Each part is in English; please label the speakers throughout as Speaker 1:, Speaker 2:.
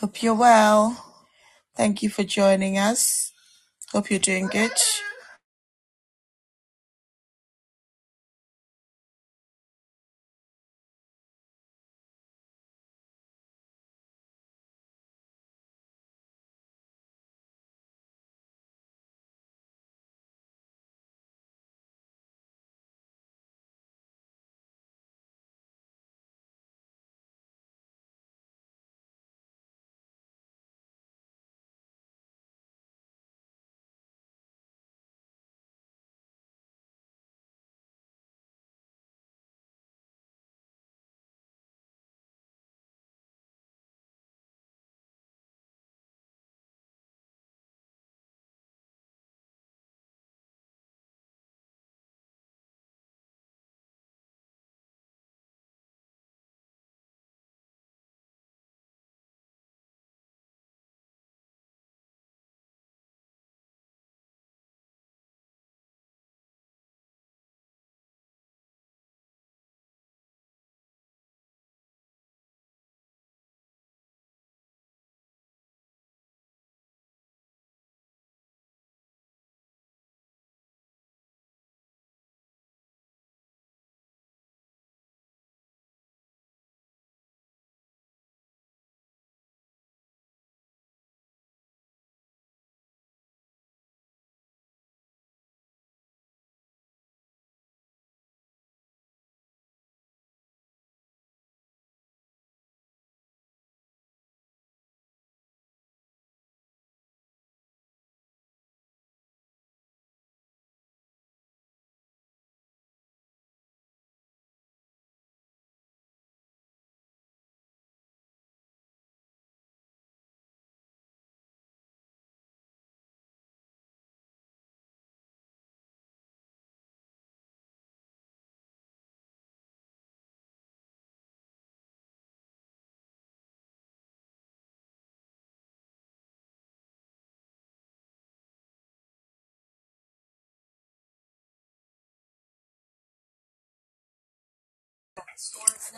Speaker 1: Hope you're well. Thank you for joining us. Hope you're doing good.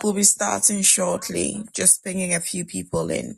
Speaker 1: We'll be starting shortly, just bringing a few people in.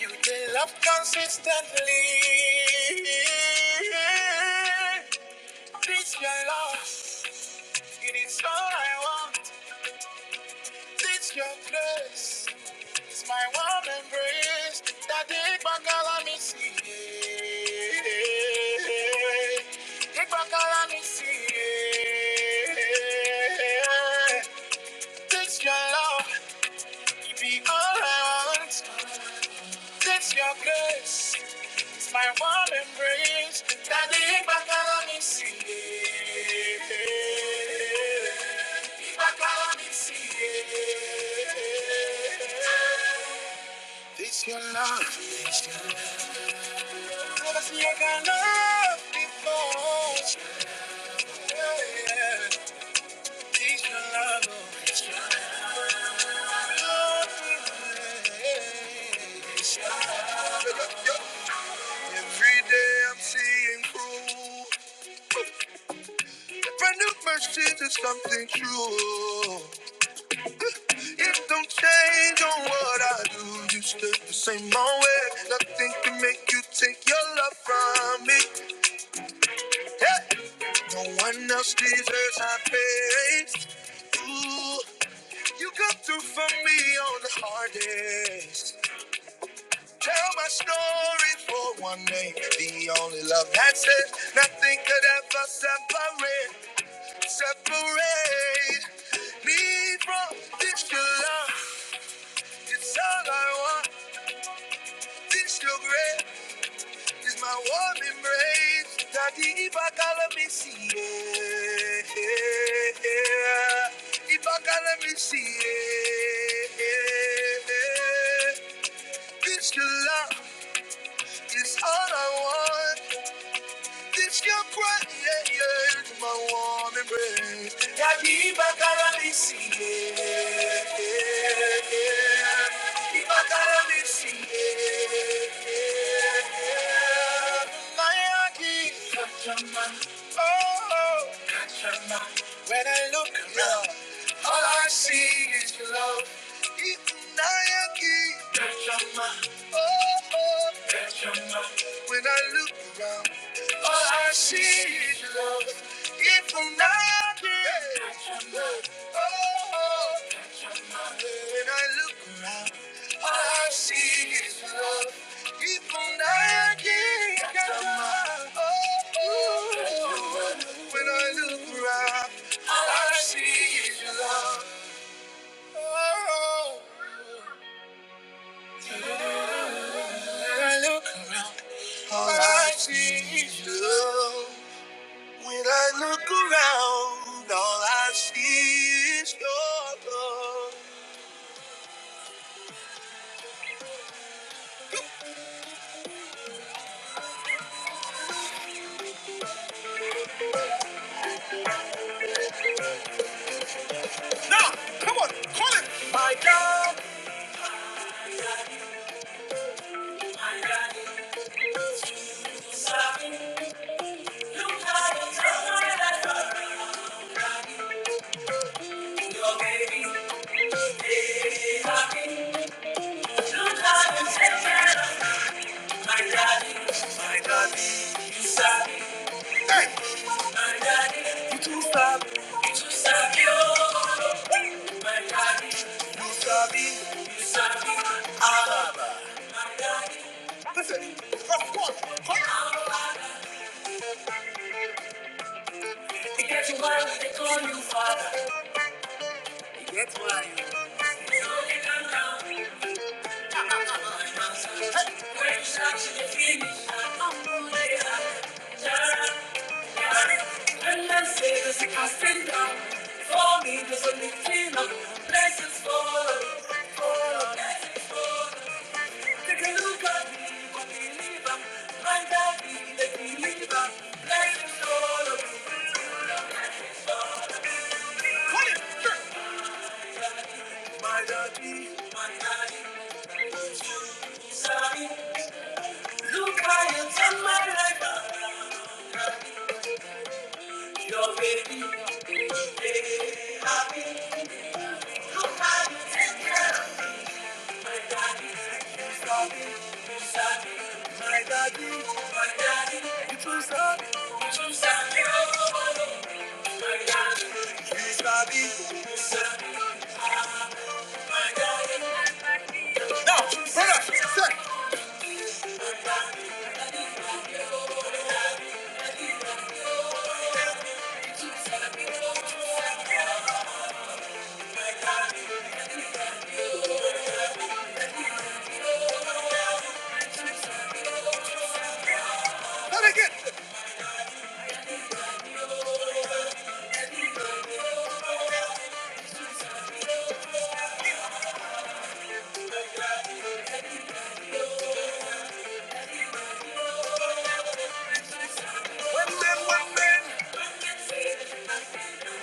Speaker 1: You love consistently. This your love. It is all I want. It's your grace. It's my warm embrace. That it back all me see. It back all me see. It's your love. It be all I want. It's your grace. My warm embrace, daddy, back on me, see. it. Back on me, see. it. This your love. Promise me I can love before. This your love. oh. This your love. Every day I'm seeing through. Brand new mercies is something true. It don't change on what I do. You still the same old way. Nothing can make you take your love from me. Hey, no one else deserves my praise. Ooh, you come through for me on the hardest. Tell my story for one name. The only love that's says nothing could ever separate, separate me from this your love. It's all I want. This your grave is my warm embrace. Daddy, if I can't let me see, it, If I can't let me see, it. This your love is all I want. This your breath, yeah, yeah, is my warm embrace. Daddy, if I can't let me see, it, If I can't let me see, it. My heart is Oh, touch your mind. when I look around, all I see is your love. Ikunayaki. Touch your mind. Oh, oh. touch your mind. When I look around, all I see is your love. Ikunayaki. Oh, oh, oh. When I look around, all I see is love. People nagging at the mouth. When I look around, all I see is love. Oh, when I look, all I see is love. When I look around, all I see is your love. Now, come on, call it. My God, my God, Listen, of course, come on. It gets you where they call you father. That's why. For me, there's only clean up. Blessings for take a look at me, but believe I'm my daddy, the believer. Blessings for call it. My daddy, my daddy, sorry. Look how you turn my life. around. Your baby, baby, happy. Look how you take care of me. My daddy, sorry, sorry. My daddy, my daddy, you too sorry, you too sorry. Oh, oh, oh, oh. my daddy, you sorry, my daddy. Now, brother, say. My daddy, my daddy, oh, oh, oh, oh. One man, one man.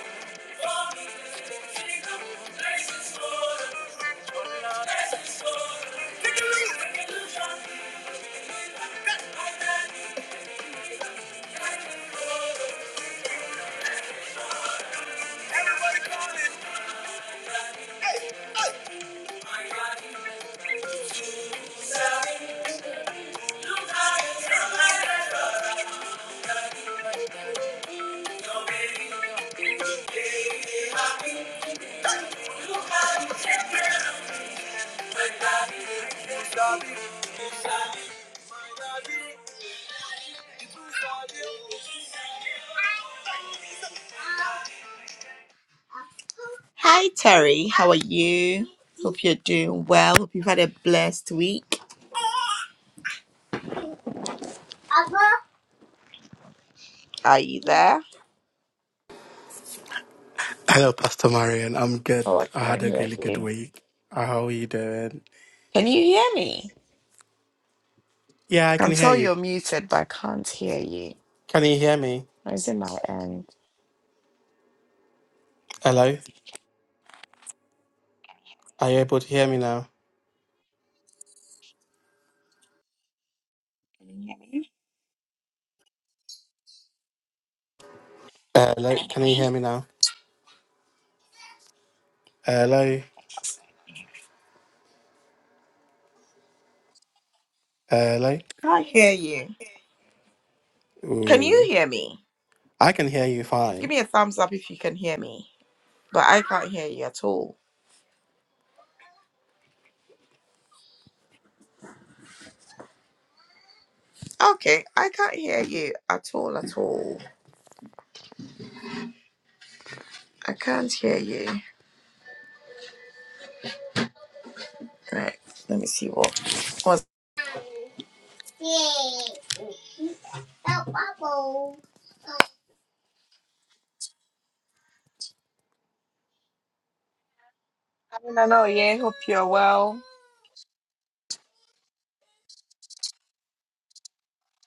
Speaker 1: Hi Terry, how are you? Hope you're doing well. Hope you've had a blessed week. Are you there? Oh, I can't hear you. Can you hear me? I can tell you're muted, but I can't hear you. Or Is it my end? Can't hear you. Can you hear me? Give me a thumbs up if you can hear me. But I can't hear you at all. Okay, I can't hear you at all at all. I can't hear you. Right. Let me see what was I don't know, yeah, hope you're well.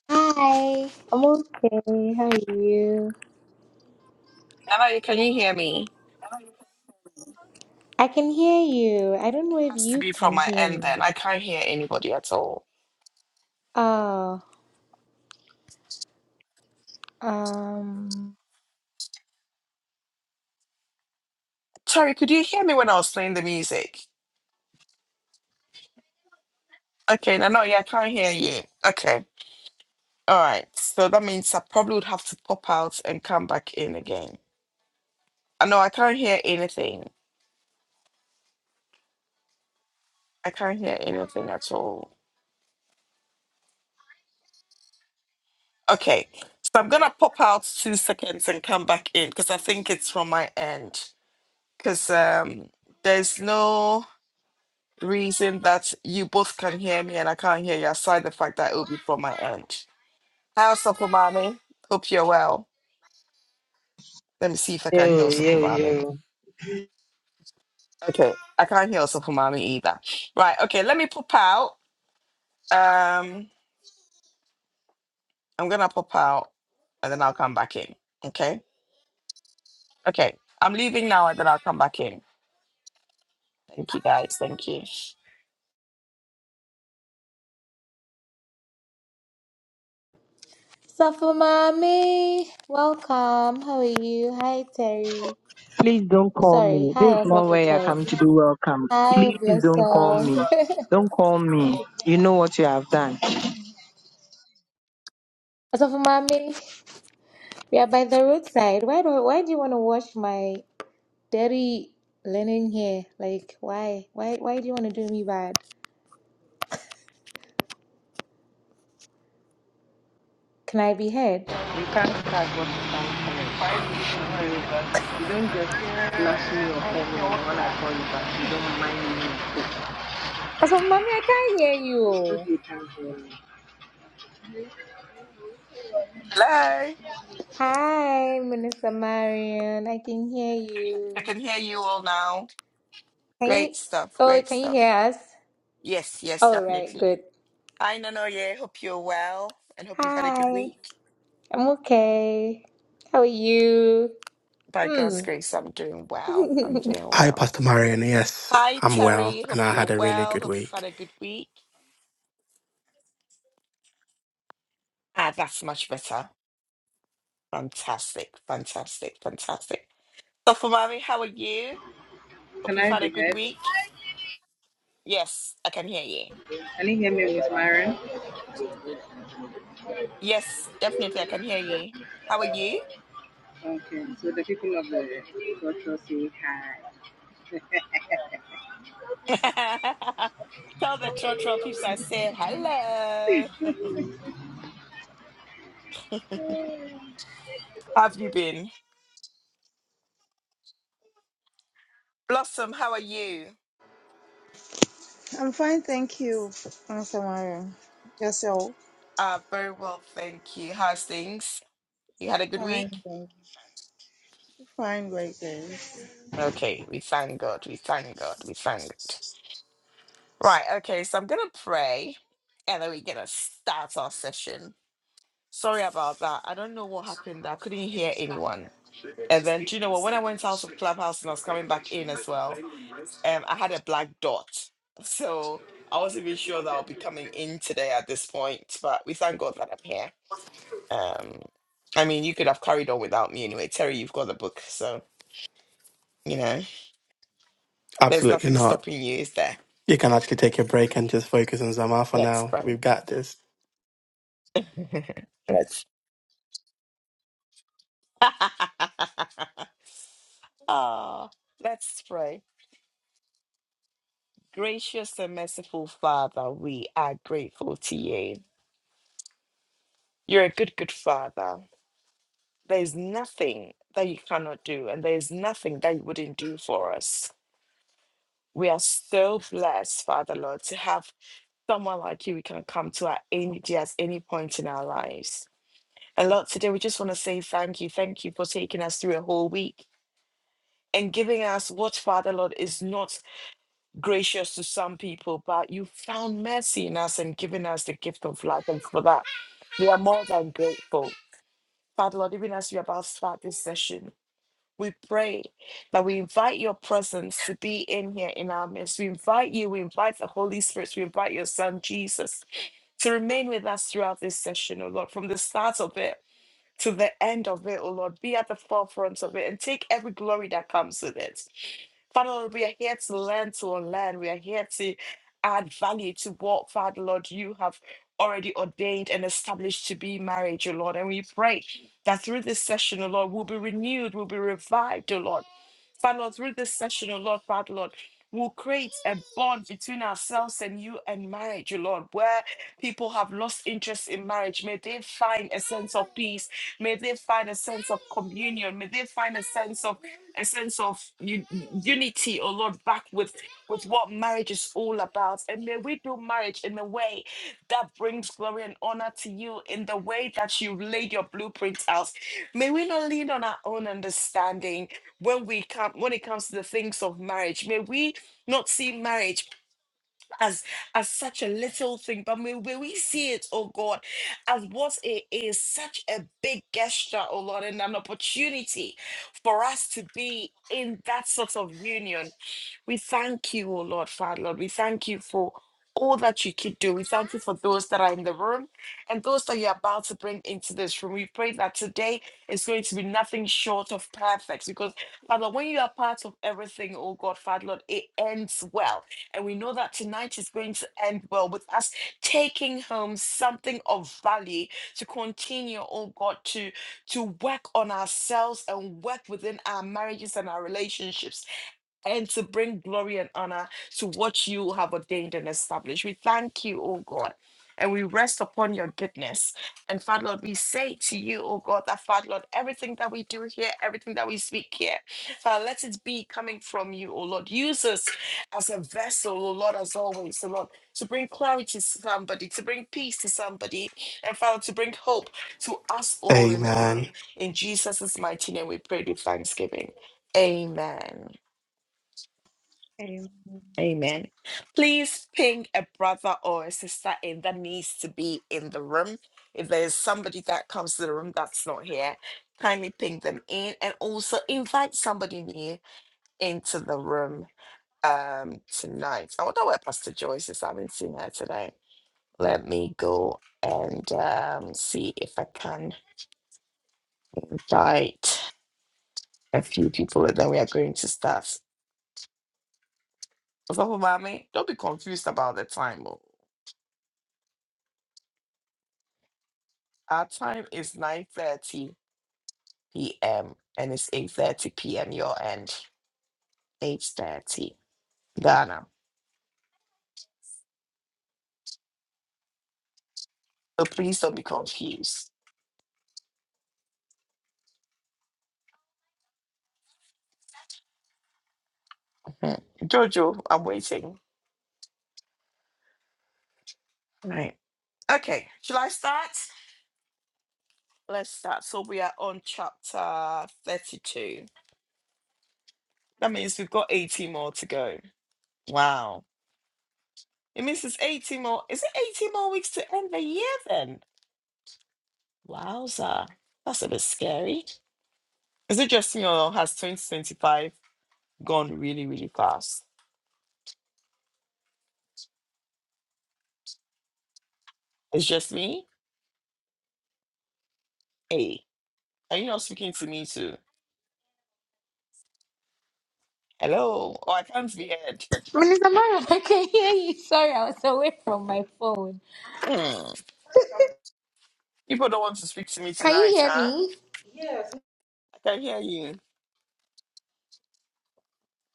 Speaker 2: Hi, I'm okay. How are you?
Speaker 1: Hello, can you hear me?
Speaker 2: I can hear you. I don't know if
Speaker 1: Has to
Speaker 2: you
Speaker 1: be from
Speaker 2: can
Speaker 1: my
Speaker 2: hear
Speaker 1: end
Speaker 2: me.
Speaker 1: then. I can't hear anybody at all.
Speaker 2: Oh, um,
Speaker 1: Sorry, could you hear me when I was playing the music? Okay, no, no, yeah, I can't hear you. Okay. All right. So that means I probably would have to pop out and come back in again. Uh, No, I can't hear anything. I can't hear anything at all. Okay. So I'm gonna pop out two seconds and come back in because I think it's from my end. Because um there's no reason that you both can hear me and I can't hear you aside the fact that it'll be from my end. How's up, Hope you're well. Let me see if I can hear
Speaker 3: Yo, yo,
Speaker 1: also
Speaker 3: yo.
Speaker 1: Okay, I can't hear also for mommy either. Right, okay, let me pop out. Um, I'm gonna pop out and then I'll come back in. Okay, okay, I'm leaving now and then I'll come back in. Thank you guys, thank you.
Speaker 2: Safa Mommy, welcome. How are you? Hi, Terry.
Speaker 3: Please don't call
Speaker 2: Sorry,
Speaker 3: me. This
Speaker 2: hi,
Speaker 3: is not
Speaker 2: Asafu
Speaker 3: where I
Speaker 2: Terry.
Speaker 3: come to be welcome.
Speaker 2: Hi,
Speaker 3: Please don't call me.
Speaker 2: Blossom.
Speaker 3: Don't call me. You know what you have done.
Speaker 2: Asafu Mommy, we are by the roadside. Why do Why do you want to wash my dirty linen here? Like, why? Why? Why do you want to do me bad? Can I be heard?
Speaker 3: You can't start what you can't finish. You don't just flash me or call me and when I call you back, you don't mind me.
Speaker 2: I said, Mommy, I can't hear
Speaker 3: It's good
Speaker 2: you.
Speaker 3: you can't hear me.
Speaker 1: Hello,
Speaker 2: Hi, Minister Marion. I can hear
Speaker 1: I
Speaker 2: you.
Speaker 1: can hear you all now.
Speaker 2: Can you?
Speaker 1: Great stuff,
Speaker 2: Oh,
Speaker 1: great
Speaker 2: can you
Speaker 1: stuff.
Speaker 2: hear us?
Speaker 1: Yes, yes,
Speaker 2: All right,
Speaker 1: definitely.
Speaker 2: good.
Speaker 1: Hi, Nanoye, hope you're well and hope you've had a good
Speaker 2: Hi,
Speaker 1: week.
Speaker 2: I'm okay. How are you?
Speaker 1: By
Speaker 2: Hmm.
Speaker 1: God's grace, I'm doing well. I'm
Speaker 2: Minister
Speaker 1: doing well. Hi, Terry, hope you're well. Hope you've had a good week. Ah, that's much better. Fantastic, fantastic, fantastic. So, for how are you? Hope
Speaker 3: Can
Speaker 1: you've
Speaker 3: I
Speaker 1: had
Speaker 3: be
Speaker 1: a good
Speaker 3: heard?
Speaker 1: week. Yes, I can hear you.
Speaker 3: Can you hear me, Miss Myron?
Speaker 1: Yes, definitely, I can hear you. How are you?
Speaker 3: Okay, so the people of the culture say hi.
Speaker 1: Tell the church peeps I said hello. How have you been? Blossom, how are you?
Speaker 4: I'm fine, thank you, Pastor Mario. Yourself?
Speaker 1: Uh, very well, thank you. How's things? You had a good
Speaker 4: Fine, thank
Speaker 1: week?
Speaker 4: you. fine, great days.
Speaker 1: Okay, we thank God, we thank God, we thank God. Right, okay, so I'm going to pray and then we're going to start our session. Sorry about that. I don't know what happened. I couldn't hear anyone. And then, do you know what? When I went out of Clubhouse and I was coming back in as well, um, I had a black dot. So I wasn't even sure that I'll be coming in today at this point. But we thank God that I'm here. Um, I mean, you could have carried on without me anyway. Terry, you've got the book. So, you know, there's nothing stopping you, is there? Let's pray. Let's. Ah, let's pray. Gracious and merciful Father, we are grateful to you. You're a good, good Father. There's nothing that you cannot do, and there's nothing that you wouldn't do for us. We are so blessed, Father Lord, to have someone like you we can come to at any day, at any point in our lives. And Lord, today we just want to say thank you. Thank you for taking us through a whole week and giving us what, Father Lord, is not gracious to some people, but you found mercy in us and given us the gift of life. And for that, we are more than grateful. Father Lord, even as we are about to start this session, we pray that we invite your presence to be in here in our midst. We invite you, we invite the Holy Spirit, we invite your Son Jesus to remain with us throughout this session, oh Lord, from the start of it to the end of it, oh Lord. Be at the forefront of it and take every glory that comes with it. Father Lord, we are here to learn to unlearn. We are here to add value to what, Father Lord, you have already ordained and established to be marriage, O Lord. And we pray that through this session, O Lord, we'll be renewed, we'll be revived, O Lord. Father Lord, through this session, O Lord, Father Lord, we'll create a bond between ourselves and you and marriage, O Lord, where people have lost interest in marriage. May they find a sense of peace. May they find a sense of communion. May they find a sense of a sense of u- unity, oh Lord, back with, with what marriage is all about. And may we do marriage in a way that brings glory and honor to you in the way that you laid your blueprint out. May we not lean on our own understanding when we come when it comes to the things of marriage. May we not see marriage as as such a little thing, but may, may we see it, oh God, as what it is, such a big gesture, oh Lord, and an opportunity for us to be in that sort of union. We thank you, oh Lord, Father, Lord. We thank you for all that you could do. We thank you for those that are in the room and those that you're about to bring into this room. We pray that today is going to be nothing short of perfect because, Father, when you are part of everything, oh God, Father, Lord, it ends well. And we know that tonight is going to end well with us taking home something of value to continue, oh God, to, to work on ourselves and work within our marriages and our relationships and to bring glory and honor to what you have ordained and established. We thank you, O God, and we rest upon your goodness. And Father Lord, we say to you, O God, that Father Lord, everything that we do here, everything that we speak here, Father, let it be coming from you, O Lord. Use us as a vessel, O Lord, as always, O Lord, to bring clarity to somebody, to bring peace to somebody, and Father, to bring hope to us all in the room. In Jesus' mighty name, we pray with thanksgiving. Amen.
Speaker 4: Um,
Speaker 1: Amen. Please ping a brother or a sister in that needs to be in the room. If there's somebody that comes to the room that's not here, kindly ping them in and also invite somebody new into the room um tonight. I wonder where Pastor Joyce is. I haven't seen her today. Let me go and um, see if I can invite a few people and then we are going to start. What's up, mommy? Don't be confused about the time. oh. Our time is 9 30. p.m. and it's 8:30 p.m. your end. 8:30 Ghana. So please don't be confused. Mhm. Jojo, I'm waiting. Right. Okay. Shall I start? Let's start. So we are on chapter 32. That means we've got 80 more to go. Wow. It means it's 80 more. Is it 80 more weeks to end the year then? Wowza. That's a bit scary. Is it just me or has 2025 gone really, really fast? It's just me? Hey. Are you not speaking to me too? Hello? Oh, I can't be heard.
Speaker 2: Marion, I can hear you. Sorry, I was away from my phone.
Speaker 1: Hmm. People don't want to speak to me
Speaker 2: Can you
Speaker 1: tonight,
Speaker 2: hear
Speaker 1: huh?
Speaker 2: me?
Speaker 1: I can hear you.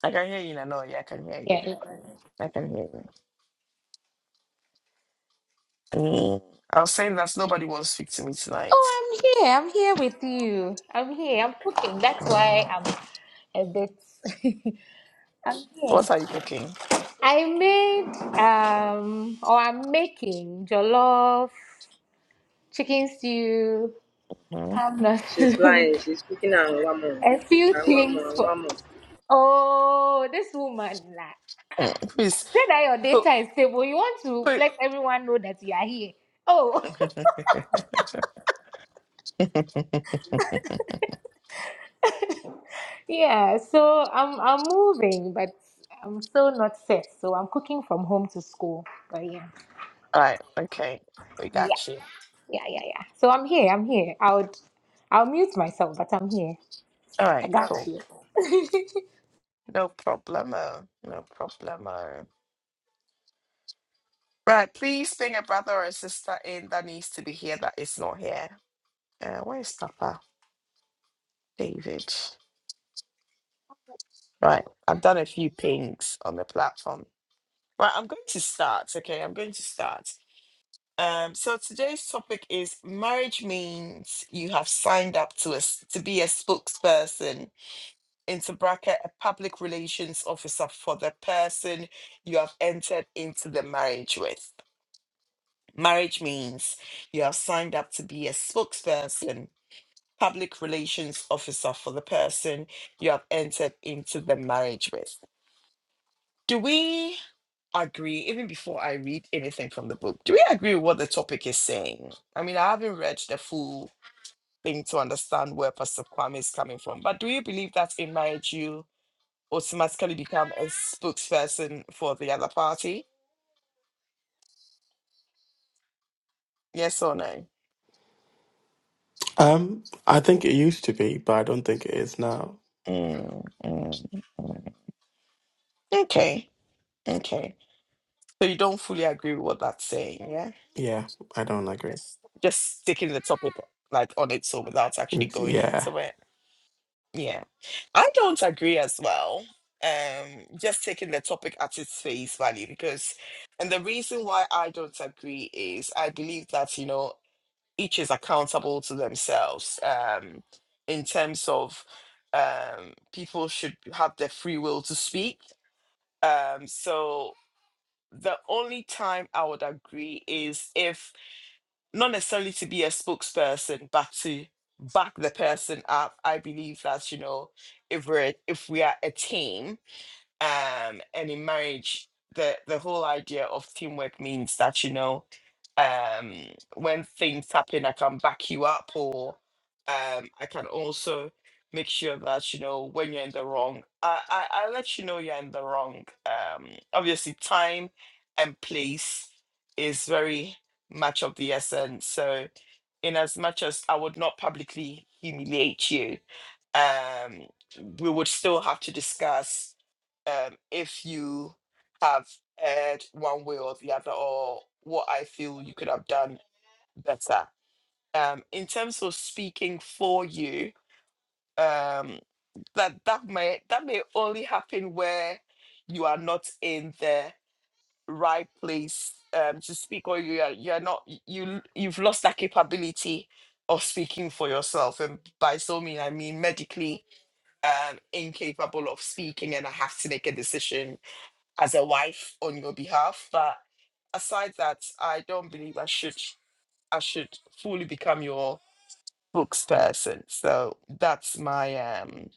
Speaker 1: I can hear you, Nano. Yeah, I can hear
Speaker 2: Yeah.
Speaker 1: you.
Speaker 2: yeah.
Speaker 1: I can hear you. Hmm. I was saying that nobody wants to speak to me
Speaker 2: Oh,
Speaker 1: tonight.
Speaker 2: I'm here. I'm here with you. I'm here. I'm cooking. That's why
Speaker 1: Um,
Speaker 2: I'm a bit. I'm here.
Speaker 1: what are you cooking?
Speaker 2: I made um or I'm making jollof, chicken stew,
Speaker 1: Hmm?
Speaker 2: palm nut
Speaker 3: she's
Speaker 2: soup,
Speaker 3: lying. She's speaking and one more.
Speaker 2: a few
Speaker 3: And one
Speaker 2: things
Speaker 3: more, and
Speaker 2: for
Speaker 3: one more.
Speaker 2: oh this woman like
Speaker 1: Hmm.
Speaker 2: ah,
Speaker 1: Please.
Speaker 2: say that your
Speaker 1: Who,
Speaker 2: data is stable. You want to
Speaker 1: who?
Speaker 2: let everyone know that you are here. Oh
Speaker 1: All
Speaker 2: yeah, so I'm I'm moving, but I'm still not set. So I'm cooking from home to school. But yeah.
Speaker 1: right, okay. We
Speaker 2: Yeah,
Speaker 1: got you.
Speaker 2: yeah, yeah, yeah. So I'm here, I'm here. I would I'll mute myself, but I'm here.
Speaker 1: All
Speaker 2: I
Speaker 1: right,
Speaker 2: got
Speaker 1: cool.
Speaker 2: you.
Speaker 1: No problemo. No problemo. Right, please ping a brother or a sister in that needs to be here that is not here. Uh, where's Papa David? Right, I've done a few pings on the platform. Right, I'm going to start. Okay, I'm going to start. Um, so today's topic is marriage means you have signed up to us to be a spokesperson into bracket a public relations officer for the person you have entered into the marriage with. Marriage means you have signed up to be a spokesperson public relations officer for the person you have entered into the marriage with. Do we agree, even before I read anything from the book, do we agree with what the topic is saying? I mean, I haven't read the full thing to understand where Pastor Kwame is coming from, but do you believe that in marriage you automatically become a spokesperson for the other party? Yes or no? Mm, mm, mm. Okay, okay. So you don't fully agree with what that's saying, yeah. just sticking the topic like on its own without actually going into it. Yeah. I don't agree as well. Um, just taking the topic at its face value because and the reason why I don't agree is I believe that, you know, each is accountable to themselves. Um, in terms of um people should have their free will to speak. Um, so the only time I would agree is if not necessarily to be a spokesperson, but to back the person up. I believe that you know, if we're if we are a team, um, and in marriage the the whole idea of teamwork means that you know um when things happen i can back you up or um i can also make sure that you know when you're in the wrong i i, I let you know you're in the wrong um obviously time and place is very much of the essence so in as much as i would not publicly humiliate you um, we would still have to discuss um, if you have erred one way or the other, or what I feel you could have done better. Um, in terms of speaking for you, um, that that may that may only happen where you are not in the right place um, to speak, or you are you are not you you've lost that capability of speaking for yourself, and by so mean I mean medically um, incapable of speaking and I have to make a decision as a wife on your behalf. But aside that, I don't believe I should I should fully become your spokesperson. So that's my um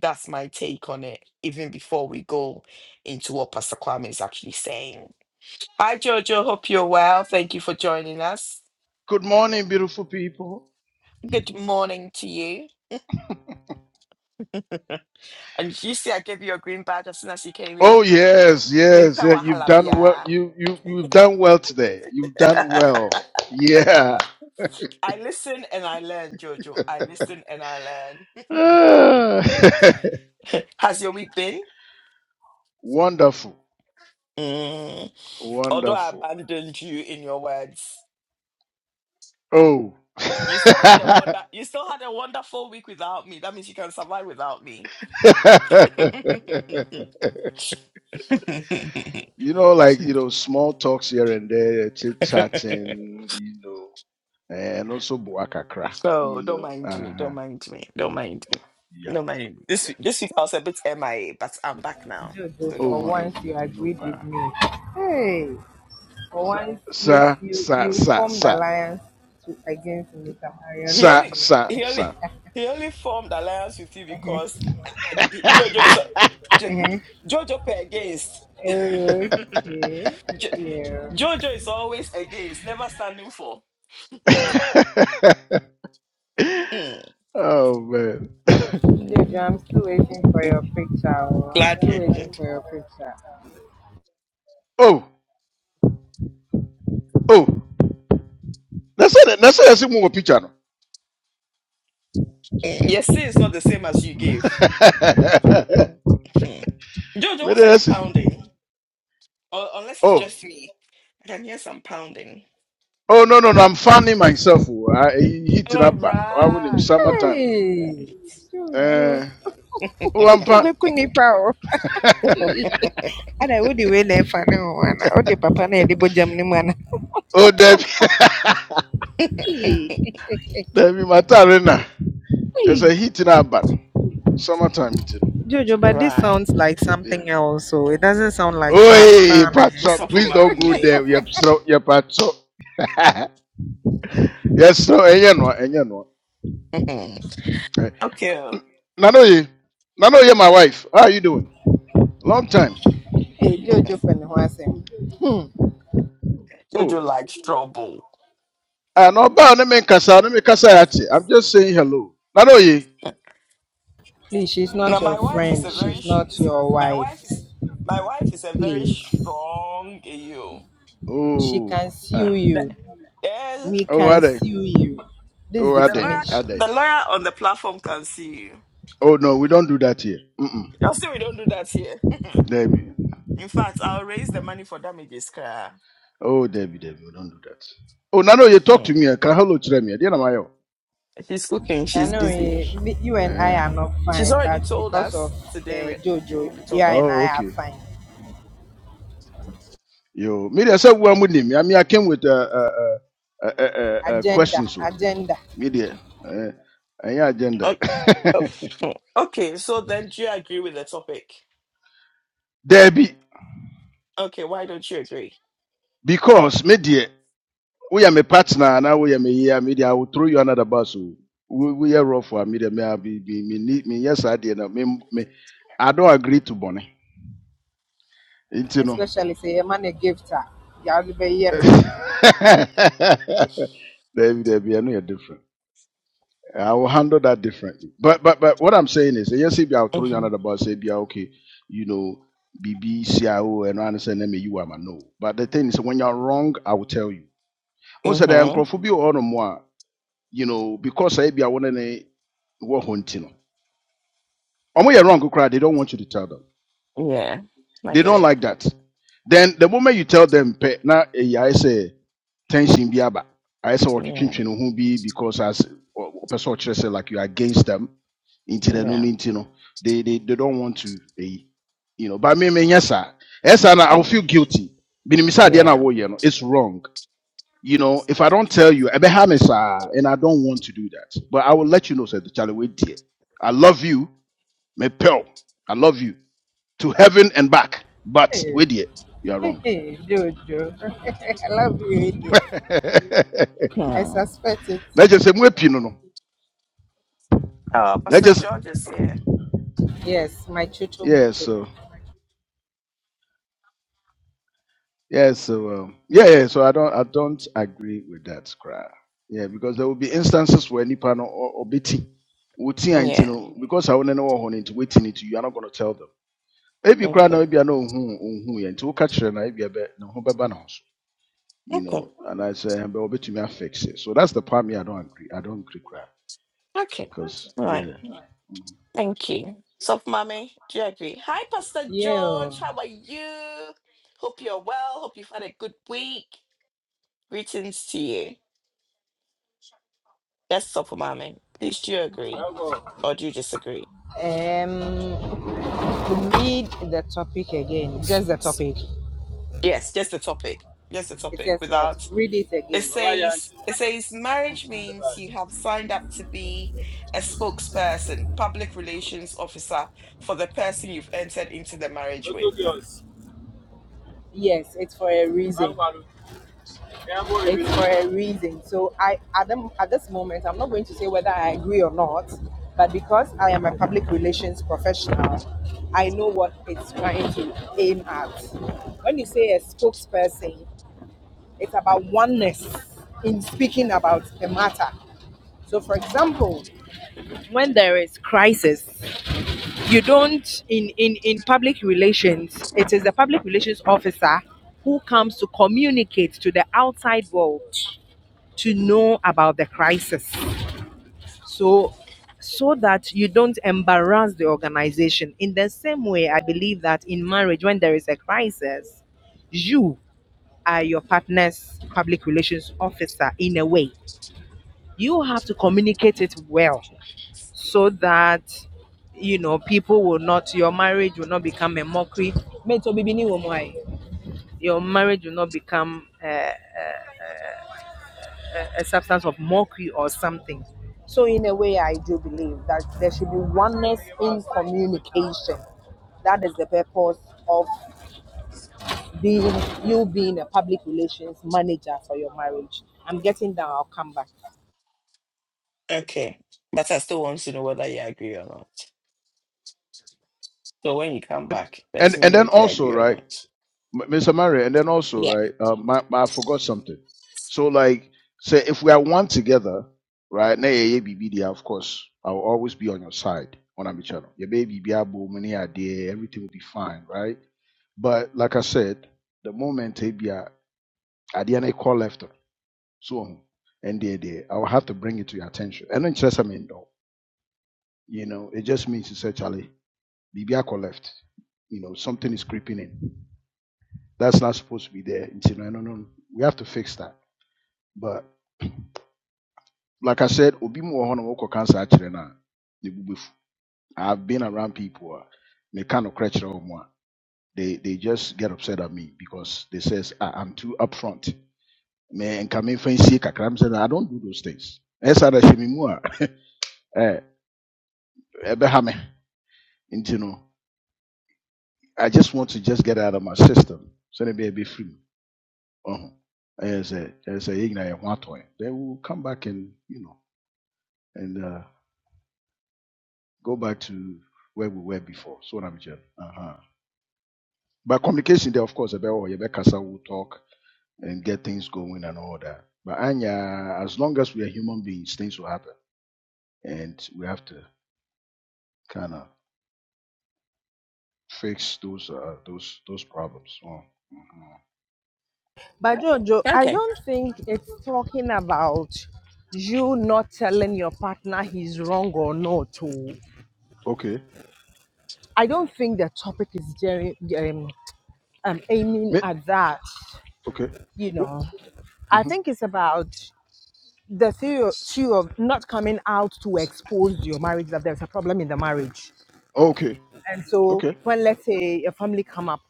Speaker 1: that's my take on it, even before we go into what Pastor Kwame is actually saying. Hi Jojo, hope you're well. Thank you for joining us.
Speaker 5: Good morning, beautiful people.
Speaker 1: Good morning to you. And you see I gave you a green badge as soon as you came
Speaker 5: Oh
Speaker 1: in.
Speaker 5: yes, yes, yeah.
Speaker 1: Mimpewa
Speaker 5: You've done well.
Speaker 1: halabia.
Speaker 5: You you you've done well today. You've done well. Yeah.
Speaker 1: I listen and I learn, Jojo. I listen and I learn.
Speaker 5: Ah.
Speaker 1: Has your week been?
Speaker 5: wonderful,
Speaker 1: Mm. Although I
Speaker 5: wonderful.
Speaker 1: abandoned you in your words,
Speaker 5: Oh.
Speaker 1: you still had a wonder. You still had a wonderful week without me. That means you can survive without me.
Speaker 5: you know, like you know, small talks here and there, chit chatting. You know, and also buakakra.
Speaker 1: so
Speaker 5: You
Speaker 1: don't
Speaker 5: know.
Speaker 1: mind
Speaker 5: Uh
Speaker 1: me.
Speaker 5: huh.
Speaker 1: Don't mind me. Don't mind me.
Speaker 5: Yeah.
Speaker 1: Don't mind. me. This
Speaker 5: Yeah.
Speaker 1: week- this week I was a bit MIA, but I'm back now.
Speaker 3: Jojo,
Speaker 1: So
Speaker 5: Oh,
Speaker 3: for
Speaker 1: don't
Speaker 5: we
Speaker 1: worry.
Speaker 5: know.
Speaker 3: once you
Speaker 5: We we know,
Speaker 3: agreed with
Speaker 5: pa.
Speaker 3: me. Hey, for once you
Speaker 5: Sir,
Speaker 3: you
Speaker 5: sir,
Speaker 3: you
Speaker 5: sir,
Speaker 3: formed
Speaker 5: sir.
Speaker 3: alliance to against Mr. Marion
Speaker 1: He
Speaker 3: with
Speaker 5: Sa
Speaker 1: only
Speaker 3: me.
Speaker 5: sa
Speaker 1: he only
Speaker 5: sa.
Speaker 1: he only formed alliance with you because I, I, Jojo is a- Jo-
Speaker 3: Uh-huh.
Speaker 1: Jojo per against
Speaker 3: Oh, Okay,
Speaker 1: Jo,
Speaker 3: yeah.
Speaker 1: Jojo is always against, never standing for. Mm, mm,
Speaker 5: oh man.
Speaker 3: Jojo,
Speaker 1: mm.
Speaker 3: I'm still waiting for
Speaker 1: Mm,
Speaker 3: your picture. oh. I'm
Speaker 1: Glad
Speaker 3: still
Speaker 1: you
Speaker 3: waiting
Speaker 1: did.
Speaker 3: for your picture.
Speaker 5: Oh, oh. that's nasema simu wa picha no.
Speaker 1: Mm, Your say is not the same as you gave. Hmm. Jojo,
Speaker 5: Mede
Speaker 1: what are you
Speaker 5: picture.
Speaker 1: pounding? Or, unless it's
Speaker 5: Oh.
Speaker 1: just me, then yes, I'm pounding.
Speaker 5: Oh no no no I'm fanning myself. oh. I hit it
Speaker 1: Oh
Speaker 5: up. I will in
Speaker 1: right,
Speaker 5: summertime.
Speaker 1: right,
Speaker 3: Hey,
Speaker 1: right,
Speaker 3: Juju,
Speaker 5: Eh. Oh I'm pa.
Speaker 3: meku nipa o. Ada wo de we na efa ne ho ana. Wo de papa na e de bojam ne mu ana.
Speaker 5: Oh Debbie. Debbie Matarena.
Speaker 3: Hey.
Speaker 5: Just a hit it up. Summertime it.
Speaker 3: Jojo, but this
Speaker 1: right.
Speaker 3: sounds like
Speaker 5: Yeah.
Speaker 3: something else, so it doesn't sound like fa-
Speaker 5: Oi,
Speaker 3: farming.
Speaker 5: Patso,
Speaker 1: What's up for
Speaker 5: please
Speaker 1: my
Speaker 5: don't go
Speaker 1: me?
Speaker 5: there. You're so, you're Patso. Yes, so, and you know, and you know. Eh,
Speaker 1: okay.
Speaker 5: Nano, you, Nano, you're my wife. How are you doing? Long time.
Speaker 3: Hey, Jojo Penhuasem,
Speaker 5: Oh,
Speaker 1: Jojo likes trouble.
Speaker 5: I know about the Kasa, no me Kasa yati. I'm just saying hello. Nano, you.
Speaker 3: please, she's
Speaker 1: Now
Speaker 3: not your
Speaker 1: my wife is
Speaker 3: friend.
Speaker 1: a very
Speaker 3: She's
Speaker 1: sh-
Speaker 3: not
Speaker 1: is,
Speaker 3: your
Speaker 1: my
Speaker 3: wife.
Speaker 1: wife is my wife is a very
Speaker 3: Please.
Speaker 1: strong you.
Speaker 3: She can
Speaker 5: Oh,
Speaker 3: sue
Speaker 5: ah.
Speaker 1: The,
Speaker 3: you.
Speaker 1: eh,
Speaker 3: We
Speaker 5: oh, are
Speaker 3: can
Speaker 5: they?
Speaker 3: sue you. This is
Speaker 5: Oh, are
Speaker 1: the
Speaker 5: they?
Speaker 1: lawyer
Speaker 5: Are
Speaker 3: defamation.
Speaker 5: they?
Speaker 1: the lawyer on the platform can see you.
Speaker 5: Oh, no, we don't do that here. Mm-mm.
Speaker 1: I'll say we don't do that here.
Speaker 5: Debbie.
Speaker 1: In fact, I'll raise the money for damages, Kra.
Speaker 5: Oh, Debbie, Debbie, we don't do that. Oh, Nano, you talk
Speaker 1: Hmm.
Speaker 5: to me. I can hello to me. I didn't know.
Speaker 1: She's cooking.
Speaker 3: I
Speaker 1: She's
Speaker 3: know
Speaker 1: busy.
Speaker 3: eh, me- you and I are not
Speaker 1: She's
Speaker 3: fine,
Speaker 1: already
Speaker 3: but
Speaker 1: told
Speaker 3: because of
Speaker 1: us today
Speaker 3: uh,
Speaker 1: we, she
Speaker 3: Jojo,
Speaker 1: won't be
Speaker 3: you and
Speaker 1: talking.
Speaker 5: Oh,
Speaker 3: I are
Speaker 5: okay.
Speaker 3: fine.
Speaker 5: Yo, media said we are with him. I mean, I came with uh, uh, uh, uh, uh, uh,
Speaker 3: Agenda,
Speaker 5: questions. So
Speaker 3: agenda.
Speaker 5: media, uh, any agenda?
Speaker 1: Oh, oh, hmm. Okay, so then do you agree with the topic?
Speaker 5: Debbie.
Speaker 1: Okay, why don't you agree?
Speaker 5: because media, we are my partner. Now we are my here. media. I will throw you another bus. So we we are rough for media. Me I be be me need me yes I did. Me me I don't agree to Bonnie. You know.
Speaker 3: Especially say, a man a gift. her. You have to be here.
Speaker 5: Debbie, Debbie, I know you're different. I will handle that differently. But but but what I'm saying is, yes, if I'll throw you under the bus, say, yeah, okay, you know, BB, CIO, and I understand them, you are my no. But the thing is, when you're wrong, I will tell you. Also, the
Speaker 1: Mm-hmm.
Speaker 5: uncrophobia or no more, you know, because I be I want to know what hunting. Omo you're wrong, koraa, they don't want you to tell them.
Speaker 1: Yeah, I
Speaker 5: They
Speaker 1: get
Speaker 5: don't
Speaker 1: it.
Speaker 5: like that. Then the moment you tell them, "Pɛ, na eh, yeah, I say tension bi aba, I say what
Speaker 1: Yeah,
Speaker 5: you who be because as a person say like you are against them into the no
Speaker 1: yeah,
Speaker 5: no, into no, they they they don't want to eh, you know. But me me yes sir, yes sir, I will
Speaker 1: yeah,
Speaker 5: feel guilty. Binimisa na
Speaker 1: yeah.
Speaker 5: wo yɛ no, it's wrong. You know, if I don't tell you, ɛbɛha me saa, and I don't want to do that, but I will let you know, said the Charlie. Wait, dear, I love you, me pal. I love you to heaven and back. But
Speaker 3: no.
Speaker 5: wait here, you are wrong.
Speaker 3: Hey, Jojo, I love you, India. I
Speaker 1: Hmm.
Speaker 3: suspect it.
Speaker 5: Let's just say "Mwepi no no."
Speaker 1: Oh,
Speaker 5: Let's
Speaker 1: Pastor
Speaker 5: just
Speaker 1: George is here.
Speaker 3: Yes, my chucho
Speaker 5: yeah.
Speaker 3: mucho.
Speaker 5: So yeah. So um, yeah. Yeah. So I don't I don't agree with that cry. Yeah, because there will be instances where nipa no or, or biti wuti anti
Speaker 1: Yeah.
Speaker 5: no because I want to know what into waiting into you are not going to tell them. Maybe cry now.
Speaker 1: Okay.
Speaker 5: Maybe I know who who yeah. Until catch her now. Maybe I bet no who be ban us. You
Speaker 1: Okay.
Speaker 5: know, and I say, but I'll me I fix it. So that's the part me I don't agree. I don't agree cry
Speaker 1: Okay.
Speaker 5: because
Speaker 1: All right.
Speaker 5: yeah.
Speaker 1: Thank you. So, mommy, Jerry. Hi, Pastor
Speaker 3: Yeah.
Speaker 1: George. How are you? Hope you're well. Hope you've had a good week. Greetings to you. Yes, so for mommy. Please, do you agree or do you disagree?
Speaker 3: Um, read the topic again. Just the topic.
Speaker 1: Yes, just the topic. Just the
Speaker 3: It
Speaker 1: topic.
Speaker 3: says what?
Speaker 1: Without
Speaker 3: Read it
Speaker 1: it
Speaker 3: again.
Speaker 1: says it says marriage means you have signed up to be a spokesperson public relations officer for the person you've entered into the marriage with
Speaker 3: Yes, it's for a reason. For a reason. So I, at, the, at this moment, I'm not going to say whether I agree or not, but because I am a public relations professional, I know what it's trying to aim at. When you say a spokesperson, It's about oneness in speaking about a matter. So, for example, when there is crisis, you don't in in in public relations. It is the public relations officer who comes to communicate to the outside world to know about the crisis. So so that you don't embarrass the organization. In the same way, I believe that in marriage, when there is a crisis, you are your partner's public relations officer in a way you have to communicate it well so that you know people will not your marriage will not become a mockery Mate, obi bi ni wo mo aye. your marriage will not become uh, a substance of mockery or something so in a way i do believe that there should be oneness in communication that is the purpose of being you being a public relations manager for your marriage i'm getting down i'll come back
Speaker 1: okay but i still want to know whether you agree or not so when you come back let
Speaker 5: and
Speaker 1: me
Speaker 5: and
Speaker 1: know
Speaker 5: then
Speaker 1: if you
Speaker 5: also
Speaker 1: agree or
Speaker 5: right
Speaker 1: not
Speaker 5: M- mr mario and then also right um I, I forgot something so like say if we are one together right na yɛyɛ biribi deɛ, of course i will always be on your side on a channel your baby be able, money idea everything will be fine right but like i said the moment ebia adeɛ no call left no, so and there there i will have to bring it to your attention and then just i mean though, you know it just means essentially, baby, I call left you know something is creeping in That's not supposed to be there. no, no, no. We have to fix that. But like I said, obi mu wɔ hɔ na wɔkɔ cancer akyerɛ no ne bu I've been around people a meka nokorɛ kyerɛ wɔ mu they they just get upset at me because they says ah, I'm too upfront. Me nka fancy nsie kakra me sɛ, "No, I don't do those things. Ɛsa da hyɛ mu a eh, ɛbɛha me. Nti no, I just want to just get out of my system. So maybe be be free. Uh-huh. As a as a yɛn nyinaa ho atɔ yɛn. They will come back and you know. and. uh, Go back to where we were before. So I'm Uh-huh. But communication there, of course, about oh, you better will talk and get things going and all that. But Anya, as long as we are human beings, things will happen, and we have to kind of fix those uh, those those problems. Oh, mhm.
Speaker 3: But Jojo, I
Speaker 1: okay
Speaker 3: don't think it's talking about you not telling your partner he's wrong or not. oh.
Speaker 5: Okay.
Speaker 3: I don't think the topic is very, um, um, aiming
Speaker 5: Me-
Speaker 3: at that.
Speaker 5: Okay.
Speaker 3: You
Speaker 5: Oh,
Speaker 3: know, I
Speaker 5: mhm.
Speaker 3: think it's about the theory two of not coming out to expose your marriage that there's a problem in the marriage.
Speaker 5: Okay.
Speaker 3: And so
Speaker 5: Okay.
Speaker 3: when let's say a family come up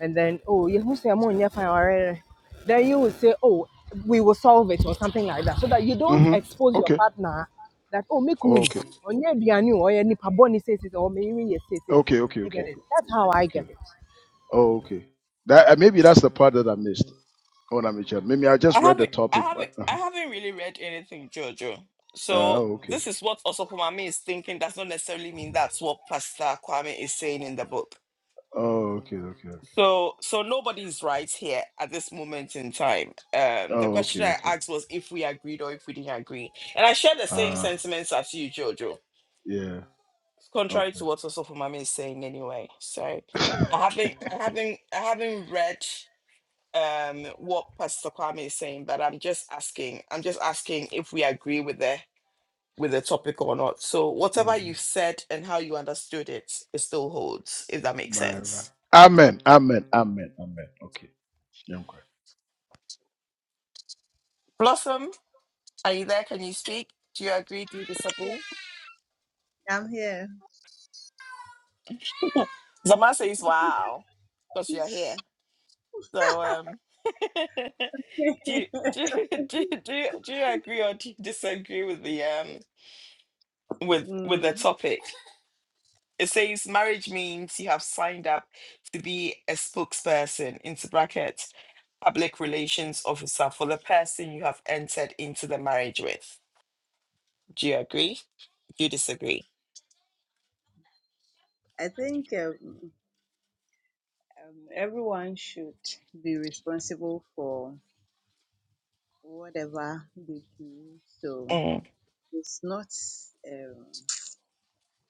Speaker 3: and then oh you who say I'm on your fine already," then you will say oh we will solve it or something like that so that you don't
Speaker 5: hmm
Speaker 3: expose your
Speaker 5: Okay.
Speaker 3: partner that oh me kunu
Speaker 5: Okay.
Speaker 3: onye aduane o ye nipa boni say say or me you say say
Speaker 5: Okay. Okay.
Speaker 3: you get
Speaker 5: Okay.
Speaker 3: it that's how i
Speaker 5: Okay.
Speaker 3: get it
Speaker 5: Oh, okay. That uh, maybe that's the part that I missed when I made sure. Maybe I just
Speaker 1: i
Speaker 5: read the
Speaker 1: haven't i
Speaker 5: topic.
Speaker 1: haven't
Speaker 5: But, uh-huh.
Speaker 1: i haven't really read anything jojo
Speaker 5: uh,
Speaker 1: so
Speaker 5: oh, okay.
Speaker 1: this is what Osopomami is thinking does not necessarily mean that's what Pastor Kwame is saying in the book.
Speaker 5: Oh, okay, okay, okay.
Speaker 1: So, so nobody's right here at this moment in time. Um, the
Speaker 5: Oh, okay,
Speaker 1: question I
Speaker 5: okay.
Speaker 1: asked was if we agreed or if we didn't agree, and I share the same
Speaker 5: Uh,
Speaker 1: sentiments as you, Jojo.
Speaker 5: yeah.
Speaker 1: Contrary
Speaker 5: Okay.
Speaker 1: to what also Mami is saying, anyway. So, I haven't, I haven't, I haven't read um what Pastor Kwame is saying, but I'm just asking. I'm just asking if we agree with the with the topic or not. So, whatever
Speaker 5: hmm
Speaker 1: you said and how you understood it, it still holds. If that makes
Speaker 5: Right, right.
Speaker 1: sense,
Speaker 5: Amen. Amen. Amen. Amen. Okay. Yeah, okay.
Speaker 1: Blossom. Are you there? Can you speak? Do you agree? Do you disagree?
Speaker 4: I'm here.
Speaker 1: Zama says, wow, because you're here. So, um, do, you, do, you- do, you- do, you- do you agree or do you disagree with the, um, with,
Speaker 4: Mm,
Speaker 1: with the topic? It says marriage means you have signed up to be a spokesperson, into brackets, public relations officer for the person you have entered into the marriage with. Do you agree? Do you disagree?
Speaker 4: I think um, um, everyone should be responsible for whatever they do. So
Speaker 1: Mm,
Speaker 4: it's not um,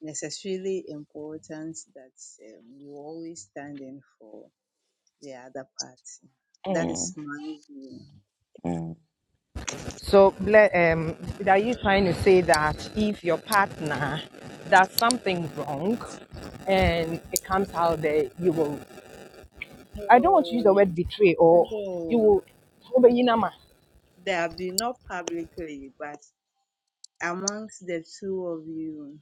Speaker 4: necessarily important that um, you always stand in for the other party. That is
Speaker 1: mm,
Speaker 4: my view.
Speaker 1: mm.
Speaker 3: so ble- um are you trying to say that if your partner does something wrong and it comes out there you will i don't want to use the
Speaker 4: No,
Speaker 3: word betray or you
Speaker 4: no.
Speaker 3: will
Speaker 4: They have been not publicly, but amongst the two of you,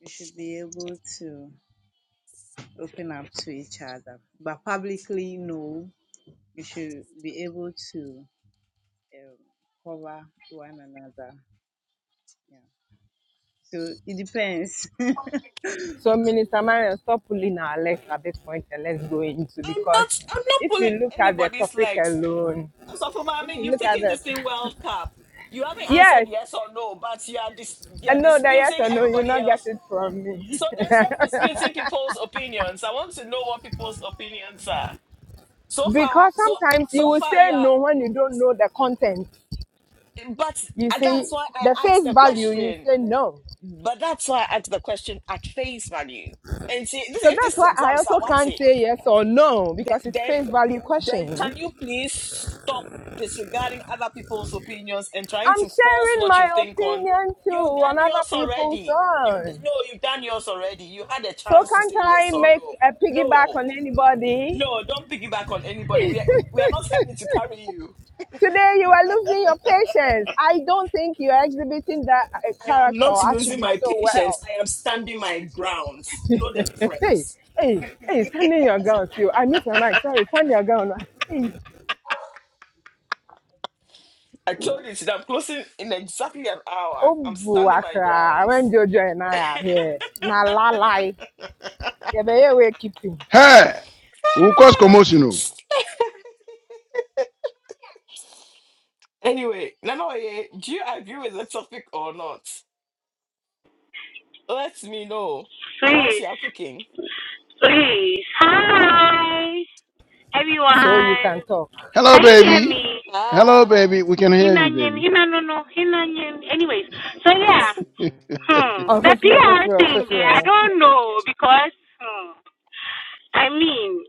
Speaker 4: you should be able to open up to each other. But publicly, no, you should be able to um, cover one another. Yeah. So it depends.
Speaker 3: So, Minister Marion, stop pulling our legs at this point and let's go into
Speaker 1: I'm
Speaker 3: because
Speaker 1: not. I'm not
Speaker 3: if
Speaker 1: pulling
Speaker 3: you look at the
Speaker 1: anybody's
Speaker 3: topic
Speaker 1: legs.
Speaker 3: alone,
Speaker 1: So for
Speaker 3: if
Speaker 1: mommy,
Speaker 3: you
Speaker 1: you've
Speaker 3: look at
Speaker 1: taken
Speaker 3: it,
Speaker 1: this in World Cup. You haven't answered
Speaker 3: yes,
Speaker 1: yes or no, but you are dis- you
Speaker 3: and
Speaker 1: are
Speaker 3: no, that yes
Speaker 1: disputing
Speaker 3: or no, you will
Speaker 1: everybody
Speaker 3: not get
Speaker 1: else.
Speaker 3: it from me.
Speaker 1: So then stop disputing people's opinions. I want to know what people's opinions are. So far,
Speaker 3: because
Speaker 1: so
Speaker 3: sometimes
Speaker 1: so
Speaker 3: you will
Speaker 1: far
Speaker 3: say
Speaker 1: you are.
Speaker 3: no when you don't know the content.
Speaker 1: But
Speaker 3: You see,
Speaker 1: that's why
Speaker 3: the
Speaker 1: I asked
Speaker 3: face
Speaker 1: the
Speaker 3: value, you
Speaker 1: question.
Speaker 3: say no.
Speaker 1: But that's why I asked the question at face value. And see, this,
Speaker 3: So
Speaker 1: if
Speaker 3: that's
Speaker 1: this is
Speaker 3: why I
Speaker 1: exam, sir,
Speaker 3: also
Speaker 1: what's
Speaker 3: can't
Speaker 1: it?
Speaker 3: say yes or no
Speaker 1: then,
Speaker 3: because it's
Speaker 1: then,
Speaker 3: face value question.
Speaker 1: then can
Speaker 3: I'm
Speaker 1: you please stop disregarding other people's opinions and trying to force
Speaker 3: sharing
Speaker 1: what you
Speaker 3: my
Speaker 1: think on?
Speaker 3: opinion too
Speaker 1: You've done
Speaker 3: on other
Speaker 1: yours
Speaker 3: people's
Speaker 1: already. You d-
Speaker 3: own.
Speaker 1: no, you've done yours already. You had a
Speaker 3: So
Speaker 1: chance to
Speaker 3: can't
Speaker 1: say
Speaker 3: I
Speaker 1: yes or no.
Speaker 3: make a piggyback
Speaker 1: No,
Speaker 3: on anybody?
Speaker 1: no, don't piggyback on anybody. We are, we, we are not having to carry you.
Speaker 3: Today you are losing your patience. I don't think you are exhibiting that uh,
Speaker 1: I am
Speaker 3: character
Speaker 1: not
Speaker 3: or
Speaker 1: losing
Speaker 3: attribute
Speaker 1: my
Speaker 3: so
Speaker 1: patience.
Speaker 3: well.
Speaker 1: I am standing my ground. Know the
Speaker 3: Hey,
Speaker 1: difference.
Speaker 3: hey, hey, standing your ground still. I missed my mic. Sorry, stand your ground. Hey,
Speaker 1: I told you that I'm closing in exactly an hour.
Speaker 3: oh,
Speaker 1: I'm standing my
Speaker 3: buakra.
Speaker 1: grounds.
Speaker 3: When Jojo and I are here, na lalai. Yeah, but here we keep him
Speaker 5: Hey, who caused commotion? oh?
Speaker 1: Anyway, Nanoye, do you agree with the topic or not? Let me know. Whilst
Speaker 2: Please,
Speaker 1: you are cooking,
Speaker 2: please. Hi,
Speaker 3: so you
Speaker 2: everyone.
Speaker 3: can talk.
Speaker 5: Hello,
Speaker 2: Can you hear
Speaker 5: baby.
Speaker 2: me?
Speaker 5: Hello, baby. We can hear you,
Speaker 2: Hinanyin,
Speaker 5: baby.
Speaker 2: hinanono, hinanyin. Anyways, so yeah,
Speaker 5: It-
Speaker 2: hmm,
Speaker 3: Oh, for
Speaker 2: the
Speaker 3: sure, for
Speaker 2: PR
Speaker 3: sure, for
Speaker 2: thing, yeah, I
Speaker 3: sure.
Speaker 2: don't know because, hmm, I mean,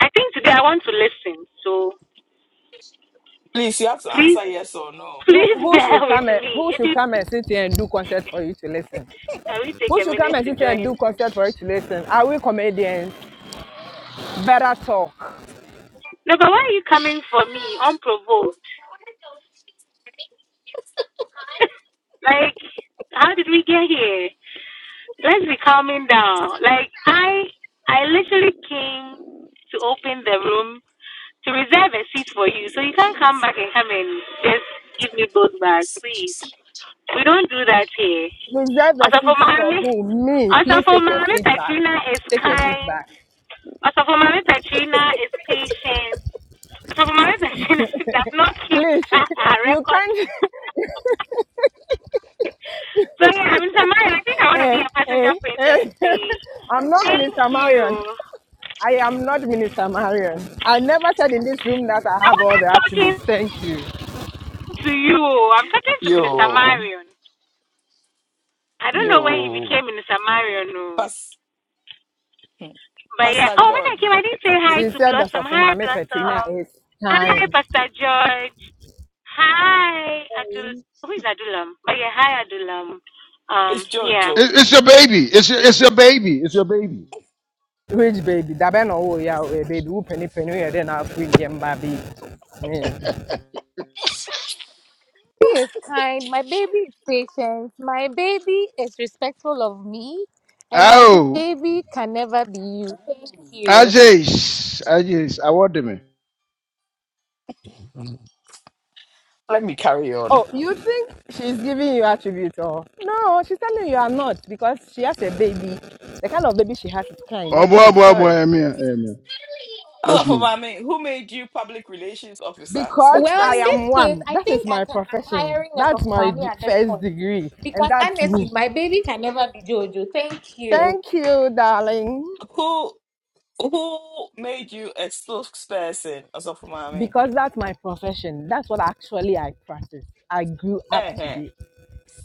Speaker 2: I think today I want to listen. So
Speaker 1: please, you have to
Speaker 2: please,
Speaker 1: answer yes or no.
Speaker 3: Who,
Speaker 2: please
Speaker 3: who should
Speaker 2: bear with
Speaker 3: come and
Speaker 2: me.
Speaker 3: who
Speaker 2: If
Speaker 3: should
Speaker 2: you
Speaker 3: come and sit here and do concert for you to listen?
Speaker 2: can we take
Speaker 3: Who
Speaker 2: a
Speaker 3: should come
Speaker 2: minute
Speaker 3: and
Speaker 2: to
Speaker 3: sit here and
Speaker 2: join?
Speaker 3: do concert for it to listen? Are we comedians? Better talk.
Speaker 2: No, but why are you coming for me unprovoked? Like, how did we get here? Let's be calming down. Like I, I literally came to open the room to reserve a seat for you, so you can't come back and come and just give me both bags, please. We don't do that here.
Speaker 3: Reserve a
Speaker 2: Also for
Speaker 3: seat for
Speaker 2: mommy,
Speaker 3: who? Me.
Speaker 2: also
Speaker 3: Please
Speaker 2: for
Speaker 3: take your
Speaker 2: mommy,
Speaker 3: seat back.
Speaker 2: Katrina is
Speaker 3: Take your seat
Speaker 2: kind.
Speaker 3: back.
Speaker 2: Also for mommy, Katrina is patient. Also for mommy, Katrina does not keep
Speaker 3: Please.
Speaker 2: a
Speaker 3: You
Speaker 2: record.
Speaker 3: can't.
Speaker 2: So yeah, I mean, Samaya, I think I want to
Speaker 3: hey,
Speaker 2: be a passenger
Speaker 3: hey,
Speaker 2: princess
Speaker 3: hey.
Speaker 2: today.
Speaker 3: I'm not
Speaker 2: Thank
Speaker 3: Minister
Speaker 2: you.
Speaker 3: Marion. I am not Minister Marion. I never said in this room that I
Speaker 2: I
Speaker 3: have all
Speaker 2: wasn't
Speaker 3: the attributes.
Speaker 2: talking
Speaker 3: Thank you.
Speaker 2: to you. oh. I'm talking to Minister
Speaker 1: Yo,
Speaker 2: Marion. I don't know when he
Speaker 1: yo,
Speaker 2: became Minister Marion. oh.
Speaker 1: Pas-
Speaker 2: But yeah.
Speaker 1: Pastor
Speaker 2: Oh, when I
Speaker 1: George,
Speaker 2: came, I didn't say
Speaker 1: th-
Speaker 2: hi
Speaker 3: You
Speaker 2: to
Speaker 3: said that
Speaker 2: Blossom.
Speaker 3: of
Speaker 2: Hi, Blossom.
Speaker 3: Petrina is
Speaker 2: Hi,
Speaker 3: time.
Speaker 2: Pastor George. Hi, Adul. Who is Adulam? But yeah, hi, Adulam. Um,
Speaker 1: it's
Speaker 2: yeah.
Speaker 1: Jojo.
Speaker 5: it's your baby. It's your, it's your baby. It's your baby.
Speaker 3: Which baby? Dabeno, oh yeah, baby, who penny penny, then I'll free him, baby. Yeah.
Speaker 2: baby is kind. My baby is patient. My baby is respectful of me. And my
Speaker 5: Oh.
Speaker 2: baby can never be you. Thank you.
Speaker 5: Ajay, Ajay, award me.
Speaker 1: Let me carry on.
Speaker 3: Oh, you think she's giving you attribute or no, she's telling you are not because she has a baby. The kind of baby she has is kind,
Speaker 5: Oh
Speaker 3: not you,
Speaker 5: boy, boy, boy,
Speaker 3: sorry.
Speaker 5: I'm here, I'm here.
Speaker 1: Also
Speaker 5: Let's
Speaker 1: for
Speaker 5: move.
Speaker 1: my mate, who made you public relations officer,
Speaker 3: Because
Speaker 2: Well,
Speaker 3: I
Speaker 2: in this
Speaker 1: spokesperson?
Speaker 3: am
Speaker 2: case,
Speaker 3: one.
Speaker 2: I
Speaker 3: That is
Speaker 2: think I
Speaker 3: my
Speaker 2: can. I'm
Speaker 3: profession.
Speaker 2: hiring a
Speaker 3: That's my
Speaker 2: sofumami
Speaker 3: d-
Speaker 2: at this
Speaker 3: first
Speaker 2: point
Speaker 3: degree. And
Speaker 2: because
Speaker 3: that's me.
Speaker 2: honestly, my baby can never be Jojo. Thank you.
Speaker 3: Thank you, darling.
Speaker 1: Who who made you a spokesperson? Also for my
Speaker 3: Because that's my profession. That's what actually I practice. I grew up to be.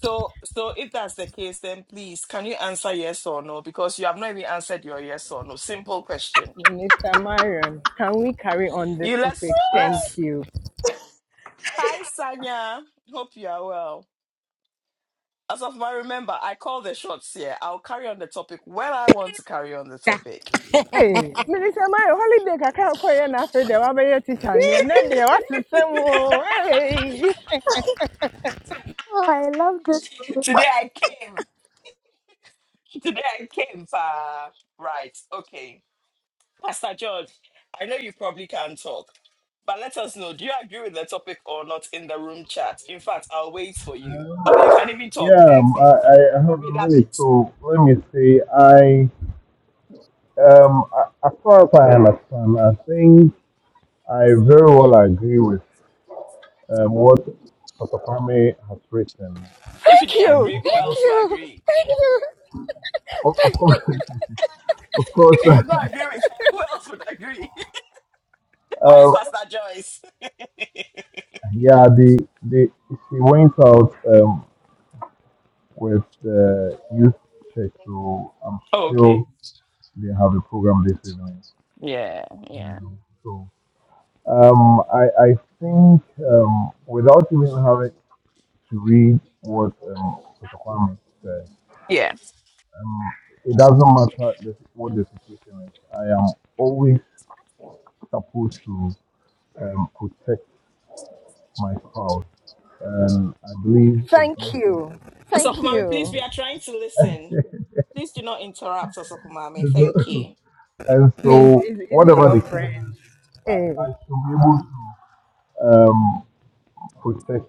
Speaker 1: So, so if that's the case, then please, can you answer yes or no? Because you have not even answered your yes or no. Simple question.
Speaker 3: Mr. Marion, can we carry on this
Speaker 1: You let's
Speaker 3: topic? Thank
Speaker 1: let's.
Speaker 3: you.
Speaker 1: Hi, Sanya. Hope you are well. As of my remember, I call the shots here. I'll carry on the topic when I want to carry on the topic.
Speaker 3: Hey, Minister, my holiday I can't call you now for the Wabaya teacher near they What's the same? Hey,
Speaker 1: Today I came. Today I came. Uh, right. Okay. Pastor George, I know you probably can talk, but let us know. Do you agree with the topic or not in the room chat? In fact, I'll wait for you. Oh, you can even talk.
Speaker 6: Yeah, um, I,
Speaker 1: Perfect.
Speaker 6: I I have a
Speaker 1: We love
Speaker 6: minute,
Speaker 1: it.
Speaker 6: so let me see. I, um, a- as far as I understand, I think I very well agree with um, what Dr. Kwame has written.
Speaker 1: If you
Speaker 3: thank
Speaker 1: didn't
Speaker 6: Um,
Speaker 3: you,
Speaker 1: agree,
Speaker 6: of
Speaker 1: who
Speaker 3: thank
Speaker 6: course,
Speaker 1: else will
Speaker 3: you,
Speaker 1: agree?
Speaker 3: thank you,
Speaker 6: of, of course, of course
Speaker 1: If you did not agree with her, who else would agree? Where is
Speaker 6: uh,
Speaker 1: Pastor Joyce?
Speaker 6: yeah, the, the she went out um, with the youth church, so I'm
Speaker 1: Oh, okay.
Speaker 6: sure they have a program this evening.
Speaker 1: Yeah, yeah.
Speaker 6: Yeah, so. Um, I, I think um, without even having to read what um, Dr. Kwame said,
Speaker 1: Yeah.
Speaker 6: um, it doesn't matter the, what the situation is. I am always supposed to um, protect my spouse, and I believe it's
Speaker 3: thank
Speaker 6: vice
Speaker 3: you, thank
Speaker 1: Asofumami, please,
Speaker 3: you.
Speaker 1: we are trying to listen. Please do not interrupt Asofumami. Thank
Speaker 6: versa.
Speaker 1: you.
Speaker 6: And
Speaker 3: Miss,
Speaker 6: so,
Speaker 3: is, is he
Speaker 6: whatever
Speaker 3: your
Speaker 6: the case
Speaker 3: friend?
Speaker 6: is,
Speaker 3: Hey,
Speaker 6: I, I should be able to um, protect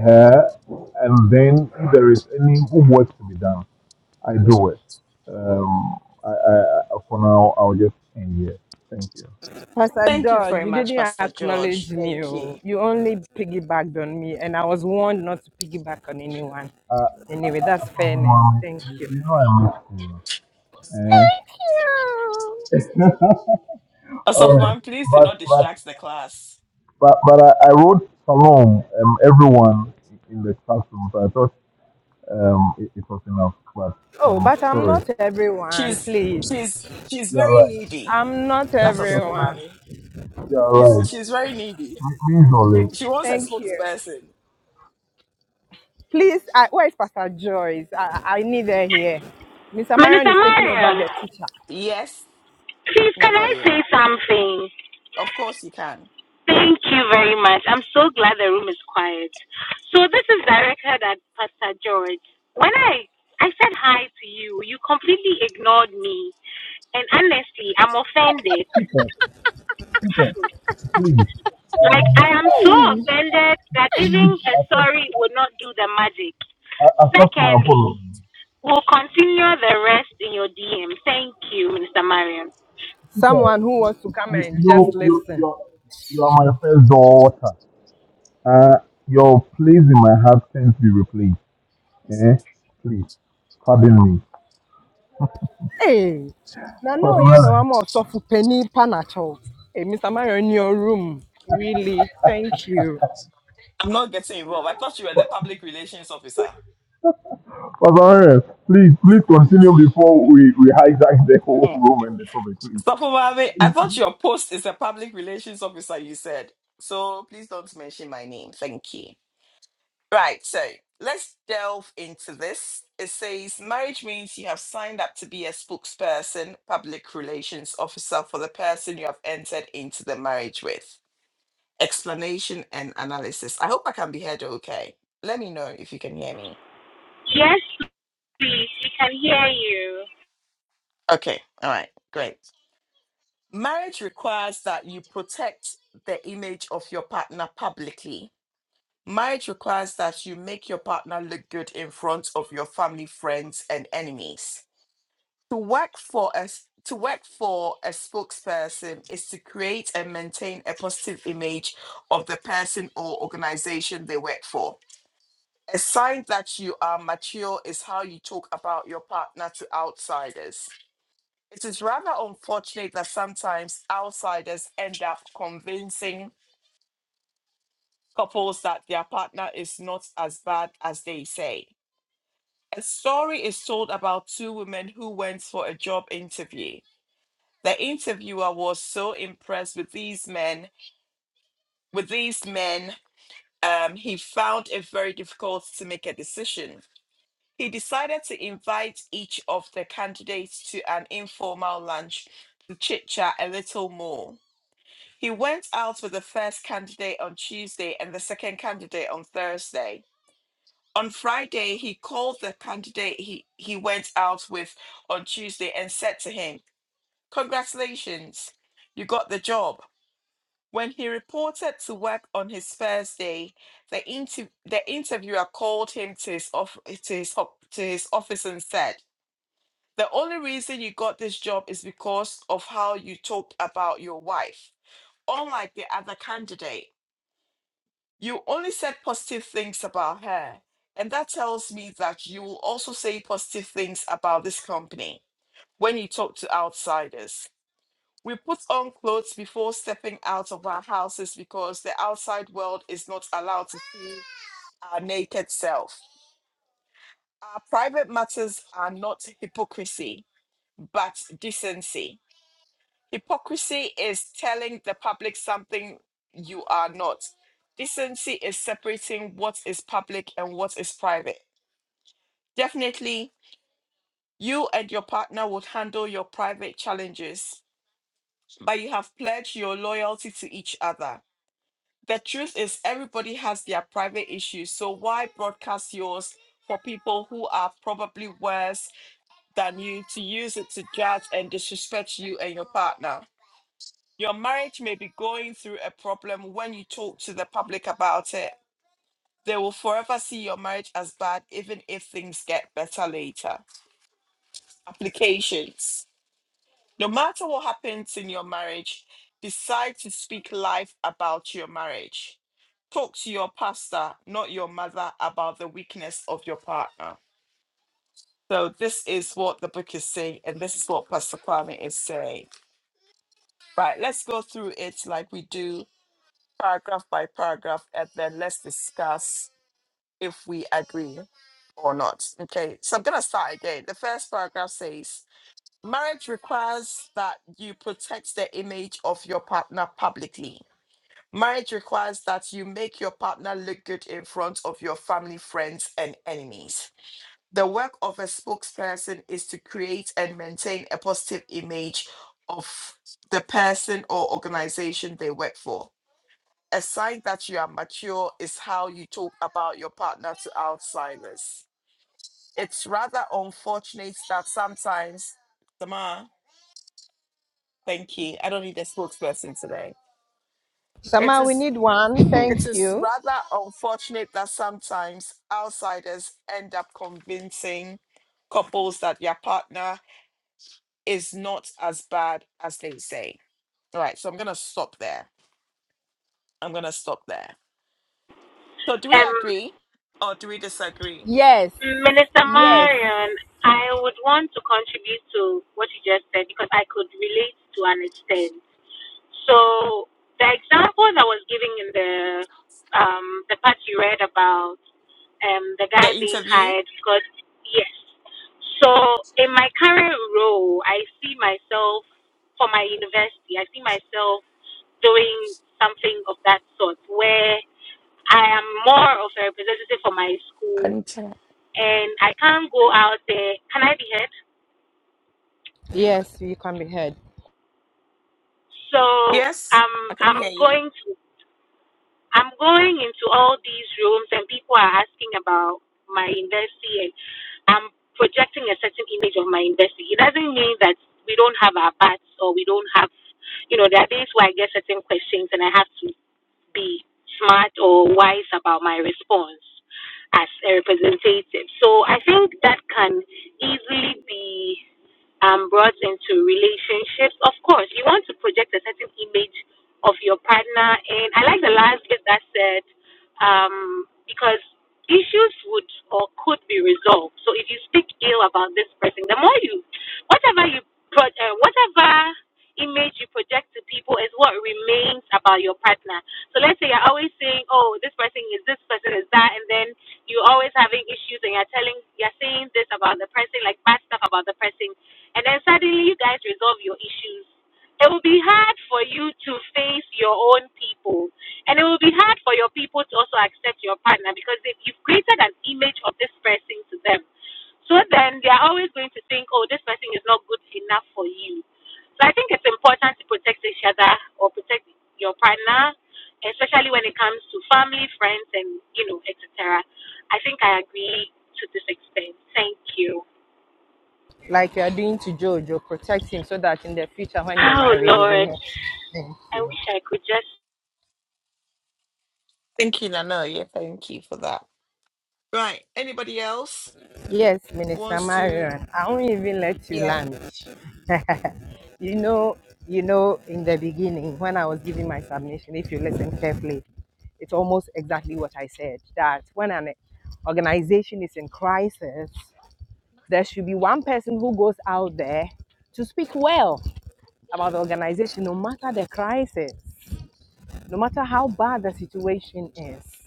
Speaker 6: her, and then if there is any homework to be done, I do it. Um, I, I, I, for now, I'll just end here. Thank you.
Speaker 3: Pastor
Speaker 1: Thank you
Speaker 3: George,
Speaker 1: very
Speaker 3: you
Speaker 1: much,
Speaker 3: didn't
Speaker 1: Pastor
Speaker 3: acknowledge
Speaker 1: George.
Speaker 3: me.
Speaker 1: Thank
Speaker 3: oh.
Speaker 1: you.
Speaker 3: You only piggybacked on me, and I was warned not to piggyback on anyone.
Speaker 6: Uh,
Speaker 3: Anyway, that's fairness.
Speaker 6: Mommy,
Speaker 3: Thank
Speaker 6: you,
Speaker 3: you.
Speaker 6: you know I miss you. Eh?
Speaker 3: Thank you.
Speaker 6: All right,
Speaker 1: Osofuman, please do not
Speaker 6: but but
Speaker 1: distract the class.
Speaker 6: but but I, I wrote Salom um, everyone in the classroom, so I thought um, it, it was enough. But
Speaker 3: Oh,
Speaker 6: um,
Speaker 3: but I'm
Speaker 6: sorry.
Speaker 3: not everyone,
Speaker 1: She's
Speaker 3: please.
Speaker 1: she's she's
Speaker 6: You're
Speaker 1: very needy.
Speaker 3: I'm not
Speaker 6: right.
Speaker 1: That's
Speaker 3: everyone.
Speaker 1: Osofumami.
Speaker 6: You're
Speaker 1: She's
Speaker 6: right.
Speaker 1: she's very needy.
Speaker 6: Me- Means
Speaker 1: She, she
Speaker 6: all.
Speaker 1: wants a
Speaker 3: Thank you.
Speaker 1: spokesperson.
Speaker 3: Please, I, where is Pastor Joyce? I, I need her here. Mr. Marion
Speaker 2: Minister
Speaker 3: is taking over
Speaker 2: Mariam,
Speaker 3: the teacher.
Speaker 1: Yes,
Speaker 2: please can I
Speaker 1: Nanoye.
Speaker 2: say something?
Speaker 1: Of course you can.
Speaker 2: Thank you very much. I'm so glad the room is quiet. So this is directed at Pastor George. When I I said hi to you, you completely ignored me. And honestly, I'm offended.
Speaker 6: Peter, please,
Speaker 2: Like I
Speaker 6: um,
Speaker 2: am so offended that even
Speaker 6: please
Speaker 2: a
Speaker 6: accept,
Speaker 2: sorry will not do the magic.
Speaker 6: a- accept my
Speaker 2: Secondly,
Speaker 6: apology.
Speaker 2: we'll continue the rest in your DM. Thank you, Mr. Marion.
Speaker 6: Peter,
Speaker 3: Someone who wants to come
Speaker 6: you,
Speaker 3: and just
Speaker 6: you, you, you,
Speaker 3: listen.
Speaker 6: you are my first daughter. Uh, your place in my heart can't be replaced. Eh? Please, pardon me.
Speaker 3: Hey, now
Speaker 6: Pastor
Speaker 3: no, you know,
Speaker 6: Lawrence,
Speaker 3: I'm also for penny panacho. Hey, Mr. Marion, in your room. Really, thank you.
Speaker 1: I'm not getting involved. I thought you were
Speaker 6: Pa-
Speaker 1: the public relations officer.
Speaker 6: Pastor Lawrence, please, please continue before we, we hijack the whole
Speaker 1: Mm.
Speaker 6: room and the topic, please.
Speaker 1: Osofumami, I thought your post is a public relations officer. You said so. Please don't mention my name. Thank you. Right, so let's delve into this. It says marriage means you have signed up to be a spokesperson, public relations officer for the person you have entered into the marriage with. Explanation and analysis. I hope I can be heard okay. Let me know if you can hear me.
Speaker 2: Yes, please. We can hear you.
Speaker 1: Okay, all right, great. Marriage requires that you protect the image of your partner publicly. Marriage requires that you make your partner look good in front of your family, friends, and enemies. To work for a s- to work for a spokesperson is to create and maintain a positive image of the person or organization they work for. A sign that you are mature is how you talk about your partner to outsiders. It is rather unfortunate that sometimes outsiders end up convincing couples that their partner is not as bad as they say. A story is told about two women who went for a job interview. the interviewer was so impressed with these men with these men um, he found it very difficult to make a decision he decided to invite each of the candidates to an informal lunch to chit chat a little more he went out with the first candidate on tuesday and the second candidate on thursday on friday he called the candidate he, he went out with on tuesday and said to him congratulations you got the job When he reported to work on his first day, the, inter- the interviewer called him to his, off- to, his ho- to his office and said, The only reason you got this job is because of how you talked about your wife. Unlike the other candidate, you only said positive things about her. And that tells me that you will also say positive things about this company when you talk to outsiders. We put on clothes before stepping out of our houses because the outside world is not allowed to see our naked self. Our private matters are not hypocrisy, but decency. Hypocrisy is telling the public something you are not. Decency is separating what is public and what is private. Definitely, you and your partner would handle your private challenges, but you have pledged your loyalty to each other. The truth is, everybody has their private issues. So why broadcast yours for people who are probably worse than you to use it to judge and disrespect you and your partner? Your marriage may be going through a problem when you talk to the public about it. They will forever see your marriage as bad, even if things get better later. Applications. No matter what happens in your marriage, decide to speak life about your marriage. Talk to your pastor, not your mother, about the weakness of your partner. So, this is what the book is saying, and this is what Pastor Kwame is saying. Right, let's go through it like we do, paragraph by paragraph, and then let's discuss if we agree or not. Okay, so I'm going to start again. The first paragraph says, Marriage requires that you protect the image of your partner publicly. Marriage requires that you make your partner look good in front of your family, friends, and enemies. The work of a spokesperson is to create and maintain a positive image of the person or organization they work for. A sign that you are mature is how you talk about your partner to outsiders. It's rather unfortunate that sometimes, Samar, Thank you. I don't need a spokesperson today.
Speaker 3: Mr.
Speaker 1: It
Speaker 3: Marion, we
Speaker 1: is
Speaker 3: need one.
Speaker 1: it
Speaker 5: yeah,
Speaker 3: Thank
Speaker 1: is
Speaker 3: you.
Speaker 1: rather unfortunate that sometimes outsiders end up convincing couples that your partner is not as bad as they say. All right, so I'm gonna stop there. I'm gonna stop there. So do we
Speaker 2: Um.
Speaker 1: agree or do we disagree?
Speaker 3: Yes,
Speaker 2: Minister
Speaker 3: yes,
Speaker 2: Marion, I would want to contribute to what you just said because I could relate to an extent. So the example that was giving in the um, the part you read about um, the
Speaker 1: The
Speaker 2: guy being
Speaker 1: interview?
Speaker 2: hired because yes. So in my current role, I see myself for my university. I see myself doing something of that sort where I am more of a representative for my school
Speaker 1: Can you tell?
Speaker 2: and I can't go out there. Can I be heard?
Speaker 3: yes, you can be heard.
Speaker 2: So
Speaker 1: Yes,
Speaker 2: I'm
Speaker 1: I can
Speaker 2: I'm
Speaker 1: hear you.
Speaker 2: going to I'm going into all these rooms and people are asking about my university and I'm projecting a certain image of my investor. It doesn't mean that we don't have our parts or we don't have, you know, there are days where I get certain questions and I have to be smart or wise about my response as a representative. So I think that can easily be. um, brought into relationships. Of course, you want to project a certain image of your partner. And I like the last bit that said, um, because issues would or could be resolved. So if you speak ill about this person, the more you, whatever you, pro- uh, whatever image you project to people is what remains about your partner. So let's say you're always saying, "Oh, this person is this person is that," and then you're always having issues, and you're telling, you're saying this about the person, like bad stuff about the person, and then suddenly you guys resolve your issues. It will be hard for you to face your own people, and it will be hard for your people to also accept your partner because if you've created an image of this person to them, so then they are always going to think, oh, this person is not good enough for you. So I think it's important to protect each other or protect your partner, especially when it comes to family, friends, and you know, etc. I think I agree to this extent. Thank you.
Speaker 3: like you are doing to Jojo, protect him so that in the future when you
Speaker 2: Oh
Speaker 3: marry, we will
Speaker 2: Lord,
Speaker 3: not. Thank
Speaker 2: I
Speaker 3: you.
Speaker 2: wish I could just
Speaker 1: Thank you, Nana. Yeah, thank you for that. Right. Anybody else
Speaker 3: Yes, Minister
Speaker 1: wants to?
Speaker 3: Marion, I won't even let you
Speaker 1: Yeah.
Speaker 3: land. you know, you know, in the beginning when I was giving my submission, if you listen carefully, it's almost exactly what I said. That when an organization is in crisis, there should be one person who goes out there to speak well about the organization, no matter the crisis, no matter how bad the situation is.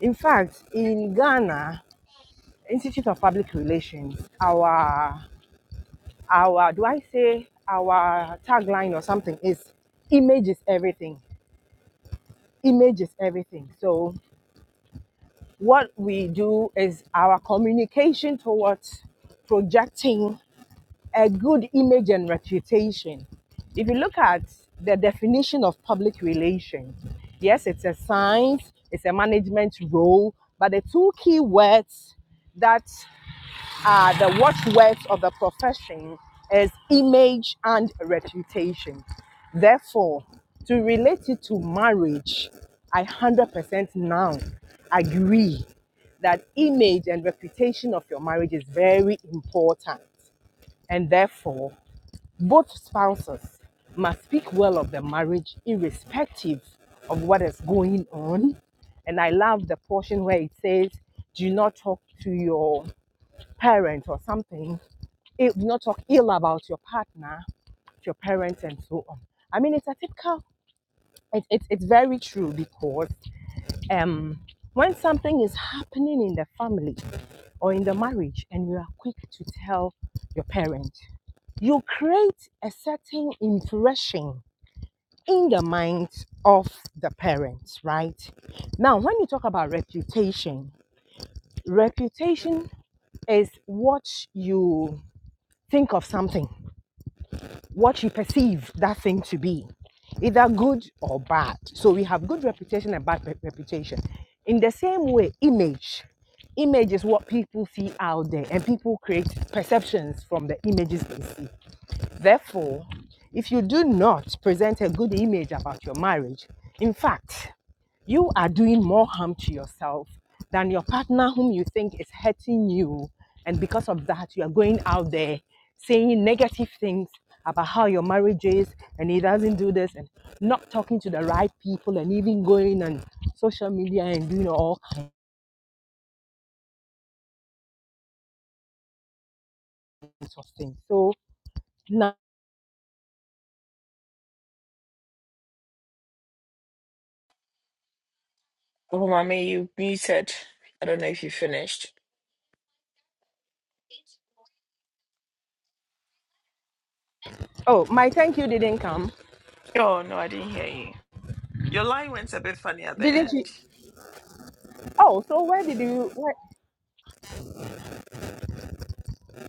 Speaker 3: In fact, in Ghana, Institute of Public Relations, our our do I say our tagline or something is image is everything. Image is everything. So what we do is our communication towards projecting a good image and reputation. If you look at the definition of public relations, yes, it's a science, it's a management role, but the two key words that uh, the watchwords of the profession is image and reputation. Therefore, to relate it to marriage, I 100% now agree that image and reputation of your marriage is very important. And therefore, both spouses must speak well of the marriage irrespective of what is going on. And I love the portion where it says, do not talk to your parents or something do not talk ill about your partner, your parents, and so on. I mean, it's a typical. It's it's it's very true because um, when something is happening in the family or in the marriage, and you are quick to tell your parent, you create a certain impression in the mind of the parents, right? Now, when you talk about reputation, reputation is what you think of something what you perceive that thing to be, either good or bad. So we have good reputation and bad reputation. In the same way, image. Image is what people see out there, and people create perceptions from the images they see. Therefore, if you do not present a good image about your marriage, in fact, you are doing more harm to yourself than your partner whom you think is hurting you. And because of that, you are going out there saying negative things about how your marriage is and he doesn't do this and not talking to the right people and even going on social media and doing all kinds of things. So now,
Speaker 1: Oh, mommy, you muted. I don't know if you finished.
Speaker 3: oh, my thank you didn't come.
Speaker 1: Oh, no, I didn't hear you. Your line went a bit funny at the
Speaker 3: Didn't you?
Speaker 1: end.
Speaker 3: Oh, so where did you? Where?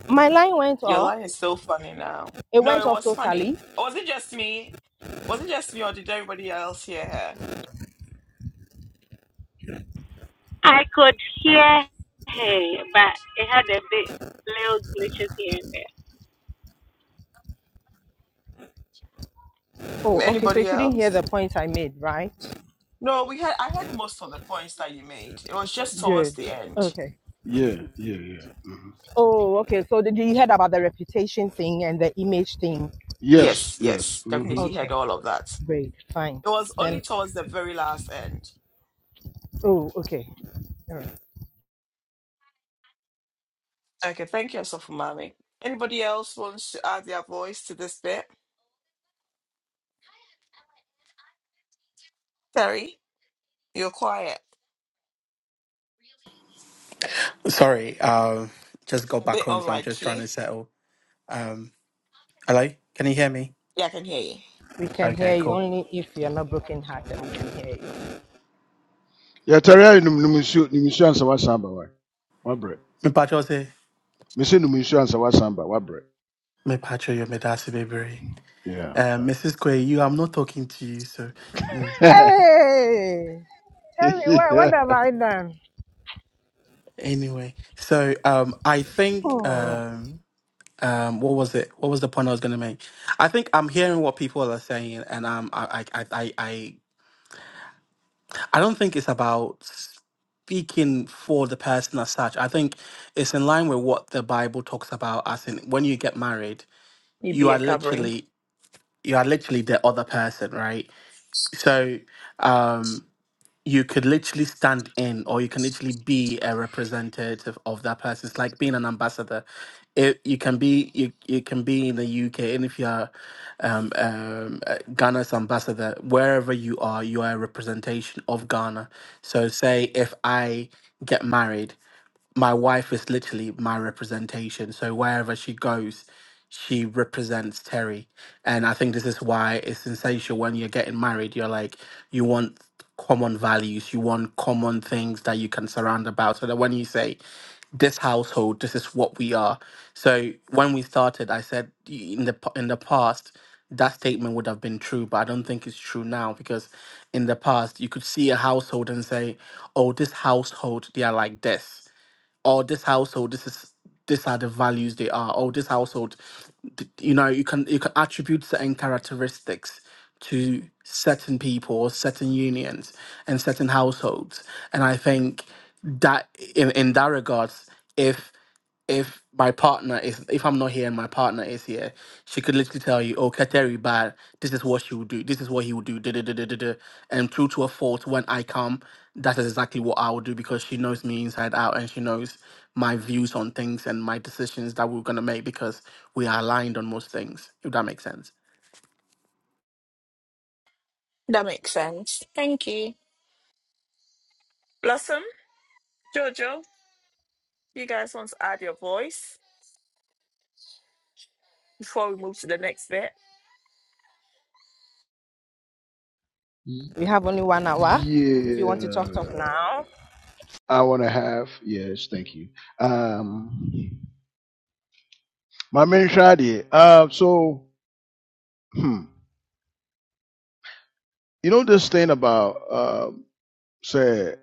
Speaker 3: My line went
Speaker 1: Your
Speaker 3: off.
Speaker 1: line is so funny now.
Speaker 3: It
Speaker 1: No,
Speaker 3: went
Speaker 1: it
Speaker 3: off
Speaker 1: was
Speaker 3: totally.
Speaker 1: funny. Was it just me? Was it just me, or did everybody else hear her?
Speaker 2: I could hear hey, but it had a bit little glitches here and there.
Speaker 3: Oh, okay. So you
Speaker 1: Anybody
Speaker 3: couldn't hear
Speaker 1: else?
Speaker 3: the point I made, right?
Speaker 1: No, we had. I had most of the points that you made. It was just towards
Speaker 3: Good.
Speaker 1: the end.
Speaker 3: Okay.
Speaker 5: yeah, yeah. hmm
Speaker 3: Oh, okay. So did you heard about the reputation thing and the image thing?
Speaker 5: Yes,
Speaker 1: Yes,
Speaker 5: yes.
Speaker 1: yes,
Speaker 5: Mm-hmm.
Speaker 1: definitely heard
Speaker 3: Okay.
Speaker 1: all of that.
Speaker 3: Great. Fine.
Speaker 1: It was only
Speaker 3: Then.
Speaker 1: towards the very last end.
Speaker 3: Oh, okay. All right.
Speaker 1: Okay, thank you, Sophumami. Anybody else wants to add their voice to this bit? Terry. You're quiet. A bit unlike you. Yeah, I can hear you.
Speaker 3: We can hear you only if you're not broken-hearted. We can hear you.
Speaker 5: Yeah, Terry, no, no, monsieur, no, monsieur, answer what samba, why? What bread? Monsieur, no, monsieur, answer what samba, what bread? Yeah, yeah.
Speaker 3: Hey, tell me what what
Speaker 5: yeah.
Speaker 3: have I done? Hmm.
Speaker 1: You'd be a covering. That makes sense. Thank you. Blossom, Jojo, you guys want to add your voice before we move to the next bit?
Speaker 3: We have only one hour. If you want
Speaker 5: Yeah.
Speaker 3: to talk, talk now.
Speaker 5: I want to have, yes, thank you. Um, my main shadi, uh, so, hmm, you know, this thing about, uh, say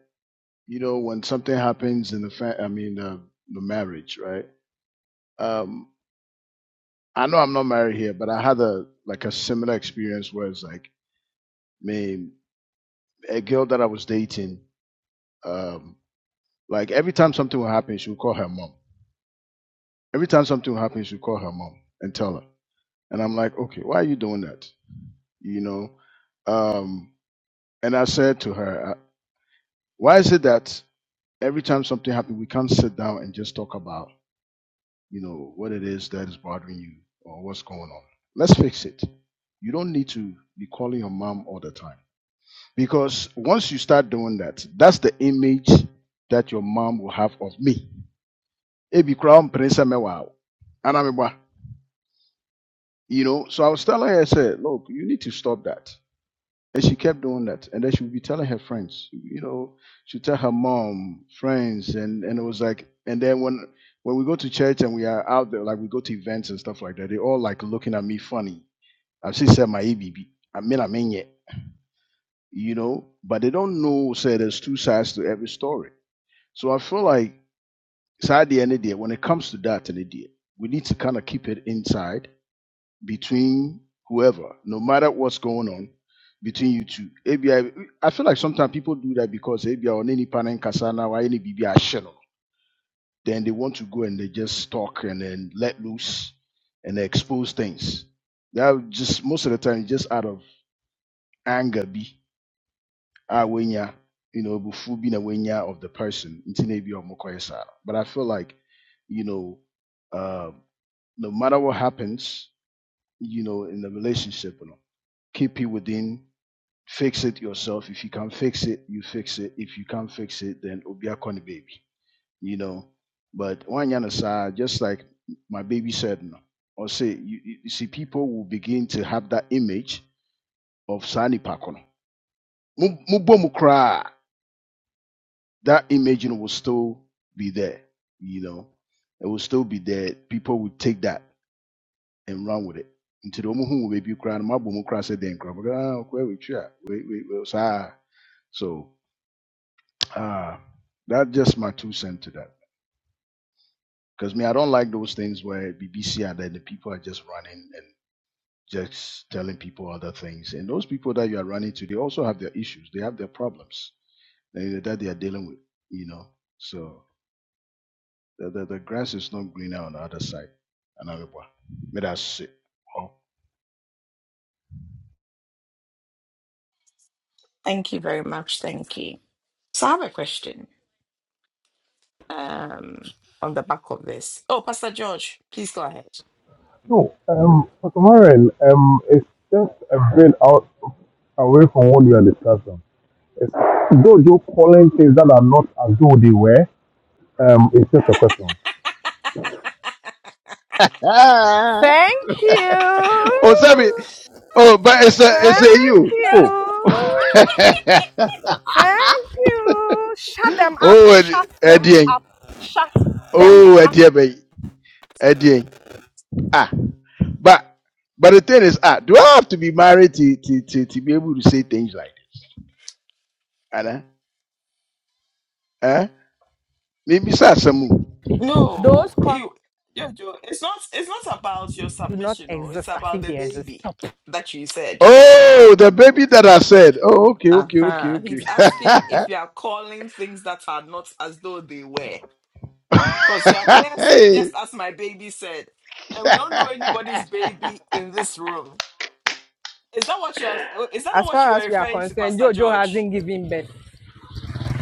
Speaker 5: you know when something happens in the fa- i mean uh, the marriage right um i know i'm not married here but i had a like a similar experience where it's like man a girl that i was dating um like every time something would happen she would call her mom every time something would happen she would call her mom and tell her and i'm like okay why are you doing that you know um and i said to her uh, why is it that every time something happens we can't sit down and just talk about you know what it is that is bothering you or what's going on let's fix it you don't need to be calling your mom all the time because once you start doing that that's the image that your mom will have of me Ebi koraa ɔmpene sɛ mɛwo a wo. Anaa you know so i was telling her i said look you need to stop that And she kept doing that. And then she would be telling her friends, you know, she'd tell her mom, friends, and, and it was like and then when when we go to church and we are out there, like we go to events and stuff like that, they all like looking at me funny. I've seen said my EBB. I mean I mean yet, you know, but they don't know say there's two sides to every story. So I feel like side the end of the day, when it comes to that and day, we need to kind of keep it inside between whoever, no matter what's going on between you two. ABI, I I feel like sometimes people do that because ABI on any panel kasana or any BBI channel, then they want to go and they just talk and then let loose and expose things. That just most of the time it's just out of anger be ah, when ya you know before being a when ya of the person nti na ebi a ɔmo kɔyɛ saa no. But I feel like you know uh, no matter what happens, you know in the relationship. keep it within, fix it yourself. If you can fix it, you fix it. If you can't fix it, then obia koni baby, you know. But one yana sa, just like my baby said, no, or say, you, you see, people will begin to have that image of sani pakono. Mubo mukra, that image you know, will still be there, you know. It will still be there. People will take that. and run with it. Nti de ɔmo hu wo baabi koraa no mabɔ mu koraa sɛ dɛn koraa mɔdɛ ah ɔkɔ awetwi a wei wei wei saa so ah that's just my two cents to that because me I don't like those things where BBC and then the people are just running and just telling people other things and those people that you are running to they also have their issues they have their problems that that they are dealing with you know so the the, the grass is not greener on the other side and I'm like, "Wah, me that's it.
Speaker 1: Thank you very much. Thank you. So I have a question um, on the back of this. Oh, Pastor George, please go ahead.
Speaker 6: No, um, Pastor Lawrence, um, it's just a bit out away from what we are discussing. It's, Though you're calling things that are not as though they were, um, it's just a question.
Speaker 5: Oh.
Speaker 3: Thank
Speaker 5: Oh, sorry.
Speaker 3: you.
Speaker 5: Oh, but it's a it's a
Speaker 3: Thank
Speaker 5: you. Oh.
Speaker 3: you. Thank you. Shut them up.
Speaker 5: oh,
Speaker 3: Shut them
Speaker 5: Eddie.
Speaker 3: up. Shut them
Speaker 5: Oh,
Speaker 3: up.
Speaker 5: Eddie. Eddie. Ah, but but the thing is, ah, do I have to be married to to to, to be able to say things like this? Anna, eh? Maybe Sasamu.
Speaker 1: No,
Speaker 3: Those calls
Speaker 1: you, Jojo, it's not. It's not about your
Speaker 3: do not
Speaker 1: submission. Oh, it's
Speaker 3: exist as
Speaker 1: about
Speaker 3: if
Speaker 1: the
Speaker 3: they exist.
Speaker 1: baby
Speaker 3: Stop.
Speaker 1: that you said.
Speaker 5: Oh, the baby that I said. Oh, okay, okay, okay,
Speaker 1: Uh-huh.
Speaker 5: okay.
Speaker 1: He's asking if you are calling things that are not as though they were. Because you are here saying,
Speaker 5: hey.
Speaker 1: just as my baby said, and we don't know anybody's baby in this room. Is that what you're is that not
Speaker 3: As
Speaker 1: what
Speaker 3: far
Speaker 1: you were
Speaker 3: as we are
Speaker 1: referring to,
Speaker 3: concerned,
Speaker 1: Pastor
Speaker 3: Jojo
Speaker 1: George?
Speaker 3: hasn't given birth.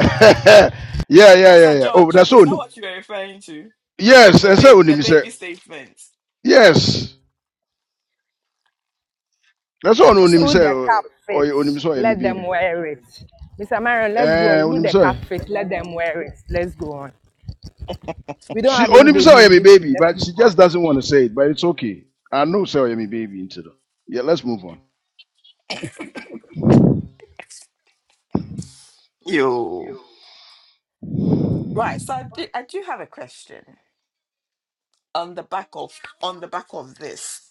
Speaker 5: yeah, yeah, yeah,
Speaker 1: Pastor
Speaker 5: yeah. Oh,
Speaker 1: George,
Speaker 5: that's
Speaker 1: is that
Speaker 5: only.
Speaker 1: what you were referring to?
Speaker 5: Yes,
Speaker 1: The
Speaker 5: I say
Speaker 1: ba-
Speaker 5: only,
Speaker 1: the
Speaker 5: me say
Speaker 1: baby statement.
Speaker 5: Yes, that's
Speaker 1: Hey,
Speaker 5: all only, me
Speaker 1: Pastor
Speaker 3: Who the
Speaker 5: say.
Speaker 3: cap
Speaker 5: Or only, me
Speaker 3: fits,
Speaker 5: say. my
Speaker 3: let them
Speaker 5: baby.
Speaker 3: wear it. Mr. Marion, let's go
Speaker 5: Eh,
Speaker 3: on. Who
Speaker 5: only, me
Speaker 3: the cap
Speaker 5: say.
Speaker 3: fits, let them wear it. Let's go on. We don't
Speaker 5: She
Speaker 3: have any
Speaker 5: only, me
Speaker 3: baby
Speaker 5: say.
Speaker 3: in
Speaker 5: my
Speaker 3: this room.
Speaker 5: baby,
Speaker 3: Let's
Speaker 5: but
Speaker 3: move
Speaker 5: she
Speaker 3: on.
Speaker 5: just doesn't want to say it. But it's okay. I know, sorry, my baby, into the. Yeah, let's move on.
Speaker 1: You Right, so I do, I do have a question on the back of on the back of this.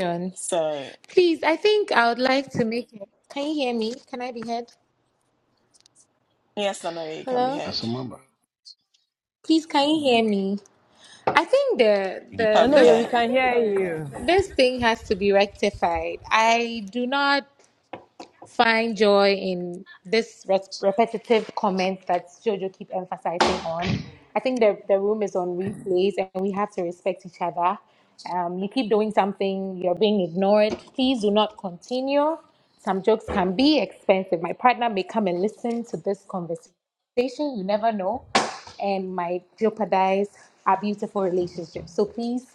Speaker 2: Leon,
Speaker 1: So
Speaker 2: Please, I think I would like to make it. Can you hear me? Can I be heard?
Speaker 1: yes, I know you can be
Speaker 2: Hello?
Speaker 5: As
Speaker 1: heard.
Speaker 5: a member.
Speaker 2: Please, can you hear me? I think the
Speaker 1: You
Speaker 3: No,
Speaker 1: can
Speaker 2: the
Speaker 1: be
Speaker 3: no, yeah,
Speaker 2: this
Speaker 3: we
Speaker 1: heard.
Speaker 3: can hear you.
Speaker 2: This thing has to be rectified. I do not find joy in this res- repetitive comment that Jojo keep emphasizing on. I think the, the room is on replays and we have to respect each other. Um, you keep doing something, you're being ignored. Please do not continue. Some jokes can be expensive. My partner may come and listen to this conversation. You never know. And might jeopardize our beautiful relationship. So please,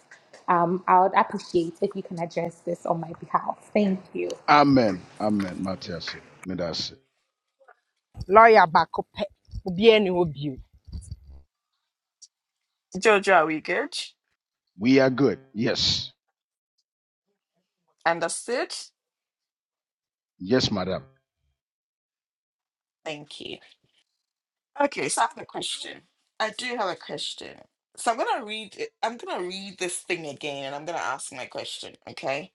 Speaker 2: um, I would appreciate if you can address this on my behalf. Thank you.
Speaker 5: Amen. Amen. Matthias. Medase.
Speaker 3: Lawyer Bakope. Obi any obi.
Speaker 1: Jojo, are we good?
Speaker 5: We are good. Yes.
Speaker 1: Understood?
Speaker 5: Yes, madam.
Speaker 1: Thank you. Okay, so I have a question. I do have a question. So I'm gonna read it- I'm gonna read this thing again and I'm gonna ask my question, okay?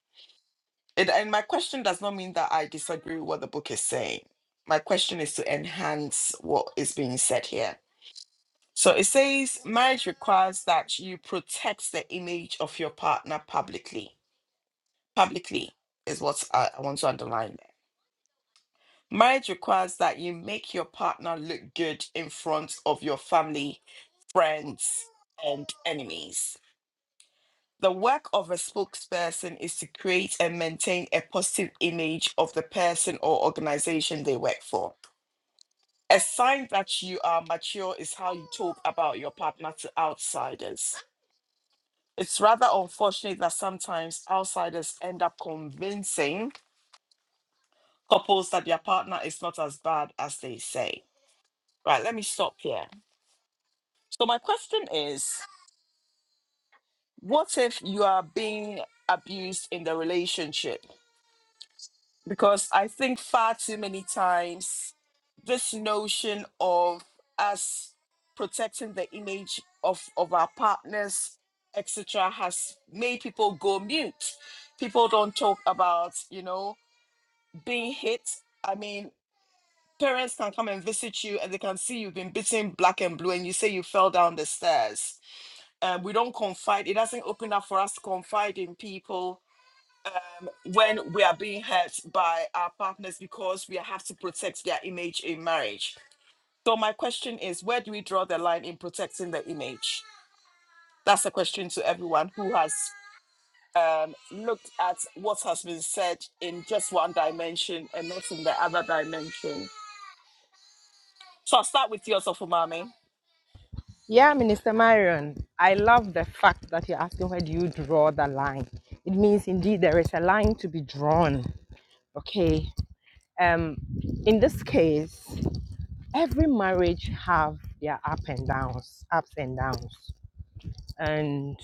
Speaker 1: It, and my question does not mean that I disagree with what the book is saying. My question is to enhance what is being said here. So it says marriage requires that you protect the image of your partner publicly. Publicly is what I, I want to underline there Marriage requires that you make your partner look good in front of your family, friends, and enemies. The work of a spokesperson is to create and maintain a positive image of the person or organization they work for. A sign that you are mature is how you talk about your partner to outsiders. It's rather unfortunate that sometimes outsiders end up convincing couples that their partner is not as bad as they say. Right, let me stop here So my question is, what if you are being abused in the relationship? Because I think far too many times this notion of us protecting the image of, of our partners, etc., has made people go mute. People don't talk about, you know, being hit. I mean, parents can come and visit you and they can see you've been beaten black and blue and you say you fell down the stairs uh, we don't confide. It doesn't open up for us to confide in people when we are being hurt by our partners because we have to protect their image in marriage. So my question is, where do we draw the line in protecting the image? That's a question to everyone who has um, looked at what has been said in just one dimension and not in the other dimension. So I'll start with you, Osofumami.
Speaker 3: Yeah, Minister Marion, I love the fact that you're asking where do you draw the line. It means indeed there is a line to be drawn. Okay. Um, in this case, every marriage have their up and downs, ups and downs. And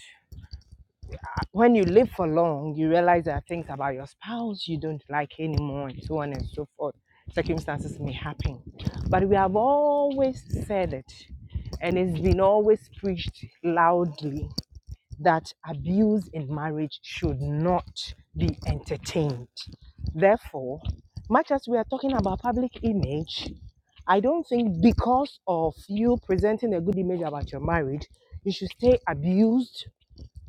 Speaker 3: when you live for long, you realize there are things about your spouse you don't like anymore, and so on and so forth. Circumstances may happen. But we have always said it, and it's been always preached loudly that abuse in marriage should not be entertained. Therefore, much as we are talking about public image, I don't think because of you presenting a good image about your marriage, you should stay abused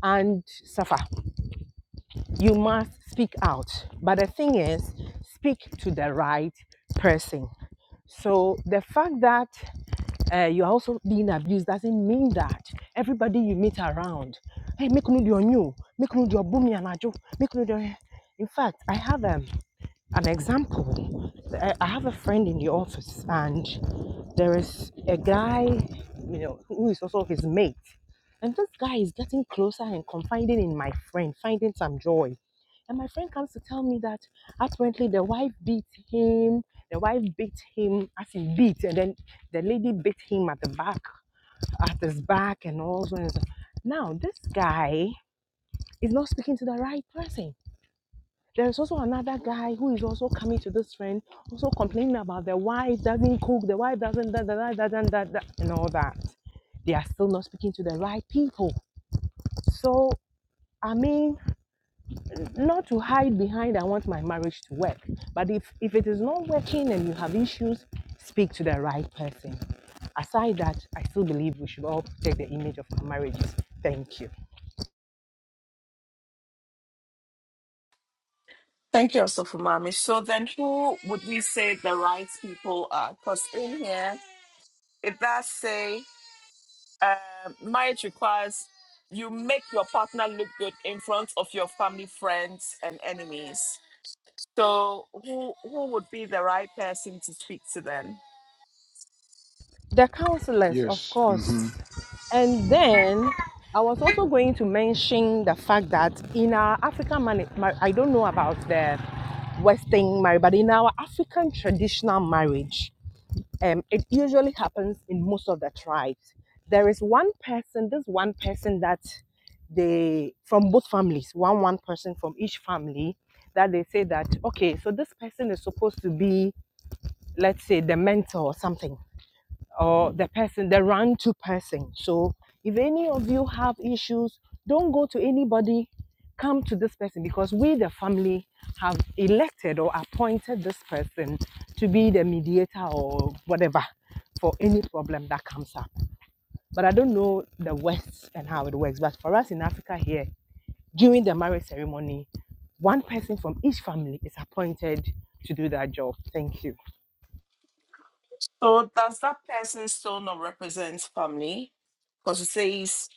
Speaker 3: and suffer. You must speak out. But the thing is, speak to the right person. So the fact that uh, you're also being abused doesn't mean that everybody you meet around, hey, make no your new, make no do your boomy and ajo, make no your. In fact, I have um, an example, eh, I have a friend in the office, and there is a guy, you know, who is also his mate. And this guy is getting closer and confiding in my friend, finding some joy. And my friend comes to tell me that apparently the wife beat him, the wife beat him as in beat, and then the lady beat him at the back, at his back, and all so so. Now, this guy is not speaking to the right person there's also another guy who is also coming to this friend, also complaining about the wife doesn't cook, the wife doesn't da da da da da da, and all that. They are still not speaking to the right people. So I mean, not to hide behind I want my marriage to work. But if if it is not working and you have issues, speak to the right person. Aside that, I still believe we should all protect the image of our marriages. Thank you.
Speaker 1: Thank you, Osofumami. So then who would we say the right people are? Because in here, it does say Uh, marriage requires you make your partner look good in front of your family, friends, and enemies. So, who who would be the right person to speak to then?
Speaker 3: the counselors, of
Speaker 5: Yes. Mm-hmm.
Speaker 3: course. And then I was also going to mention the fact that in our African marriage, I don't know about the Western marriage, but in our African traditional marriage, um, it usually happens in most of the tribes. There is one person, this one person that they, from both families, one one person from each family, that they say that, okay, so this person is supposed to be, let's say, the mentor or something or the person, the run to person. So if any of you have issues, don't go to anybody. Come to this person because we, the family, have elected or appointed this person to be the mediator or whatever for any problem that comes up. But I don't know the West and how it works. But for us in Africa here, during the marriage ceremony, one person from each family is appointed to do that job. Thank you.
Speaker 1: So, does that person still not represent family? Because it says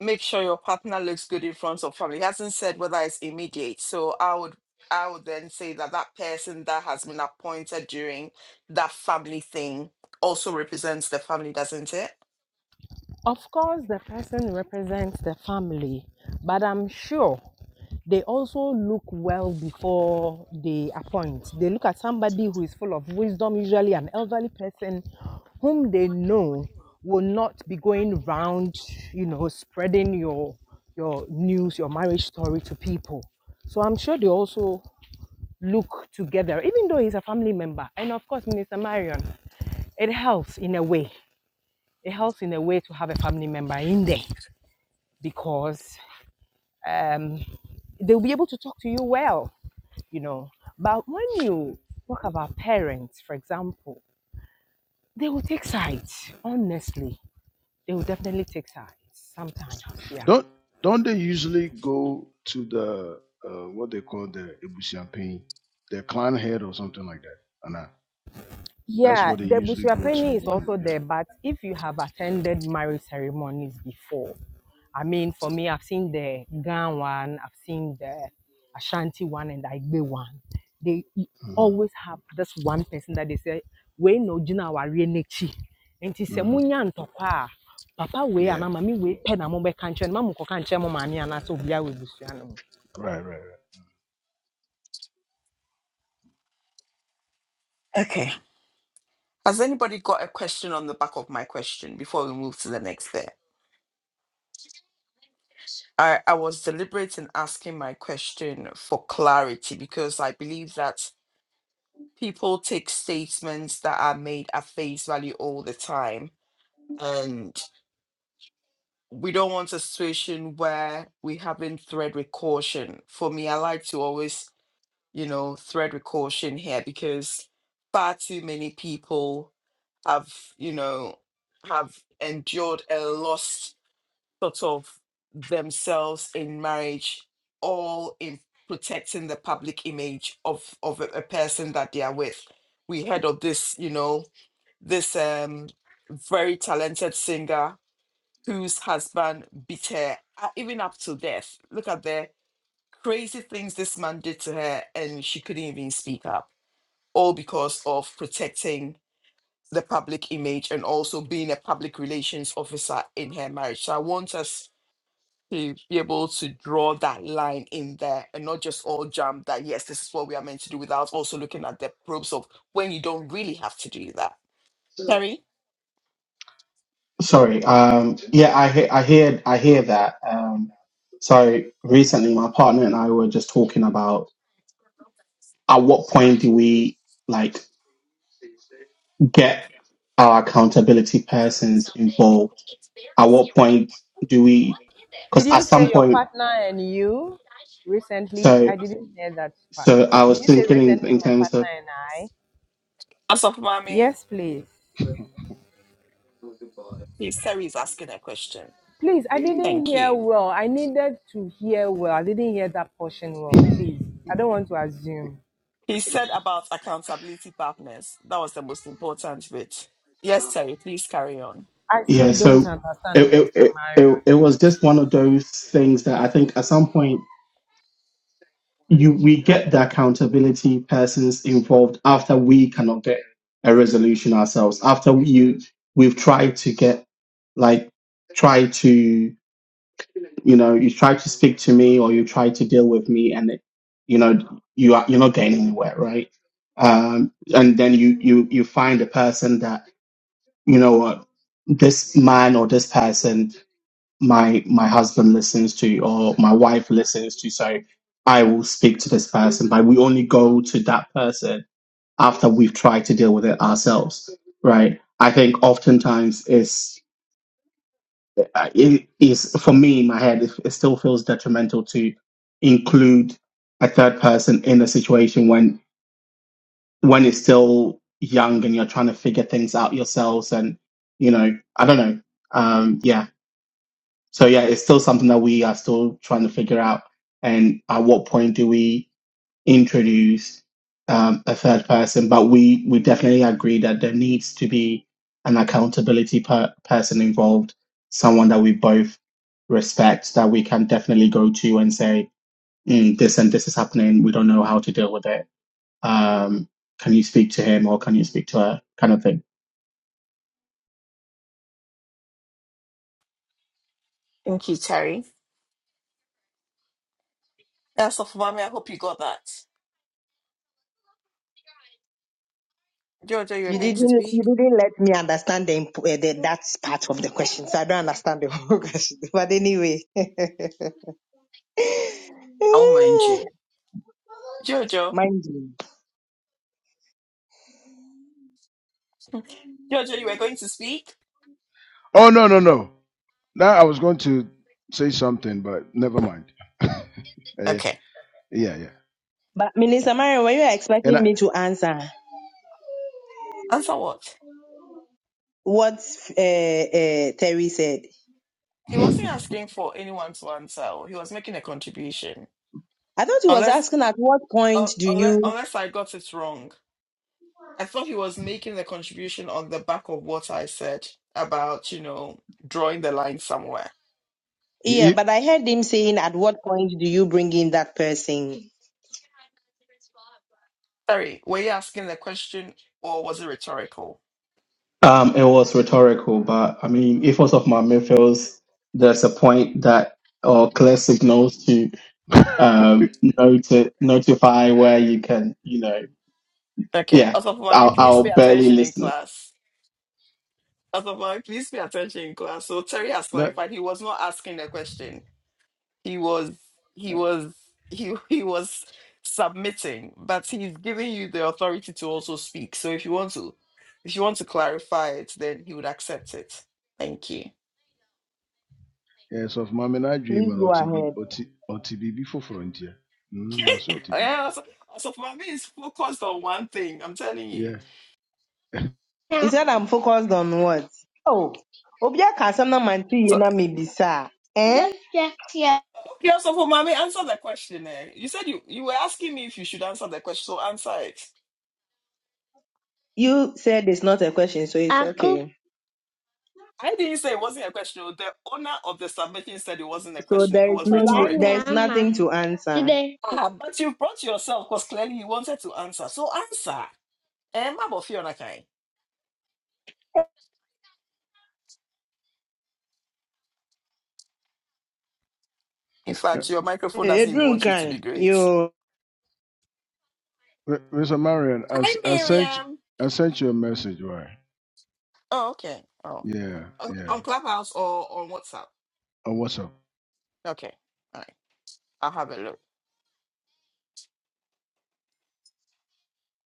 Speaker 1: make sure your partner looks good in front of family. It hasn't said whether it's immediate. So, I would I would then say that that person that has been appointed during that family thing also represents the family, doesn't it?
Speaker 3: Of course, the person represents the family, but I'm sure they also look well before they appoint. They look at somebody who is full of wisdom, usually an elderly person whom they know will not be going round, you know, spreading your your news, your marriage story to people. So I'm sure they also look together, even though he's a family member. And of course, Minister Marion, it helps in a way. It helps in a way to have a family member in there because um, they'll be able to talk to you well, you know. But when you talk about parents, for example, they will take sides. Honestly, they will definitely take sides sometimes. Yeah.
Speaker 5: Don't don't they usually go to the uh, what they call the Ibusiampin, the clan head or something like that? And uh, that's
Speaker 3: Yeah,
Speaker 5: what they
Speaker 3: the
Speaker 5: usually go to
Speaker 3: Busuapeni is
Speaker 5: when
Speaker 3: also there,
Speaker 5: yeah.
Speaker 3: but if you have attended marriage ceremonies before, I mean, for me, I've seen the Gan one, I've seen the Ashanti one, and the Igbe one. They e-
Speaker 5: hmm
Speaker 3: always have this one person that they say, We no jina wari nechi. And he said,
Speaker 5: hmm
Speaker 3: Munya ntokwa. Papa we and
Speaker 5: Yeah.
Speaker 3: mami we pe na mo be kanche, mamu ko kanche mo mami ana so bia we busuano.
Speaker 5: Right, right, right.
Speaker 1: Okay. Has anybody got a question on the back of my question before we move to the next bit? I, I was deliberate in asking my question for clarity because I believe that people take statements that are made at face value all the time. And we don't want a situation where we haven't thread with caution. For me, I like to always, you know, thread with caution here because far too many people have, you know, have endured a loss sort of themselves in marriage, all in protecting the public image of of a, a person that they are with. We heard of this, you know, this um very talented singer whose husband beat her uh, even up to death. Look at the crazy things this man did to her, and she couldn't even speak up, all because of protecting the public image and also being a public relations officer in her marriage. So I want us to be able to draw that line in there and not just all jump that yes this is what we are meant to do without also looking at the probes of when you don't really have to do that terry
Speaker 7: Sorry. Um, yeah, I he- I hear I hear that. Um, so recently, my partner and I were just talking about at what point do we like get our accountability persons involved? At what point do we?
Speaker 3: Did
Speaker 7: Because at
Speaker 3: you say
Speaker 7: some
Speaker 3: your
Speaker 7: point,
Speaker 3: partner and you recently?
Speaker 7: so
Speaker 3: I didn't hear that part
Speaker 7: so I
Speaker 3: well. Did
Speaker 7: was
Speaker 3: you say
Speaker 7: thinking in,
Speaker 3: recently
Speaker 7: in
Speaker 3: my
Speaker 7: terms
Speaker 3: partner
Speaker 7: of
Speaker 3: and I?
Speaker 1: asopamami
Speaker 3: Yes, please.
Speaker 1: please terry is asking a question
Speaker 3: Please, I didn't
Speaker 1: thank
Speaker 3: hear
Speaker 1: you
Speaker 3: well. I needed to hear well. I didn't hear that portion well, please. I don't want to assume.
Speaker 1: he said about accountability partners that was the most important bit yes terry please carry on
Speaker 3: I still
Speaker 7: yeah.
Speaker 3: don't
Speaker 7: So it
Speaker 3: understand
Speaker 7: it,
Speaker 3: Minister
Speaker 7: it
Speaker 3: Marion.
Speaker 7: it it was just one of those things that I think at some point. you we get the accountability persons involved after we cannot get a resolution ourselves after you we've tried to get like try to you know you try to speak to me or you try to deal with me and it, you know you are you're not getting anywhere right um and then you you you find a person that you know what this man or this person my my husband listens to or my wife listens to so i will speak to this person but we only go to that person after we've tried to deal with it ourselves right i think oftentimes it's it is for me in my head it, it still feels detrimental to include a third person in a situation when when it's still young and you're trying to figure things out yourselves and you know i don't know um yeah, So yeah, it's still something that we are still trying to figure out. And at what point do we introduce um, a third person? But we we definitely agree that there needs to be an accountability per- person involved, someone that we both respect, that we can definitely go to and say, mm, "This and this is happening. We don't know how to deal with it. Um, can you speak to him or can you speak to her?" Kind of thing.
Speaker 1: thank you terry asopamami i hope you got that jojo you're
Speaker 3: You
Speaker 1: going to
Speaker 3: didn't you
Speaker 1: speak
Speaker 3: didn't let me understand the, imp- uh, the that part of the question, so I don't understand the whole question. But anyway, eh,
Speaker 1: i won't mind you jojo
Speaker 3: mind you.
Speaker 1: jojo you were going to speak
Speaker 5: Oh no, no, no. Now I was going to say something, but never mind. Uh, yeah,
Speaker 1: okay
Speaker 5: yeah, yeah.
Speaker 3: But
Speaker 1: okay
Speaker 3: Minister Marion, were you
Speaker 5: And
Speaker 3: expecting
Speaker 5: I
Speaker 3: me to answer?
Speaker 1: answer what
Speaker 3: what uh, uh, Terry said.
Speaker 1: He wasn't asking for anyone to answer. He was making a contribution.
Speaker 3: I thought he was
Speaker 1: Unless,
Speaker 3: asking at what
Speaker 1: uh,
Speaker 3: point do
Speaker 1: unless,
Speaker 3: you.
Speaker 1: unless I got it wrong. I thought he was making the contribution on the back of what I said about, you know, drawing the line somewhere.
Speaker 3: Yeah,
Speaker 5: he,
Speaker 3: but I heard him saying at what point do you bring in that person?
Speaker 1: Sorry, were you asking the question or was it rhetorical?
Speaker 7: Um, it was rhetorical, but I mean, if most of my midfields, there's a point that or clear signals to um noti- notify where you can, you know,
Speaker 1: Okay,
Speaker 7: yeah,
Speaker 1: Osofumami,
Speaker 7: I'll,
Speaker 1: please pay
Speaker 7: I'll barely
Speaker 1: attention in
Speaker 7: listen
Speaker 1: class. Osofumami, please pay attention in class. So Terry has
Speaker 5: that
Speaker 1: clarified he was not asking the question. he was he was he he was submitting but he's giving you the authority to also speak so if you want to if you want to clarify it then he would accept it thank you
Speaker 5: yes of my I dream
Speaker 3: Please
Speaker 5: and
Speaker 3: go
Speaker 5: OTB
Speaker 3: ahead.
Speaker 5: OTB before frontier. Mm, also OTB.
Speaker 1: yeah so, so for mommy is focused on one thing i'm telling you
Speaker 5: Yeah.
Speaker 3: He said I'm focused on what? Oh, Obia Kasana Manti
Speaker 1: so
Speaker 3: Yena Mibisa. Eh?
Speaker 1: okay so for mommy answer the question eh? you said you you were asking me if you should answer the question so answer it
Speaker 3: You said it's not a question, so it's okay.
Speaker 1: i didn't say it wasn't a question oh, the owner of the submission said it wasn't a
Speaker 3: So
Speaker 1: question it
Speaker 3: there is
Speaker 1: was
Speaker 3: no there is
Speaker 1: rhetorical
Speaker 3: nothing to answer. Hey,
Speaker 1: Ah, but you brought yourself because clearly you wanted to answer. So answer. Um, about Fiona Kai. In fact, your microphone doesn't even
Speaker 3: Edwin
Speaker 1: want you to be
Speaker 3: Kan,
Speaker 1: great.
Speaker 3: you
Speaker 5: M- Mr. Marion, I, s-
Speaker 1: Hi,
Speaker 5: I sent you-
Speaker 1: Miriam.
Speaker 5: I sent you a message, right?
Speaker 1: Oh, okay. Oh,
Speaker 5: Yeah,
Speaker 1: O-
Speaker 5: yeah.
Speaker 1: on Clubhouse or on WhatsApp?
Speaker 5: Oh, what's up?
Speaker 1: Okay. All right. I'll have a look.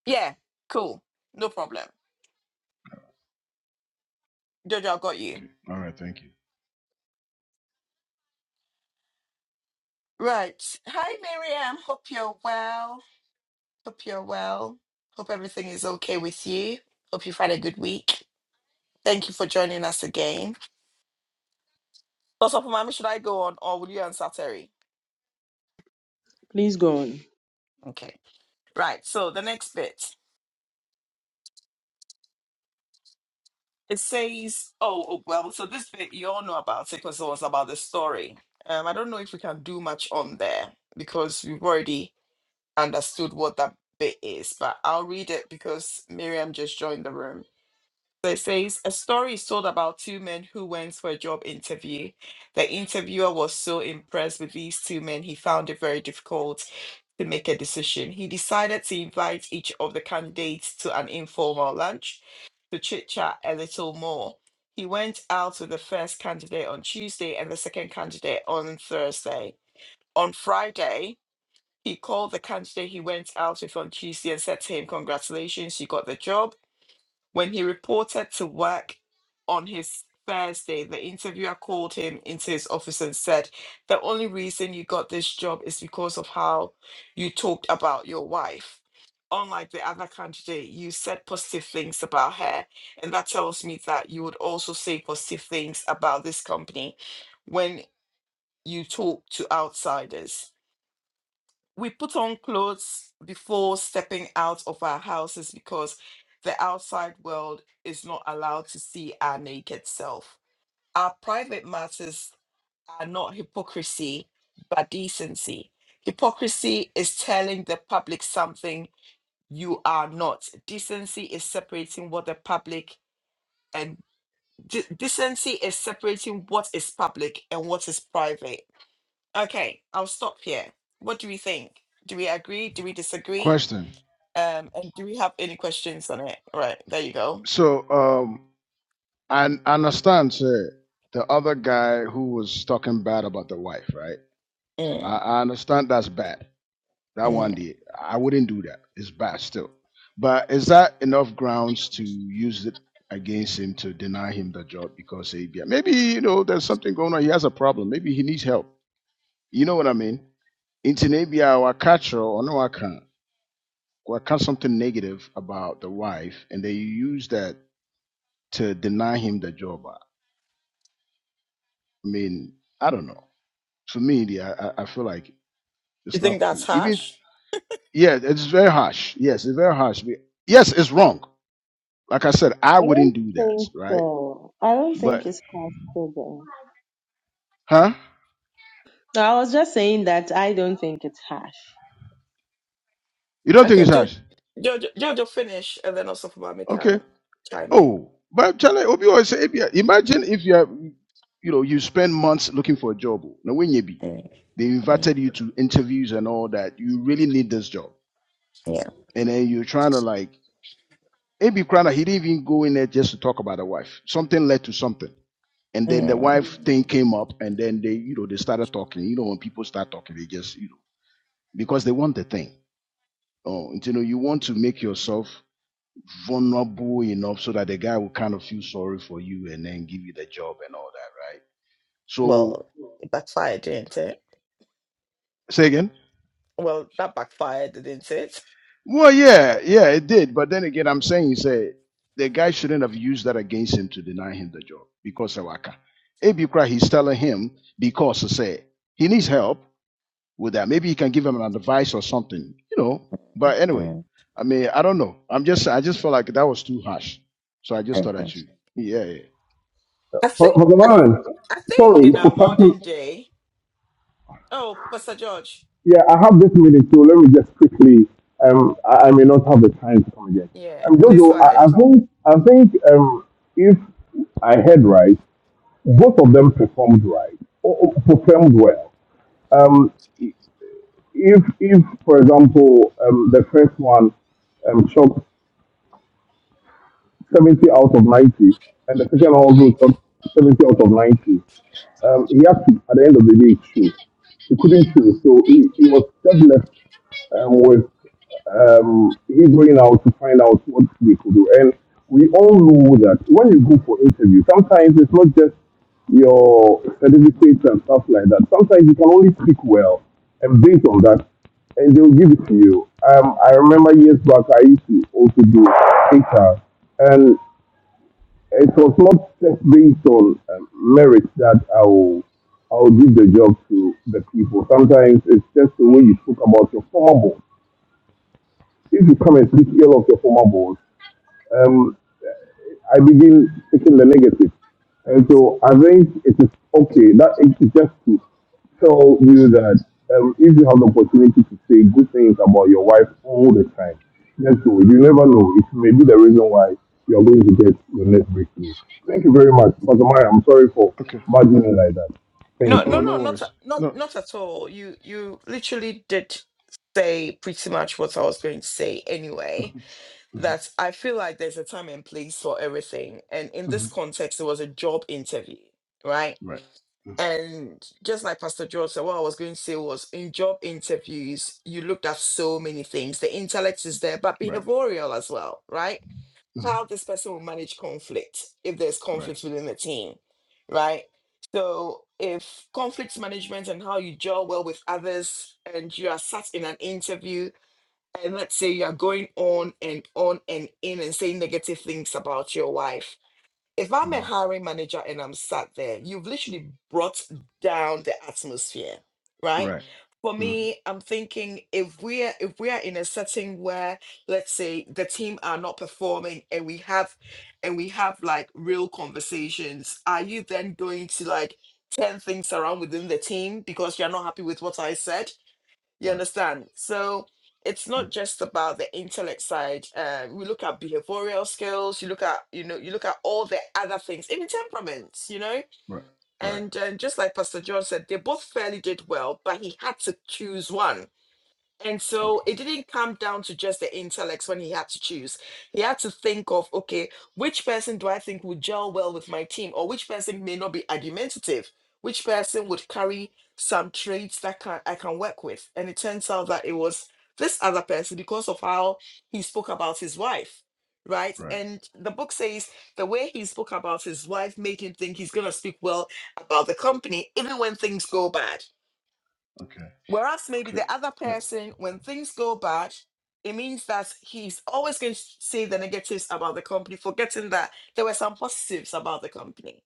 Speaker 1: Yeah. Cool. No problem. Jojo, I got you.
Speaker 5: Okay. All right, thank you.
Speaker 1: Right. Hi, Miriam. Hope you're well. Hope you're well. Hope everything is okay with you. Hope you've had a good week. Thank you for joining us again. So, Sopo Mami, should I go on or will you answer Terry?
Speaker 3: please go on.
Speaker 1: Okay. Right. So the next bit. It says, oh, oh, well, so this bit you all know about it because it was about the story. Um, I don't know if we can do much on there because we've already understood what that bit is, but I'll read it because Miriam just joined the room. So it says a story is told about two men who went for a job interview. The interviewer was so impressed with these two men, he found it very difficult to make a decision. He decided to invite each of the candidates to an informal lunch to chit chat a little more. He went out with the first candidate on Tuesday and the second candidate on Thursday. On Friday, he called the candidate he went out with on Tuesday and said to him, Congratulations, you got the job. When he reported to work on his Thursday, the interviewer called him into his office and said, The only reason you got this job is because of how you talked about your wife. Unlike the other candidate, you said positive things about her, and that tells me that you would also say positive things about this company when you talk to outsiders we put on clothes before stepping out of our houses because the outside world is not allowed to see our naked self. Our private matters are not hypocrisy, but decency. Hypocrisy is telling the public something you are not. Decency is separating what the public and de- decency is separating what is public and what is private. Okay, I'll stop here. What do we think? Do we agree? Do we disagree?
Speaker 5: Question.
Speaker 1: Um, and do we have any questions on it? Right, there you go.
Speaker 5: So, um, I, n- I understand, sir, the other guy who was talking bad about the wife, right? I,
Speaker 1: Mm,
Speaker 5: I understand that's bad. That one
Speaker 1: mm.
Speaker 5: did. I wouldn't do that. It's bad still. But is that enough grounds to use it against him to deny him the job because he yeah, maybe you know there's something going on? He has a problem. Maybe he needs help. You know what I mean? Into maybe our culture or no account, account something negative about the wife, and they use that to deny him the job. I mean, I don't know. For me, the- I, I I feel like
Speaker 1: You
Speaker 5: it's not
Speaker 1: think that's
Speaker 5: cool. Even
Speaker 1: harsh?
Speaker 5: yeah, it's very harsh. Yes, it's very harsh. We- Yes, it's wrong. Like I said, I
Speaker 3: I
Speaker 5: wouldn't
Speaker 3: don't
Speaker 5: do that,
Speaker 3: think
Speaker 5: right?
Speaker 3: so. I don't
Speaker 5: But
Speaker 3: think it's possible.
Speaker 5: huh?
Speaker 3: No, I was just saying that I don't think it's harsh.
Speaker 5: You don't think
Speaker 1: Okay,
Speaker 5: it's
Speaker 1: Jojo,
Speaker 5: harsh?
Speaker 1: Jojo, Jojo finish, and then also for Mami
Speaker 5: Okay.
Speaker 1: can chime in.
Speaker 5: Oh, but i Obi always say, "Ebia, imagine if you have, you know, you spend months looking for a job. oh, Now, when you be,
Speaker 1: Mm,
Speaker 5: they
Speaker 1: mm,
Speaker 5: invited you to interviews and all that. You really need this job.
Speaker 1: yeah.
Speaker 5: And then you're trying to like, Abi Krana, he didn't even go in there just to talk about the wife. Something led to something. And then the
Speaker 1: Mm.
Speaker 5: wife thing came up and then they, you know, they started talking. You know, when people start talking, they just, you know, because they want the thing. Oh, and, you know, you want to make yourself vulnerable enough so that the guy will kind of feel sorry for you and then give you the job and all that, right? So
Speaker 1: Well, it backfired, didn't it?
Speaker 5: say again.
Speaker 1: Well, that backfired, didn't it?
Speaker 5: Well, yeah, yeah, it did. But then again, I'm saying say the guy shouldn't have used that against him to deny him the job because Sawaka. Maybe cry he's telling him because he said he needs help with that. Maybe he can give him an advice or something, you know. But anyway,
Speaker 1: Mm,
Speaker 5: I mean, I don't know. I'm just, I just felt like that was too harsh, so I just thought I
Speaker 1: mhm.
Speaker 5: should. Yeah, yeah.
Speaker 1: I
Speaker 6: For,
Speaker 1: think,
Speaker 6: for the
Speaker 1: I,
Speaker 6: man,
Speaker 1: I think
Speaker 6: sorry
Speaker 1: in our
Speaker 6: for
Speaker 1: modern
Speaker 6: cutting.
Speaker 1: day. Oh, Pastor George.
Speaker 6: Yeah, I have this minute, so let me just quickly. Um, I, I may not have the time to come again.
Speaker 1: Yeah,
Speaker 6: Um,
Speaker 1: please go
Speaker 6: Jojo, I, I
Speaker 1: ahead.
Speaker 6: think I think um, if I heard right, both of them performed right or, or performed well. Um, if if for example um, the first one, um, shot 70 out of 90, and the second also shot 70 out of 90. Um, he had to, at the end of the day, choose. He couldn't choose, so he, he was just left um, was um, he going out to find out what they could do. And we all know that when you go for interview, sometimes it's not just your certificates and stuff like that. Sometimes you can only speak well, and based on that, and they'll give it to you. Um, I remember years back, I used to also do HR, and it was not just based on um, merit that I will, I will give the job to the people. Sometimes it's just the way you talk about your formal if you come and speak ill of your former boss, um, I begin taking the negative. And so I think it is okay that it is just to tell you that um, if you have the opportunity to say good things about your wife all the time, just do it. You never know. It may be the reason why you are going to get your next breakthrough. Thank you very much, Pastor Maya. I'm sorry for
Speaker 5: Okay.
Speaker 6: bargaining like that.
Speaker 1: No,
Speaker 6: Thank
Speaker 1: no,
Speaker 5: Oh,
Speaker 6: you.
Speaker 1: no,
Speaker 5: no
Speaker 1: not
Speaker 5: worries.
Speaker 1: a- not
Speaker 5: No,
Speaker 1: not at all. You you literally did say pretty much what I was going to say anyway.
Speaker 5: Mhm. Mhm.
Speaker 1: That I feel like there's a time and place for everything, and in this
Speaker 5: Mhm.
Speaker 1: context, it was a job interview, right?
Speaker 5: Right. Mhm.
Speaker 1: And just like Pastor George said, what I was going to say was in job interviews, you looked at so many things. The intellect is there, but
Speaker 5: Right.
Speaker 1: behavioral as well, right?
Speaker 5: Mhm.
Speaker 1: how this person will manage conflict if there's
Speaker 5: Right.
Speaker 1: conflict within the team, right? So if conflict management and how you gel well with others and you are sat in an interview and let's say you are going on and on and in and saying negative things about your wife if I'm a
Speaker 5: Mhm.
Speaker 1: hiring manager and I'm sat there, you've literally brought down the atmosphere, right?
Speaker 5: Right.
Speaker 1: For
Speaker 5: Mhm.
Speaker 1: me, I'm thinking if we're if we are in a setting where let's say the team are not performing and we have and we have like real conversations, are you then going to like turn things around within the team because you're not happy with what I said? You
Speaker 5: Right.
Speaker 1: understand? So it's not
Speaker 5: Oh,
Speaker 1: just about the intellect side. Um, we look at behavioral skills. You look at you know you look at all the other things, even temperaments. You know,
Speaker 5: Right. Right.
Speaker 1: and and just like Pastor John said, they both fairly did well, but he had to choose one and so
Speaker 5: Okay.
Speaker 1: it didn't come down to just the intellects when he had to choose. He had to think of, okay, which person do I think would gel well with my team, or which person may not be argumentative? Which person would carry some traits that can, I can work with? And it turns out that it was this other person because of how he spoke about his wife, right?
Speaker 5: Right.
Speaker 1: And the book says the way he spoke about his wife made him think he's going to speak well about the company, even when things go bad
Speaker 5: Okay.
Speaker 1: Whereas maybe the
Speaker 5: Okay.
Speaker 1: other
Speaker 5: That-
Speaker 1: person, when things go bad, it means that he's always going to say the negatives about the company, forgetting that there were some positives about the company.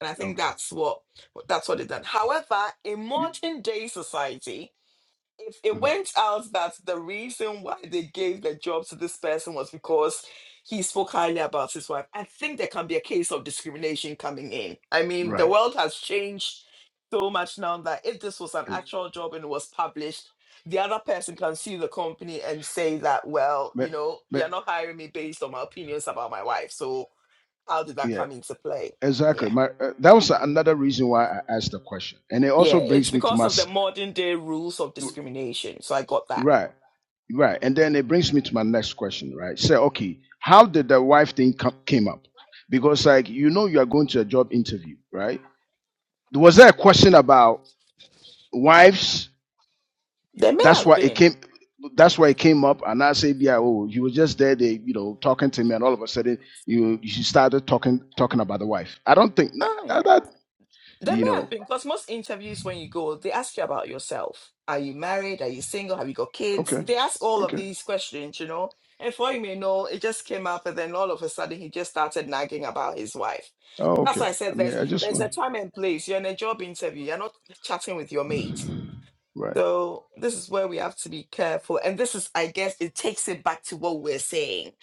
Speaker 1: And I think
Speaker 5: Okay.
Speaker 1: that's what that's what it done. However, in
Speaker 5: Yeah.
Speaker 1: modern day society, if it
Speaker 5: Mhm.
Speaker 1: went out that the reason why they gave the job to this person was because he spoke highly about his wife. I think there can be a case of discrimination coming in. I mean, the
Speaker 5: Right.
Speaker 1: world has changed so much now that if this was an
Speaker 5: Is
Speaker 1: actual job and it was published, the other person can sue the company and say that, well,
Speaker 5: but
Speaker 1: you know,
Speaker 5: but
Speaker 1: you're not hiring me based on my opinions about my wife. So how did that
Speaker 5: yeah.
Speaker 1: come into play?
Speaker 5: Exactly.
Speaker 1: Yeah.
Speaker 5: My uh, that was another reason why I asked the question, and it also
Speaker 1: Yeah, it's
Speaker 5: brings me to
Speaker 1: because
Speaker 5: my
Speaker 1: of the
Speaker 5: s-
Speaker 1: modern day rules of discrimination. So I got that.
Speaker 5: right, right, and then it brings me to my next question. Right. Say, okay, how did the wife thing come, came up? Because like you know, you are going to a job interview, right? was there a question about wives?
Speaker 1: There may
Speaker 5: That's
Speaker 1: have
Speaker 5: why it
Speaker 1: been.
Speaker 5: came. That's why it came up, and I say, "Yeah, oh, you were just there, they, you know, talking to me, and all of a sudden, you you started talking talking about the wife." I don't think that,
Speaker 1: Oh
Speaker 5: that,
Speaker 1: yeah.
Speaker 5: that-
Speaker 1: There
Speaker 5: you
Speaker 1: may have
Speaker 5: know.
Speaker 1: been, because most interviews when you go, they ask you about yourself. Are you married? Are you single? Have you got kids?
Speaker 5: Okay,
Speaker 1: They ask all of
Speaker 5: okay,
Speaker 1: these questions, you know. And for all you may know, it just came up, and then all of a sudden he just started nagging about his wife.
Speaker 5: oh,
Speaker 1: That's
Speaker 5: okay.
Speaker 1: why I
Speaker 5: I
Speaker 1: said
Speaker 5: mean,
Speaker 1: there's
Speaker 5: I just
Speaker 1: there's
Speaker 5: want
Speaker 1: a time and place. You're in a job interview, you're not chatting with your mate.
Speaker 5: right,
Speaker 1: So this is where we have to be careful. And this is, I guess, it takes it back to what we're saying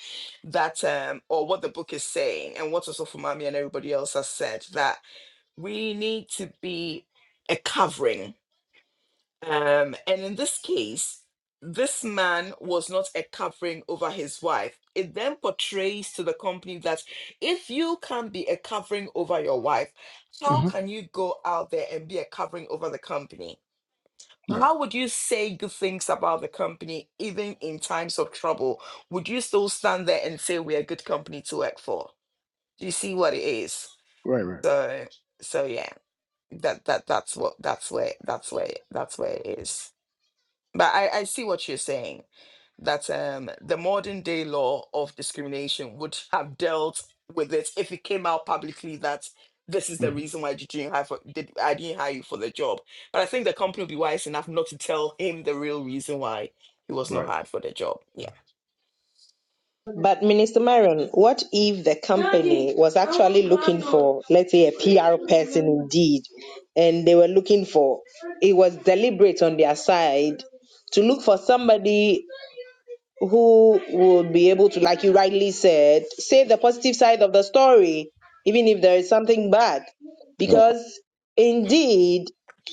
Speaker 1: that um or what the book is saying and what also for and everybody else has said that we need to be a covering. Um, and in this case, this man was not a covering over his wife. It then portrays to the company that if you can't be a covering over your wife, how
Speaker 5: uh-huh.
Speaker 1: can you go out there and be a covering over the company?
Speaker 5: right,
Speaker 1: How would you say good things about the company even in times of trouble? Would you still stand there and say we're a good company to work for? Do you see what it is?
Speaker 5: right, right,
Speaker 1: So, so yeah that that that's what that's where that's where that's where it is but i i see what you're saying that um the modern day law of discrimination would have dealt with it if it came out publicly that this is the
Speaker 5: uh-huh.
Speaker 1: reason why did not hire for, did i didn't hire you for the job but i think the company would be wise enough not to tell him the real reason why he was not
Speaker 5: right.
Speaker 1: hired for the job yeah
Speaker 3: But Minister Marion, what if the company was actually looking for, let's say, a PR person indeed, and they were looking for, it was deliberate on their side to look for somebody who would be able to, like you rightly said, say the positive side of the story, even if there is something bad.
Speaker 1: yeah
Speaker 3: Because indeed,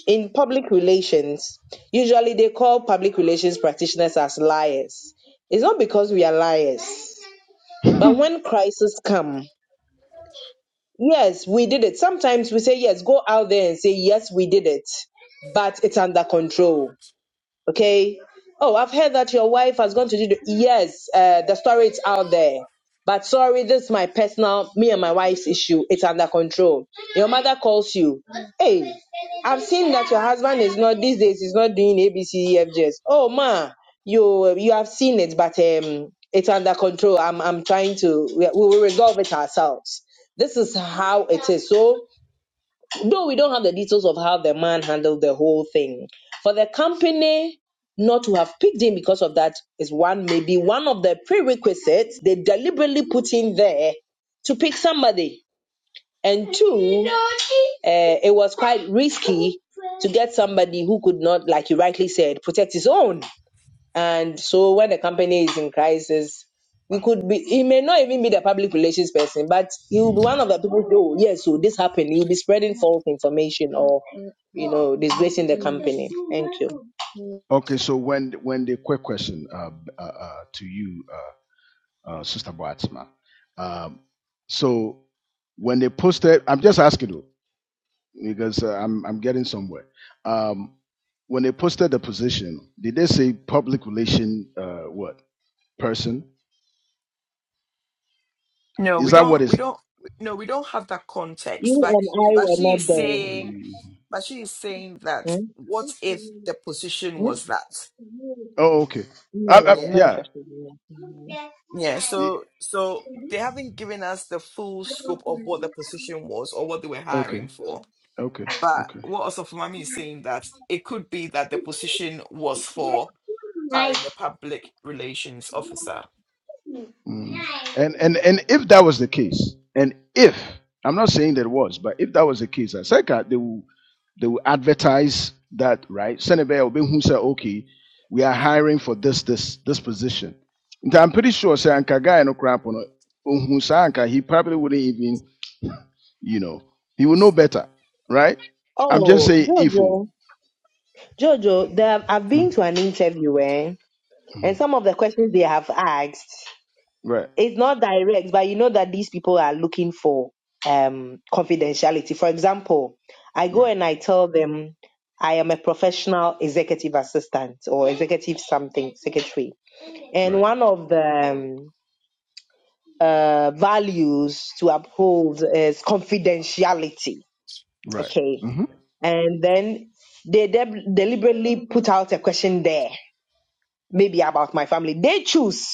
Speaker 3: in public relations, usually they call public relations practitioners as liars. It's not because we are liars, but when crises come, yes, we did it. Sometimes we say, yes, go out there and say, yes, we did it, but it's under control Okay. Oh, I've heard that your wife has gone to do. The, yes, uh, the story is out there. But sorry, this is my personal, me and my wife's issue. It's under control. Your mother calls you. Hey, I've seen that your husband is not these days. Is not doing ABCDFGs. Oh ma, you you have seen it, but um, it's under control. I'm I'm trying to. We, we will resolve it ourselves. This is how it is. So Though we don't have the details of how the man handled the whole thing, for the company not to have picked him because of that is one maybe one of the prerequisites they deliberately put in there to pick somebody. And two, uh, it was quite risky to get somebody who could not, like you rightly said, protect his own. And so when the company is in crisis, we could be, he may not even be the public relations person, but he will be one of the people who, oh, yes, so this happened. You'll be spreading false information or, you know, disgracing the company. Thank you.
Speaker 5: okay, so when when the quick question uh, uh, uh to you uh, uh, Sister Boatsma. Um, so when they posted, I'm just asking you because uh, I'm I'm getting somewhere. Um, when they posted the position, did they say public relation uh, what person?
Speaker 1: no
Speaker 5: Is
Speaker 1: we
Speaker 5: that what
Speaker 1: don't we
Speaker 5: is?
Speaker 1: don't no we don't have that context
Speaker 3: You
Speaker 1: but
Speaker 3: and
Speaker 1: he
Speaker 3: I
Speaker 1: but
Speaker 3: were
Speaker 1: she
Speaker 3: not
Speaker 1: is
Speaker 3: there.
Speaker 1: saying But she is saying that
Speaker 3: Hmm?
Speaker 1: what if the position
Speaker 3: Hmm?
Speaker 1: was that?
Speaker 5: Oh, okay. I, I,
Speaker 3: No, I'm
Speaker 1: Yeah.
Speaker 3: not
Speaker 5: yeah.
Speaker 3: interested in
Speaker 1: Yeah.
Speaker 5: E-
Speaker 1: So so they haven't given us the full scope of what
Speaker 3: that.
Speaker 1: the position was or what they were
Speaker 5: Okay.
Speaker 1: hiring for.
Speaker 5: Okay.
Speaker 1: But
Speaker 5: Okay.
Speaker 1: what also Mami is saying that it could be that the position was for hiring a public relations officer.
Speaker 5: Mm. And and and if that was the case, and if I'm not saying that it was, but if that was the case, I Aseka they will they will advertise that right. Senegal will who say okay, we are hiring for this this this position. And I'm pretty sure say anka guy no crap on anka he probably wouldn't even you know he would know better, right? I'm just
Speaker 3: Oh,
Speaker 5: saying if oh.
Speaker 3: Jojo, Jojo, there, I've been
Speaker 5: Mm,
Speaker 3: to an interview, eh?
Speaker 5: mm.
Speaker 3: And some of the questions they have asked.
Speaker 5: right
Speaker 3: it's not direct, but you know that these people are looking for um confidentiality. For example, I go
Speaker 5: right
Speaker 3: and I tell them I am a professional executive assistant or executive something secretary, and
Speaker 5: right
Speaker 3: one of the um, uh, values to uphold is confidentiality.
Speaker 5: right
Speaker 3: Okay,
Speaker 5: hmm
Speaker 3: and then they deb deliberately put out a question there maybe about my family. They choose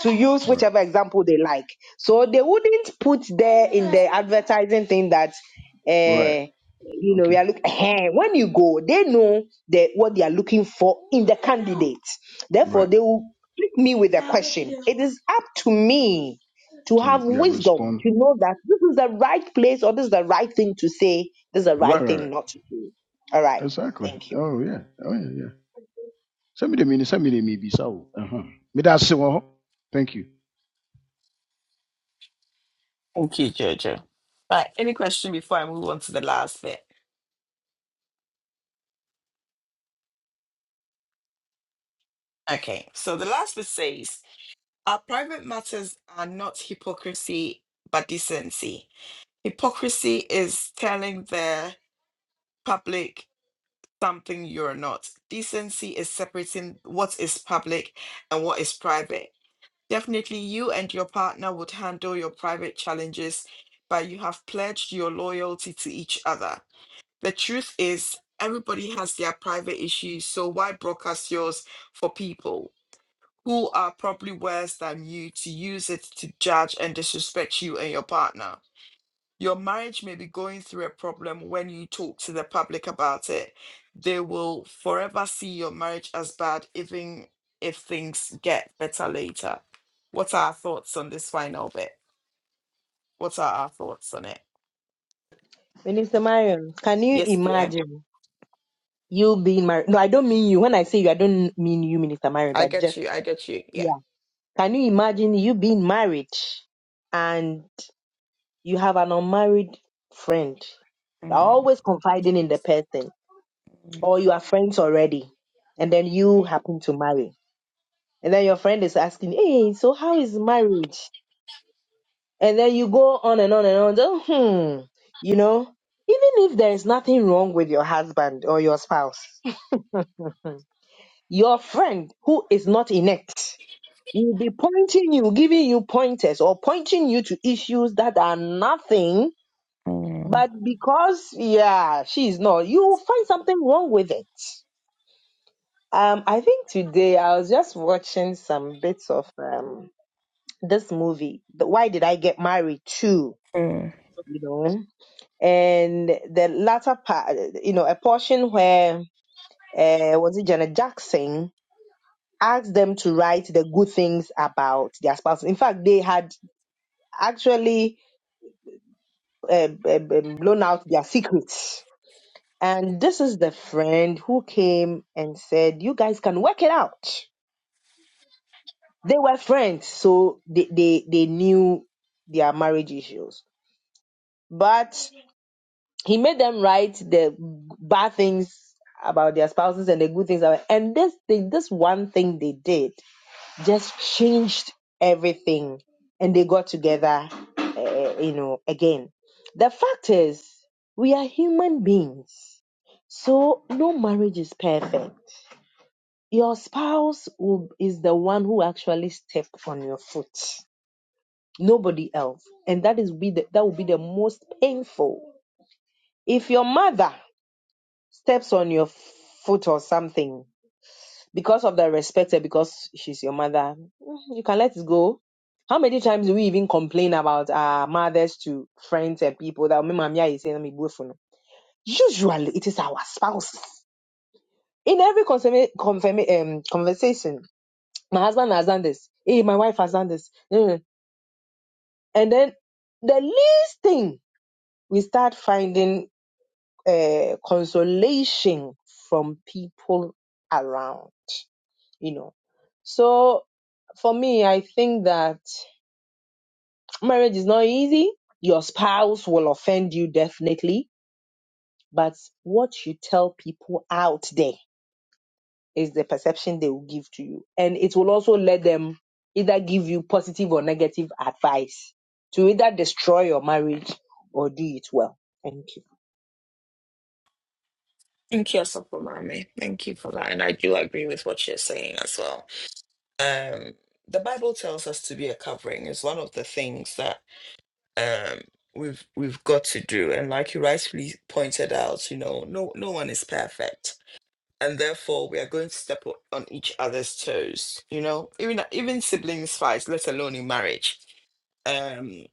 Speaker 3: to use
Speaker 5: right
Speaker 3: whichever example they like. So they wouldn't put there in the advertising thing that,
Speaker 5: right
Speaker 3: uh, you know, we
Speaker 5: okay.
Speaker 3: are looking. when you go, they know the, what they are looking for in the candidate. Therefore,
Speaker 5: Right.
Speaker 3: they will hit me with a question. It is up to me to have
Speaker 5: to yeah
Speaker 3: wisdom
Speaker 5: respond.
Speaker 3: to know that this is the right place or this is the right thing to say, this is the
Speaker 5: Right,
Speaker 3: right
Speaker 5: right,
Speaker 3: thing
Speaker 5: right.
Speaker 3: not to do. All right.
Speaker 5: Exactly.
Speaker 3: Thank you.
Speaker 5: Oh yeah. Oh yeah, yeah. Send me the mini. Send me the maybe so. Uh huh. Me that say one. Thank you.
Speaker 1: Thank you, Jojo. Right. Any question before I move on to the last bit? Okay. So the last bit says our private matters are not hypocrisy but decency. Hypocrisy is telling the public something you're not. Decency is separating what is public and what is private. Definitely, you and your partner would handle your private challenges, but you have pledged your loyalty to each other. The truth is, everybody has their private issues, so why broadcast yours for people who are probably worse than you to use it to judge and disrespect you and your partner? Your marriage may be going through a problem when you talk to the public about it. They will forever see your marriage as bad, even if things get better later. What are our thoughts on this final bit? What are our thoughts on it?
Speaker 3: Minister Marion, can you
Speaker 1: Yes, dear.
Speaker 3: imagine? you being married. No, I don't mean you. When I say you, I don't mean you, Minister Marion,
Speaker 1: I
Speaker 3: but
Speaker 1: get
Speaker 3: just
Speaker 1: you. I get you. Yeah.
Speaker 3: can you imagine you being married and you have an unmarried friend? You're
Speaker 1: Mm,
Speaker 3: always confiding in the person,
Speaker 1: mm,
Speaker 3: or you are friends already, and then you happen to marry. And then your friend is asking, Hey, so how is marriage? And then you go on and on and on. Just, hmm, you know, even if there is nothing wrong with your husband or your spouse, your friend who is not in it We'll be pointing you, giving you pointers or pointing you to issues that are nothing, but because, yeah, she's not, you will find something wrong with it. Um, I think today I was just watching some bits of um this movie, the Why Did I Get Married Too,
Speaker 1: mm.
Speaker 3: you know, and the latter part, you know, a portion where uh, was it Janet Jackson asked them to write the good things about their spouse. In fact, they had actually uh, blown out their secrets. And this is the friend who came and said, "You guys can work it out." They were friends, so they they, they knew their marriage issues. But he made them write the bad things about their spouses and the good things about. And this thing, this one thing they did, just changed everything, and they got together, uh, you know, again. The fact is, we are human beings So no marriage is perfect. Your spouse will, is the one who actually stepped on your foot, nobody else, and that is be the, that will be the most painful. If your mother steps on your foot or something because of the respect and because she's your mother, mm, you can let it go. How many times do we even complain about our mothers to friends and people that "Oh, "Me, mommy, I say, no, me bo Usually, it is our spouses. In every confirma- confirma- um, conversation, My husband has done this. Hey, my wife has done this. Mm. And then the least thing we start finding uh, consolation from people around, you know. So for me, I think that marriage is not easy. Your spouse will offend you definitely, but what you tell people out there is the perception they will give to you. And it will also let them either give you positive or negative advice to either destroy your marriage or do it well. Thank you.
Speaker 1: Thank you, Asapo Mami. Thank you for that. And I do agree with what you're saying as well. Um, the Bible tells us to be a covering. It's one of the things that um we've we've got to do and like you rightfully pointed out you know no no one is perfect and therefore we are going to step o- on each other's toes you know even even siblings fights let alone in marriage um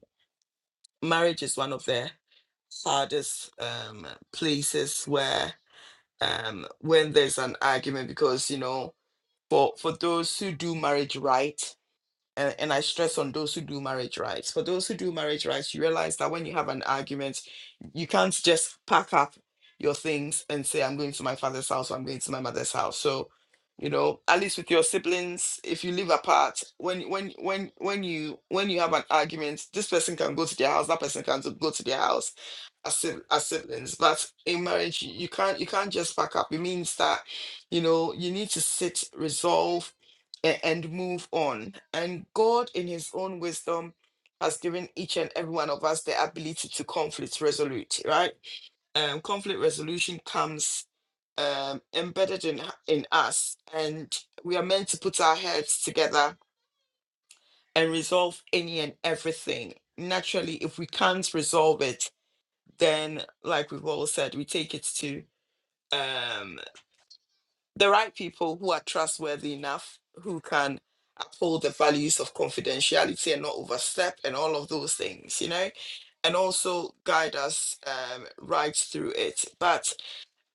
Speaker 1: marriage is one of the hardest um places where um when there's an argument because you know for for those who do marriage right and, and I stress on those who do marriage rights. For those who do marriage rights, you realize that when you have an argument, you can't just pack up your things and say, I'm going to my father's house, or I'm going to my mother's house. So, you know, at least with your siblings, if you live apart, when when when when you when you have an argument, this person can go to their house, that person can go to their house as, si- as siblings. But in marriage, you can't you can't just pack up. It means that, you know, you need to sit, resolve a- and move on. And God, in His own wisdom, has given each and every one of us the ability to conflict resolute, right? Um, conflict resolution comes um, embedded in in us, and we are meant to put our heads together and resolve any and everything. Naturally, if we can't resolve it, then like we've all said, we take it to um the right people who are trustworthy enough, who can uphold the values of confidentiality and not overstep and all of those things, you know, and also guide us um, right through it. But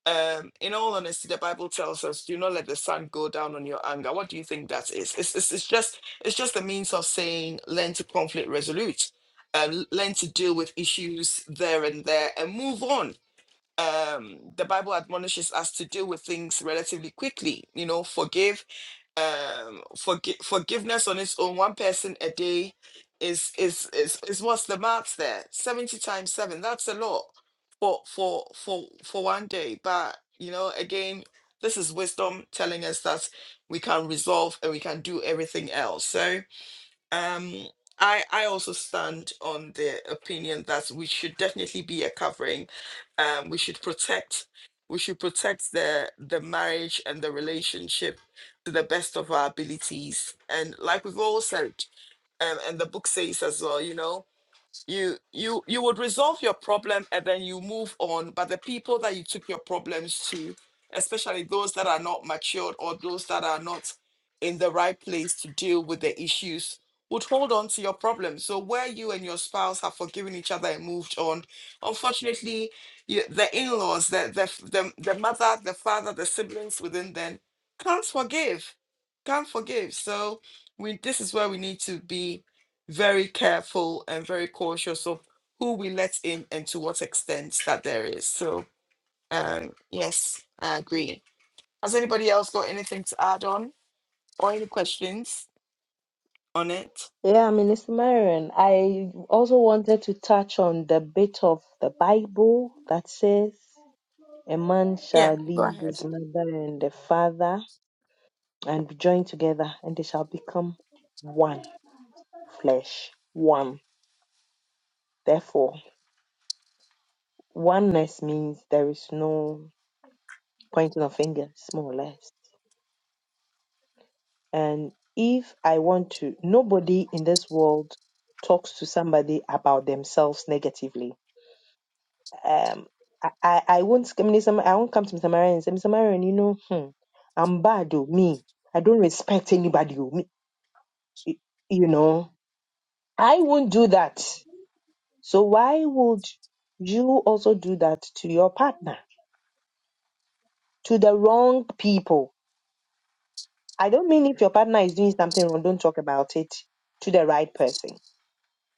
Speaker 1: um, in all honesty, the Bible tells us, do not let the sun go down on your anger. What do you think that is? It's, it's, it's just it's just a means of saying learn to conflict resolute. Uh, learn to deal with issues there and there and move on um the bible admonishes us to deal with things relatively quickly you know forgive um forgive forgiveness on its own one person a day is is is, is what's the maths there 70 times 7 that's a lot for for for for one day but you know again this is wisdom telling us that we can resolve and we can do everything else so um I, I also stand on the opinion that we should definitely be a covering. Um, we should protect we should protect the the marriage and the relationship to the best of our abilities. And like we've all said, um, and the book says as well, you know, you you you would resolve your problem and then you move on but the people that you took your problems to especially those that are not matured or those that are not in the right place to deal with the issues would hold on to your problem so where you and your spouse have forgiven each other and moved on unfortunately you, the in-laws the, the the the mother the father the siblings within them can't forgive can't forgive so we this is where we need to be very careful and very cautious of who we let in and to what extent that there is. So, um, yes, I agree. Has anybody else got anything to add on or any questions on it?
Speaker 3: Yeah, Minister Marion, I also wanted to touch on the bit of the Bible that says, A man
Speaker 1: Yeah,
Speaker 3: shall
Speaker 1: go
Speaker 3: leave
Speaker 1: ahead.
Speaker 3: his mother and the father and be joined together, and they shall become one flesh, one. Therefore, oneness means there is no pointing of fingers, more or less. And if I want to, nobody in this world talks to somebody about themselves negatively. Um, I, I, I won't, I, mean, some- I won't come to Mr. Marion and say, Mr. Marion, you know, hmm, I'm bad, oh, me. I don't respect anybody, oh, me, you know. I won't do that. So why would you also do that to your partner, to the wrong people? I don't mean if your partner is doing something wrong, don't talk about it to the right person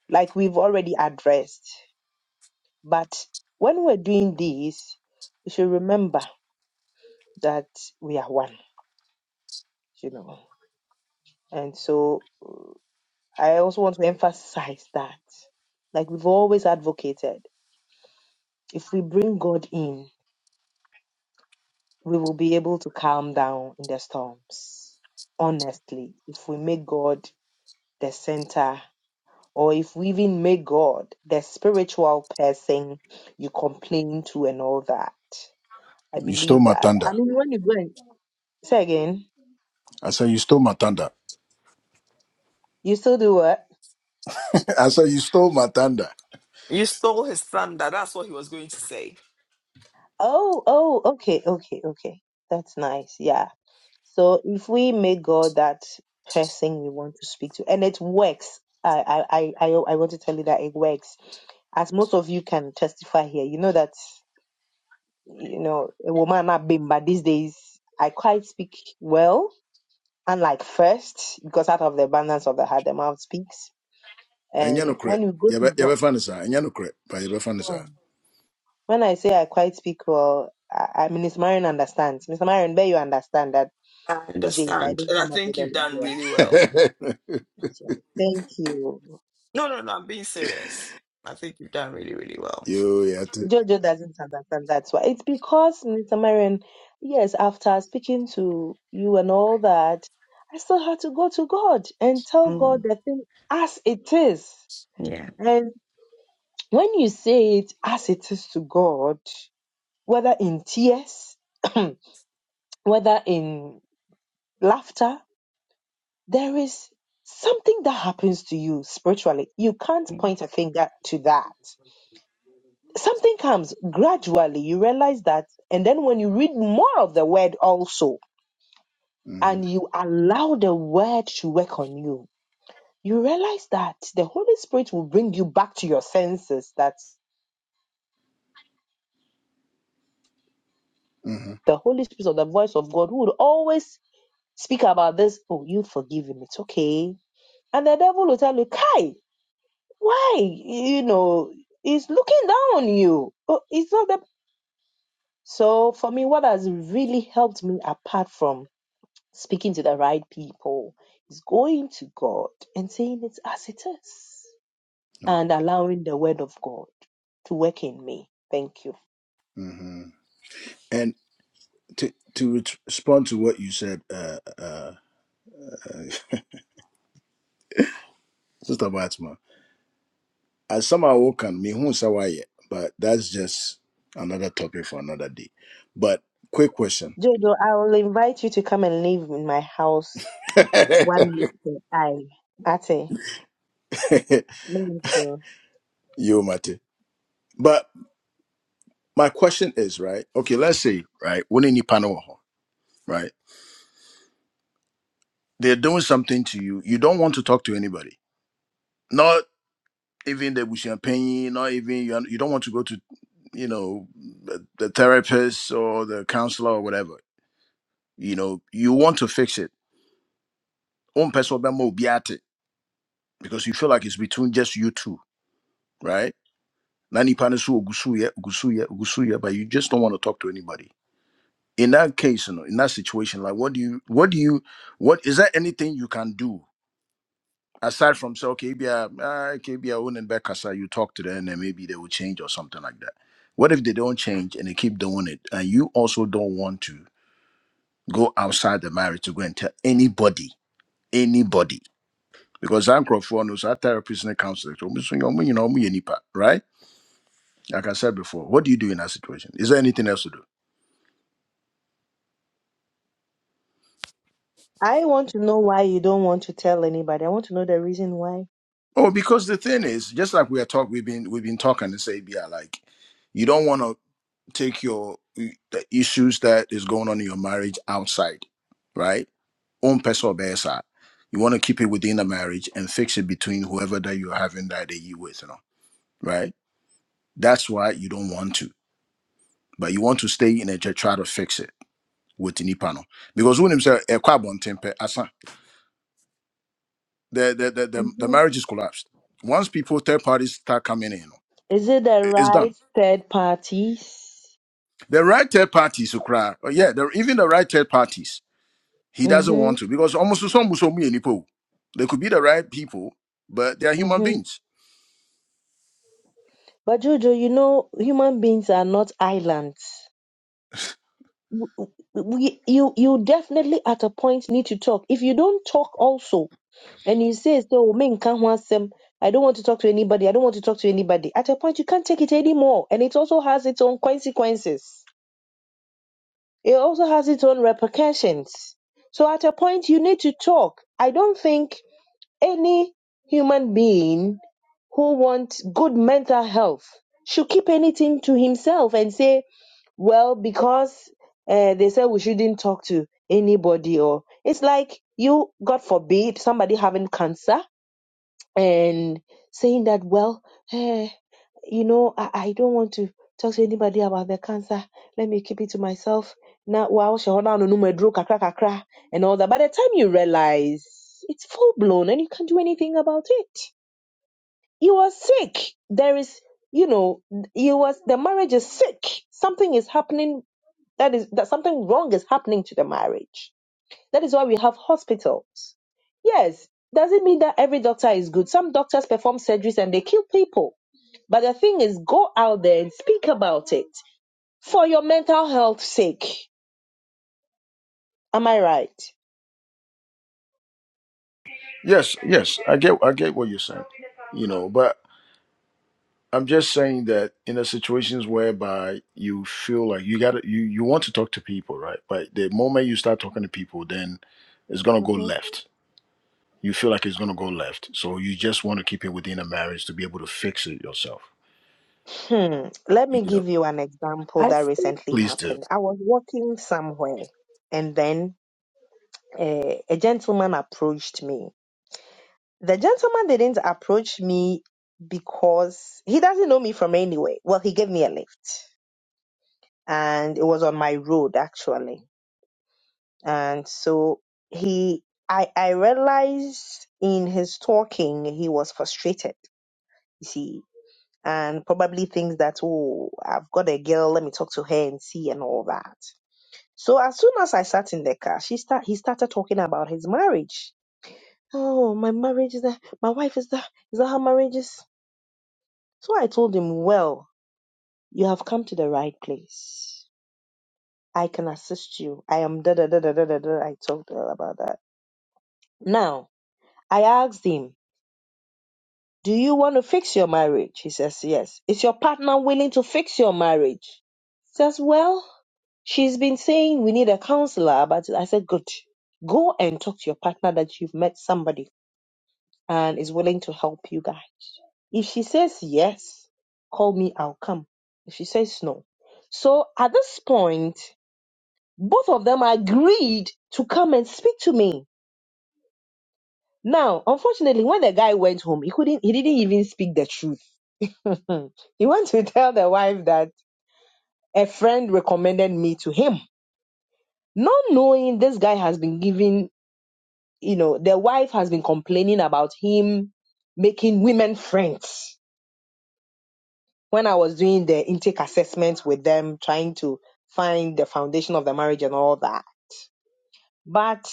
Speaker 3: like we've already addressed. But when we're doing this, we should remember that we are one, you know. And so I also want to emphasize that, like we've always advocated, if we bring God in, we will be able to calm down in the storms. Honestly, if we make God the center, or if we even make God the spiritual person you complain to and all that, I
Speaker 5: You stole
Speaker 3: believe
Speaker 5: my
Speaker 3: that.
Speaker 5: thunder.
Speaker 3: I mean, when you go and Say again.
Speaker 5: I said you stole my thunder.
Speaker 3: You still do what?
Speaker 5: I said you stole my thunder.
Speaker 1: You stole his thunder. That's what he was going to say.
Speaker 3: Oh, oh, okay, okay, okay. That's nice. Yeah. So if we make God that person we want to speak to, and it works. I, I, I, I I want to tell you that it works. As most of you can testify here, you know that, you know, a woman not been, but these days I quite speak well, unlike first, because out of the abundance of the heart, the mouth speaks.
Speaker 5: And you know
Speaker 3: And
Speaker 5: cre.
Speaker 3: when you go
Speaker 5: You
Speaker 3: to
Speaker 5: be you
Speaker 3: God,
Speaker 5: be funny sir. And you know cre. But you be funny
Speaker 3: oh,
Speaker 5: sir.
Speaker 3: When I say I quite speak well, I, I mean, Mr. Marion understands. Mr. Marion, bear you understand that
Speaker 1: I
Speaker 3: these days I
Speaker 1: understand.
Speaker 3: don't
Speaker 1: And I
Speaker 3: come up with
Speaker 1: think
Speaker 3: them
Speaker 1: you've done
Speaker 3: again.
Speaker 1: really well.
Speaker 3: Thank you.
Speaker 1: No, no, no, I'm being serious. I think you've done really, really well.
Speaker 5: You yeah. To,
Speaker 3: Jojo doesn't understand that's why. It's because, Mr. Marion, yes, after speaking to you and all that, I still had to go to God and tell God the thing as it is. And when you say it as it is to God, whether in tears, whether in laughter, there is something that happens to you spiritually. You can't
Speaker 1: Mm.
Speaker 3: point a finger to that. Something comes gradually, you realize that. And then when you read more of the word also,
Speaker 5: mm,
Speaker 3: and you allow the word to work on you, you realize that the Holy Spirit will bring you back to your senses. That
Speaker 5: hmm
Speaker 3: the Holy Spirit or the voice of God would always speak about this. Oh, you've forgiven. It's okay. And the devil will tell you, Kai, why you know he's looking down on you Oh, it's not that so for me what has really helped me apart from speaking to the right people is going to god and saying it as it is and allowing the word of god to work in me thank you
Speaker 5: hmm And to to ret- respond to what you said, uh, uh, Sister Batman. As some are no mehu sɛ sawaye, but that's just another topic for another day but quick question
Speaker 3: jojo i will invite you to come and live in my house one minute i ate Thank you.
Speaker 5: you mate but my question is right okay let's say right when in Ipanema, right they're doing something to you you don't want to talk to anybody not even the champagne not even you you don't want to go to you know the, the therapist or the counselor or whatever you know you want to fix it one person will be more obiate, because you feel like it's between just you two right? Nani panasu ogusuye, ogusuye, ogusuye, but you just don't want to talk to anybody. In that case, you know, in that situation, like what do you what do you what is there anything you can do aside from say, okay, be a ah, okay, be a own and back as you talk to them and maybe they will change or something like that. What if they don't change and they keep doing it? And you also don't want to go outside the marriage to go and tell anybody, anybody. Because I'm crop for no therapist and counselor, so, you know, me, you know, me, you know, right? Like I said before, what do you do in that situation? Is there anything else to do?
Speaker 3: I want to know why you don't want to tell anybody. I want to know the reason why.
Speaker 5: Oh, because the thing is, just like we are talking, we've been we've been talking and say, yeah, like you don't want to take your the issues that is going on in your marriage outside, right? Own personal best You want to keep it within the marriage and fix it between whoever that you're having that day you with, you know, right? That's why you don't want to, but you want to stay in it to try to fix it with the Nipano because when himself a kwabon temper the the, the the the
Speaker 3: hmm
Speaker 5: marriage is collapsed. Once people third parties start coming in,
Speaker 3: Is it the
Speaker 5: i- it's done.
Speaker 3: right third parties?
Speaker 5: The right third parties who cry, oh, yeah, the, even the right third parties, he doesn't
Speaker 3: Mm-hmm.
Speaker 5: want to because almost some Musomi and Ipo, they could be the right people, but they are human
Speaker 3: Mm-hmm.
Speaker 5: beings.
Speaker 3: But Jojo, you know, human beings are not islands. w- we, you you definitely at a point need to talk. If you don't talk also, and you say, "So me can't want I don't want to talk to anybody. I don't want to talk to anybody." At a point, you can't take it anymore, and it also has its own consequences. It also has its own repercussions. So at a point, you need to talk. I don't think any human being who wants good mental health should keep anything to himself and say well because uh, they said we shouldn't talk to anybody or it's like you god forbid somebody having cancer and saying that well eh, you know I, I don't want to talk to anybody about the cancer let me keep it to myself now wow shahoda no nume dro kakra kakra and all that by the time you realize it's full blown and you can't do anything about it you are sick there is you know you was the marriage is sick something is happening that is that something wrong is happening to the marriage. That is why we have hospitals. Yes, doesn't mean that every doctor is good. Some doctors perform surgeries and they kill people. But the thing is, go out there and speak about it for your mental health's sake. Am I right?
Speaker 5: Yes, yes, I get I get what you're saying, you know, but I'm just saying that in the situations whereby you feel like you got to you you want to talk to people, right? But the moment you start talking to people, then it's gonna go left you feel like it's going to go left. So you just want to keep it within a marriage to be able to fix it yourself.
Speaker 3: Hmm. Let me
Speaker 5: You know,
Speaker 3: give you an example that recently
Speaker 5: please do.
Speaker 3: happened. I was walking somewhere and then uh, a gentleman approached me The gentleman didn't approach me because he doesn't know me from anywhere. Well, he gave me a lift and it was on my road actually. And so he, I, I realized in his talking, he was frustrated, you see, and probably thinks that, oh, I've got a girl. Let me talk to her and see and all that. So as soon as I sat in the car, she start, he started talking about his marriage. Oh, my marriage is that, my wife is that, is that how marriage is? So I told him, Well, you have come to the right place. I can assist you. I am da da da da da da. da." I told her about that. Now, I asked him, Do you want to fix your marriage? He says, Yes. Is your partner willing to fix your marriage? He says, Well, she's been saying we need a counselor, but I said, Good. Go and talk to your partner that you've met somebody and is willing to help you guys. If she says yes, call me, I'll come. If she says no. So at this point, both of them agreed to come and speak to me. Now, unfortunately, when the guy went home, he couldn't he didn't even speak the truth. he went to tell the wife that a friend recommended me to him. Not knowing this guy has been giving, you know, the wife has been complaining about him making women friends when I was doing the intake assessments with them, trying to find the foundation of the marriage and all that. But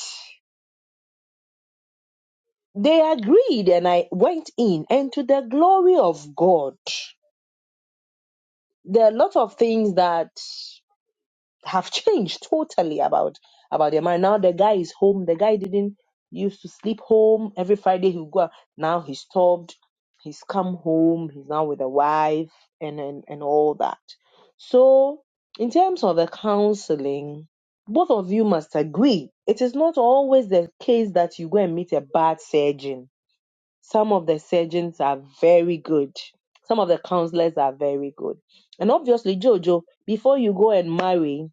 Speaker 3: they agreed, and I went in, and to the glory of God, there are a lot of things that have changed totally about about their marriage. Now the guy is home. The guy didn't used to sleep home every Friday. He would go. out. Now he's stopped. He's come home. He's now with a wife and and and all that. So in terms of the counseling, both of you must agree. It is not always the case that you go and meet a bad surgeon. Some of the surgeons are very good. Some of the counselors are very good. And obviously, Jojo, before you go and marry,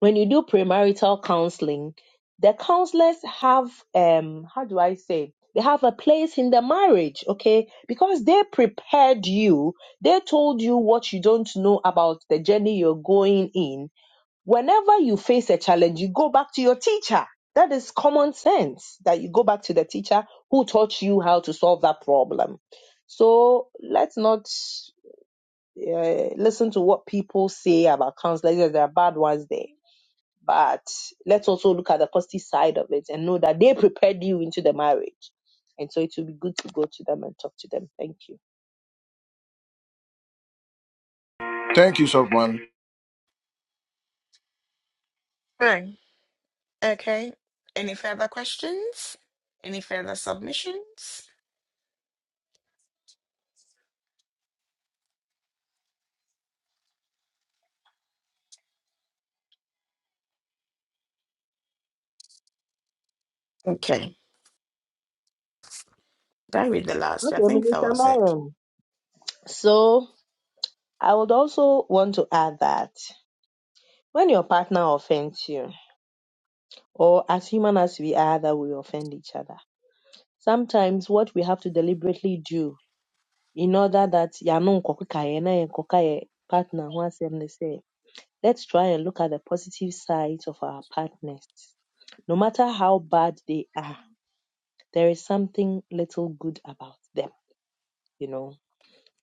Speaker 3: when you do premarital counseling, the counselors have um how do I say they have a place in the marriage, okay? Because they prepared you, they told you what you don't know about the journey you're going in. Whenever you face a challenge, you go back to your teacher. That is common sense that you go back to the teacher who taught you how to solve that problem. So let's not uh, listen to what people say about counselors. Yes, There are bad ones there but let's also look at the costly side of it and know that they prepared you into the marriage. And so it will be good to go to them and talk to them. Thank you.
Speaker 5: Thank you, Sofman.
Speaker 1: Right. Okay. Any further questions? Any further submissions? Okay. Did I read the last? I
Speaker 3: Okay,
Speaker 1: think that
Speaker 3: Minister
Speaker 1: was it.
Speaker 3: Marion. So I would also want to add that when your partner offends you, or as human as we are, that we offend each other, sometimes what we have to deliberately do in order that yano nkokuka ye na yenkoka ye partner who has them they say, let's try and look at the positive sides of our partners. no matter how bad they are, there is something little good about them, you know.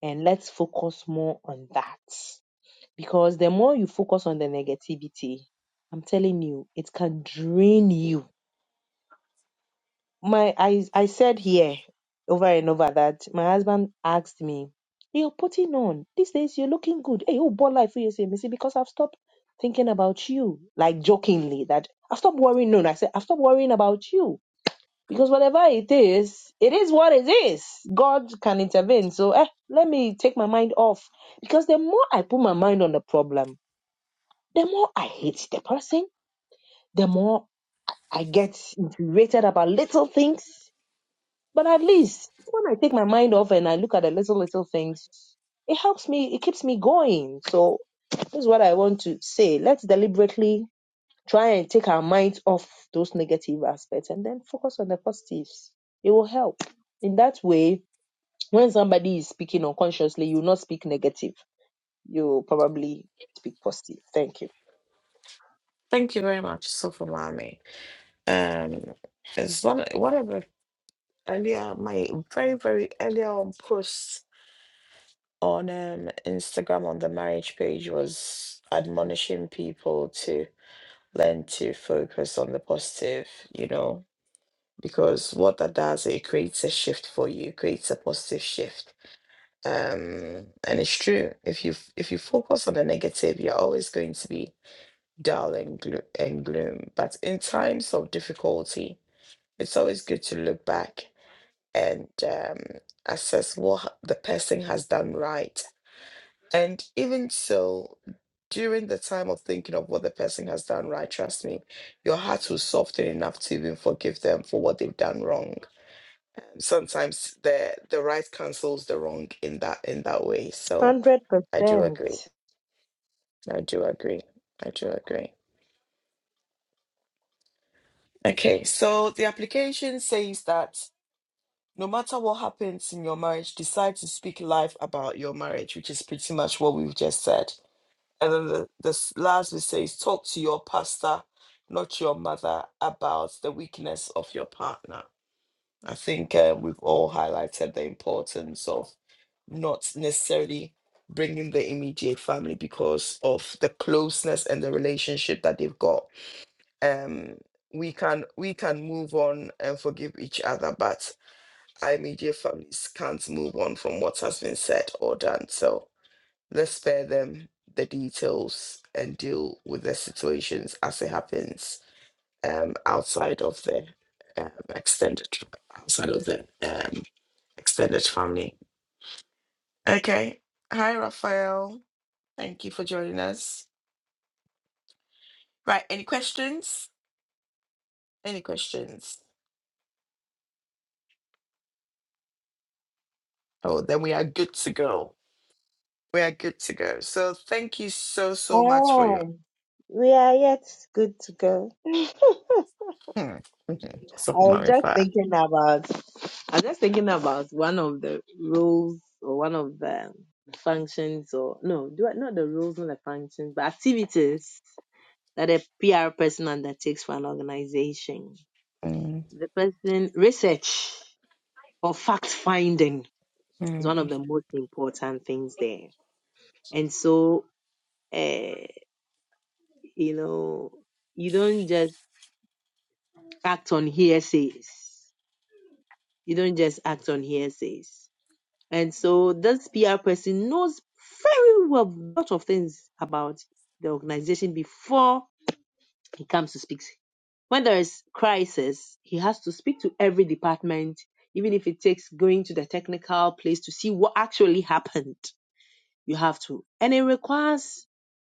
Speaker 3: And let's focus more on that. Because the more you focus on the negativity, I'm telling you, it can drain you. My I I said here over and over that my husband asked me, "Hey, You're putting on. These days you're looking good. Hey, oh ball life for you say, Missy, because I've stopped thinking about you. Like jokingly, that I've stopped worrying. No, no, I said I've stopped worrying about you Because whatever it is, it is what it is. God can intervene. So eh, let me take my mind off. Because the more I put my mind on the problem, the more I hate the person, the more I get infuriated about little things. But at least when I take my mind off and I look at the little, little things, it helps me, it keeps me going. So this is what I want to say. Let's deliberately try and take our minds off those negative aspects and then focus on the positives. It will help. In that way, when somebody is speaking unconsciously, you will not speak negative. You will probably speak positive. Thank you.
Speaker 1: Thank you very much, Sofumami. Um, it's one one of the earlier my very very earlier on posts on um Instagram on the marriage page was admonishing people to learn to focus on the positive. You know, because what that does it creates a shift for you, creates a positive shift. Um, and it's true. If you if you focus on the negative, you're always going to be dull and, glo- and gloom. But in times of difficulty, it's always good to look back and um, assess what h- the person has done right. And even so, during the time of thinking of what the person has done right, trust me, your heart will soften enough to even forgive them for what they've done wrong. Um, Sometimes the the right cancels the wrong in that in that way. So
Speaker 3: 100%.
Speaker 1: I do agree. I do agree. I do agree. Okay, so the application says that no matter what happens in your marriage, decide to speak life about your marriage, which is pretty much what we've just said. And then the, the s- last bit says talk to your pastor, not your mother, about the weakness of your partner. I think uh, we've all highlighted the importance of not necessarily bringing the immediate family because of the closeness and the relationship that they've got um we can we can move on and forgive each other but our immediate families can't move on from what has been said or done so let's spare them the details and deal with the situations as it happens um outside of the um, extended outside of the um extended family okay hi raphael thank you for joining us right any questions any questions oh then we are good to go We are good to go. So thank you so, so much for your
Speaker 3: Ah, we are yet good to go.
Speaker 1: mm, mhm.
Speaker 3: I
Speaker 1: so
Speaker 3: was just
Speaker 1: Marifa.
Speaker 3: thinking about, I was just thinking about one of the roles or one of the functions or, no, do I, not the roles, not the functions, but activities that a PR person undertakes for an organization.
Speaker 1: Mm,
Speaker 3: The person research or fact finding is one of
Speaker 1: mm.
Speaker 3: the most important things there. And so, uh, you know, you don't just act on hearsays. You don't just act on hearsays. And so, this PR person knows very well a lot of things about the organization before He comes to speak. When there is crisis, he has to speak to every department, even if it takes going to the technical place to see what actually happened. You have to. And it requires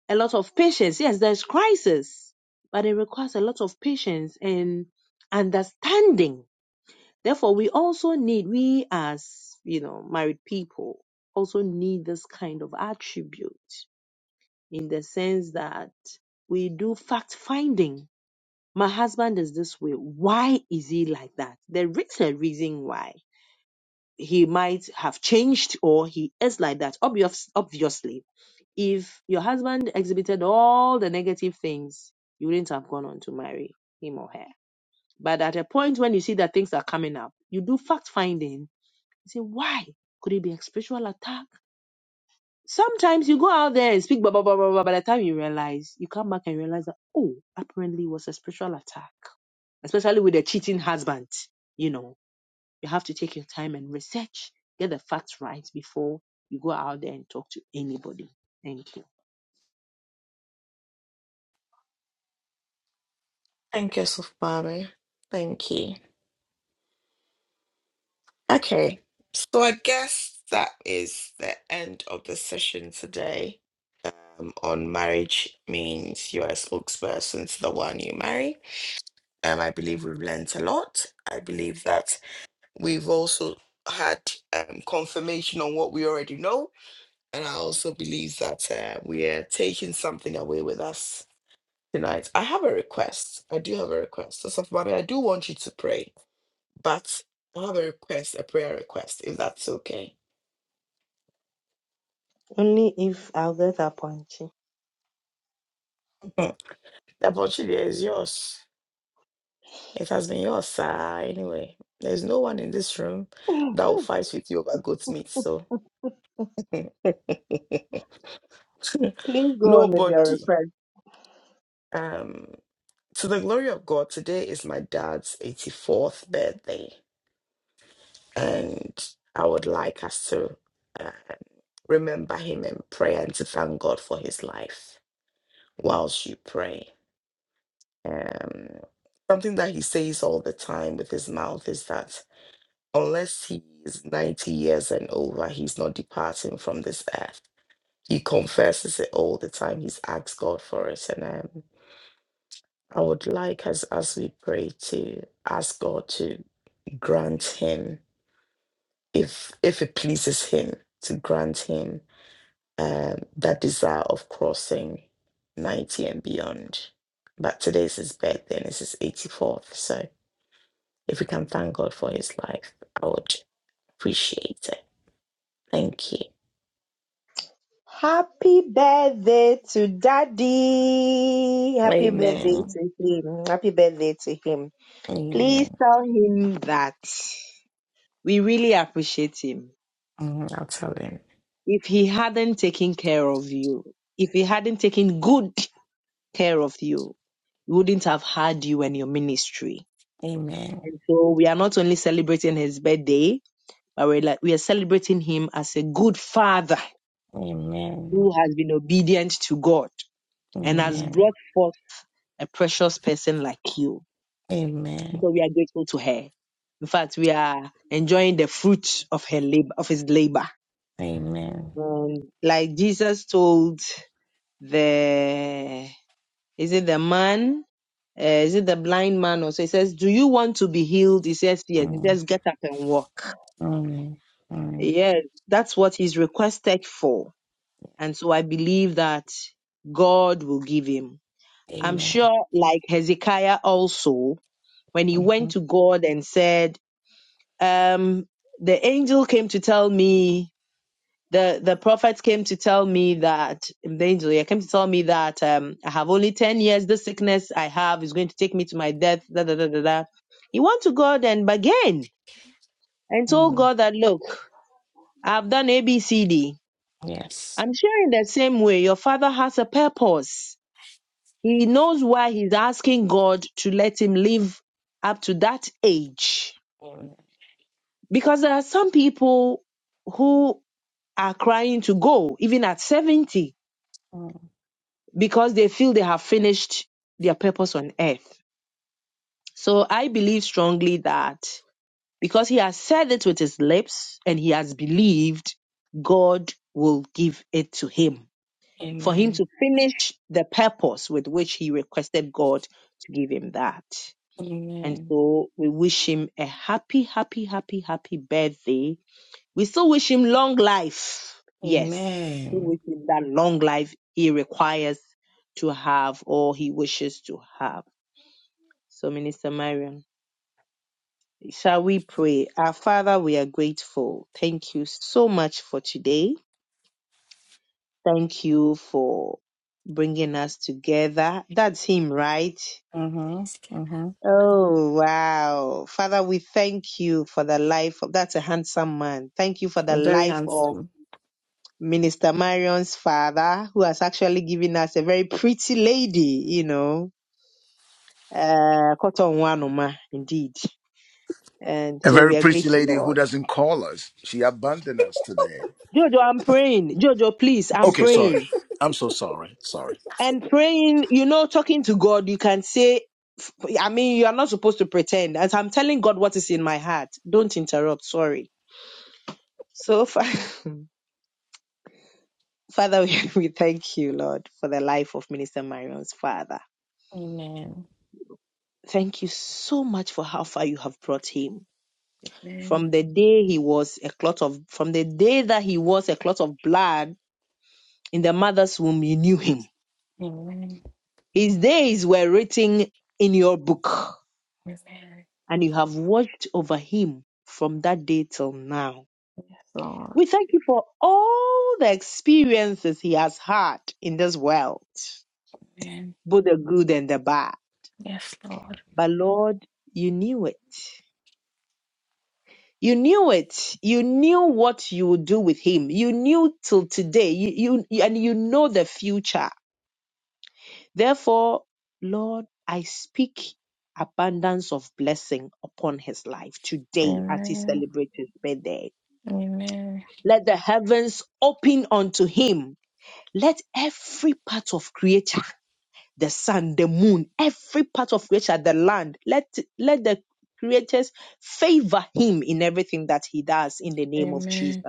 Speaker 3: a lot of patience. Yes, there's crisis, but it requires a lot of patience and understanding. Therefore, we also need, we as, you know, married people also need this kind of attribute in the sense that we do fact finding my husband is this way. Why is he like that? There is a reason why he might have changed or he is like that. Obvious, obviously, if your husband exhibited all the negative things, you wouldn't have gone on to marry him or her. But at a point when you see that things are coming up, you do fact finding. You say, why? Could it be a spiritual attack? Sometimes you go out there and speak blah blah blah blah blah. By the time you realize, you come back and realize that oh, apparently it was a spiritual attack, especially with a cheating husband. You know, you have to take your time and research, get the facts right before you go out there and talk to anybody. Thank you.
Speaker 1: Thank you, so Mami. Thank you. Okay. So I guess that is the end of the session today. Um, on marriage means you're a spokesperson to the one you marry. Um, I believe we've learnt a lot. I believe that we've also had um, confirmation on what we already know And I also believe that uh, we are taking something away with us tonight. I have a request. I do have a request. So, Soph Bobby, I do want you to pray, but I have a request, a prayer request, if that's okay.
Speaker 3: Only if I'll get that punchy.
Speaker 1: Mhm. the opportunity is yours. It has been yours, sir. Anyway, there's no one in this room that will fight with you over goat's meat. So,
Speaker 3: Please go on with your
Speaker 1: nobody.
Speaker 3: request.
Speaker 1: Um, to the glory of God, today is my dad's 84th birthday. and I would like us to uh, remember him in prayer and to thank God for his life whilst you pray. Um, something that he says all the time with his mouth is that unless he is 90 years and over, he's not departing from this earth. He confesses it all the time. He's asked God for it. And um, I would like us, as we pray, to ask God to grant him, if if it pleases him, to grant him um, that desire of crossing 90 and beyond. But today is his birthday and it's his 84th. So if we can thank God for his life, I would appreciate it. Thank you.
Speaker 3: Happy birthday to daddy. Happy birthday
Speaker 1: Amen.
Speaker 3: to him. Happy birthday to him. Please
Speaker 1: Amen.
Speaker 3: tell him that. We really appreciate him.
Speaker 1: Mm, I'll tell him.
Speaker 3: If he hadn't taken care of you, if he hadn't taken good care of you, we wouldn't have had you and your ministry.
Speaker 1: Amen.
Speaker 3: And so we are not only celebrating his birthday, but we're like, we are celebrating him as a good father
Speaker 1: Amen.
Speaker 3: who has been obedient to God and has
Speaker 1: Amen.
Speaker 3: brought forth a precious person like you.
Speaker 1: Amen.
Speaker 3: So we are grateful to her. In fact, we are enjoying the fruit of her labor, of his labor.
Speaker 1: Amen.
Speaker 3: Um, like Jesus told the is it the man uh, is it the blind man also he says do you want to be healed he says yes he
Speaker 1: Mm,
Speaker 3: says get up and walk
Speaker 1: mm, mm.
Speaker 3: yes that's what he's requested for and so i believe that god will give him i'm
Speaker 1: Amen.
Speaker 3: sure like hezekiah also when he went
Speaker 1: Mhm,
Speaker 3: to god and said um the angel came to tell me the the prophet came to tell me that the angel yeah, came to tell me that um I have only ten years. This sickness I have is going to take me to my death. Da da da da da. He went to God and began and told
Speaker 1: mm.
Speaker 3: God that look, I've done A B C D.
Speaker 1: Yes.
Speaker 3: I'm sure in the same way, your father has a purpose. He knows why he's asking God to let him live up to that age.
Speaker 1: Amen.
Speaker 3: Because there are some people who are crying to go, even at 70
Speaker 1: Mm,
Speaker 3: because they feel they have finished their purpose on earth. So I believe strongly that because he has said it with his lips and he has believed, God will give it to him for him
Speaker 1: Amen.
Speaker 3: to finish the purpose with which he requested God to give him that. And
Speaker 1: Amen.
Speaker 3: so we wish him a happy, happy, happy, happy birthday we still wish him long life. Yes, we
Speaker 1: Amen.
Speaker 3: wish him that long life he requires to have or he wishes to have. So, Minister Marion, shall we pray? Our Father, we are grateful. Thank you so much for today. Thank you for bringing us together. That's him, right?
Speaker 1: Mm-hmm. Mm-hmm.
Speaker 3: Oh, wow. Father, we thank you for the life of, that's a handsome man. Thank you for the
Speaker 1: Very
Speaker 3: life of
Speaker 1: handsome.
Speaker 3: Minister Marion's father, who has actually given us a very pretty lady, you know, uh, Cotton Wanoma, indeed. And
Speaker 5: A
Speaker 3: so
Speaker 5: very
Speaker 3: we are
Speaker 5: pretty
Speaker 3: grateful,
Speaker 5: lady who
Speaker 3: Lord.
Speaker 5: doesn't call us. She abandoned us today.
Speaker 3: Jojo, I'm praying. Jojo, please, I'm
Speaker 5: Okay, sorry.
Speaker 3: praying.
Speaker 5: I'm so sorry. Sorry.
Speaker 3: And praying, you know, talking to God, you can say, I mean, you are not supposed to pretend. As I'm telling God what is in my heart, don't interrupt. Sorry. So, Fa- Father, we, we thank you, Lord, for the life of Minister Marion's father.
Speaker 1: Amen.
Speaker 3: Thank you so much for how far you have brought him.
Speaker 1: Amen.
Speaker 3: from the day he was a clot of from the day that he was a clot of blood in the mother's womb you knew him
Speaker 1: Amen.
Speaker 3: his days were written in your book
Speaker 1: Amen.
Speaker 3: and you have watched over him from that day till now
Speaker 1: Yes, Lord.
Speaker 3: we thank you for all the experiences he has had in this world
Speaker 1: Amen.
Speaker 3: both the good and the bad
Speaker 1: Yes, Lord.
Speaker 3: but lord you knew it you knew it. You knew what you would do with him. You knew till today. You, you and you know the future Therefore, Lord, I speak abundance of blessing upon his life today as he
Speaker 1: Amen.
Speaker 3: celebrates his birthday.
Speaker 1: Amen.
Speaker 3: Let the heavens open unto him. Let every part of creature, the sun, the moon, every part of creature, the land, let, let the creators favor him in everything that he does in the name of Jesus.
Speaker 1: Amen.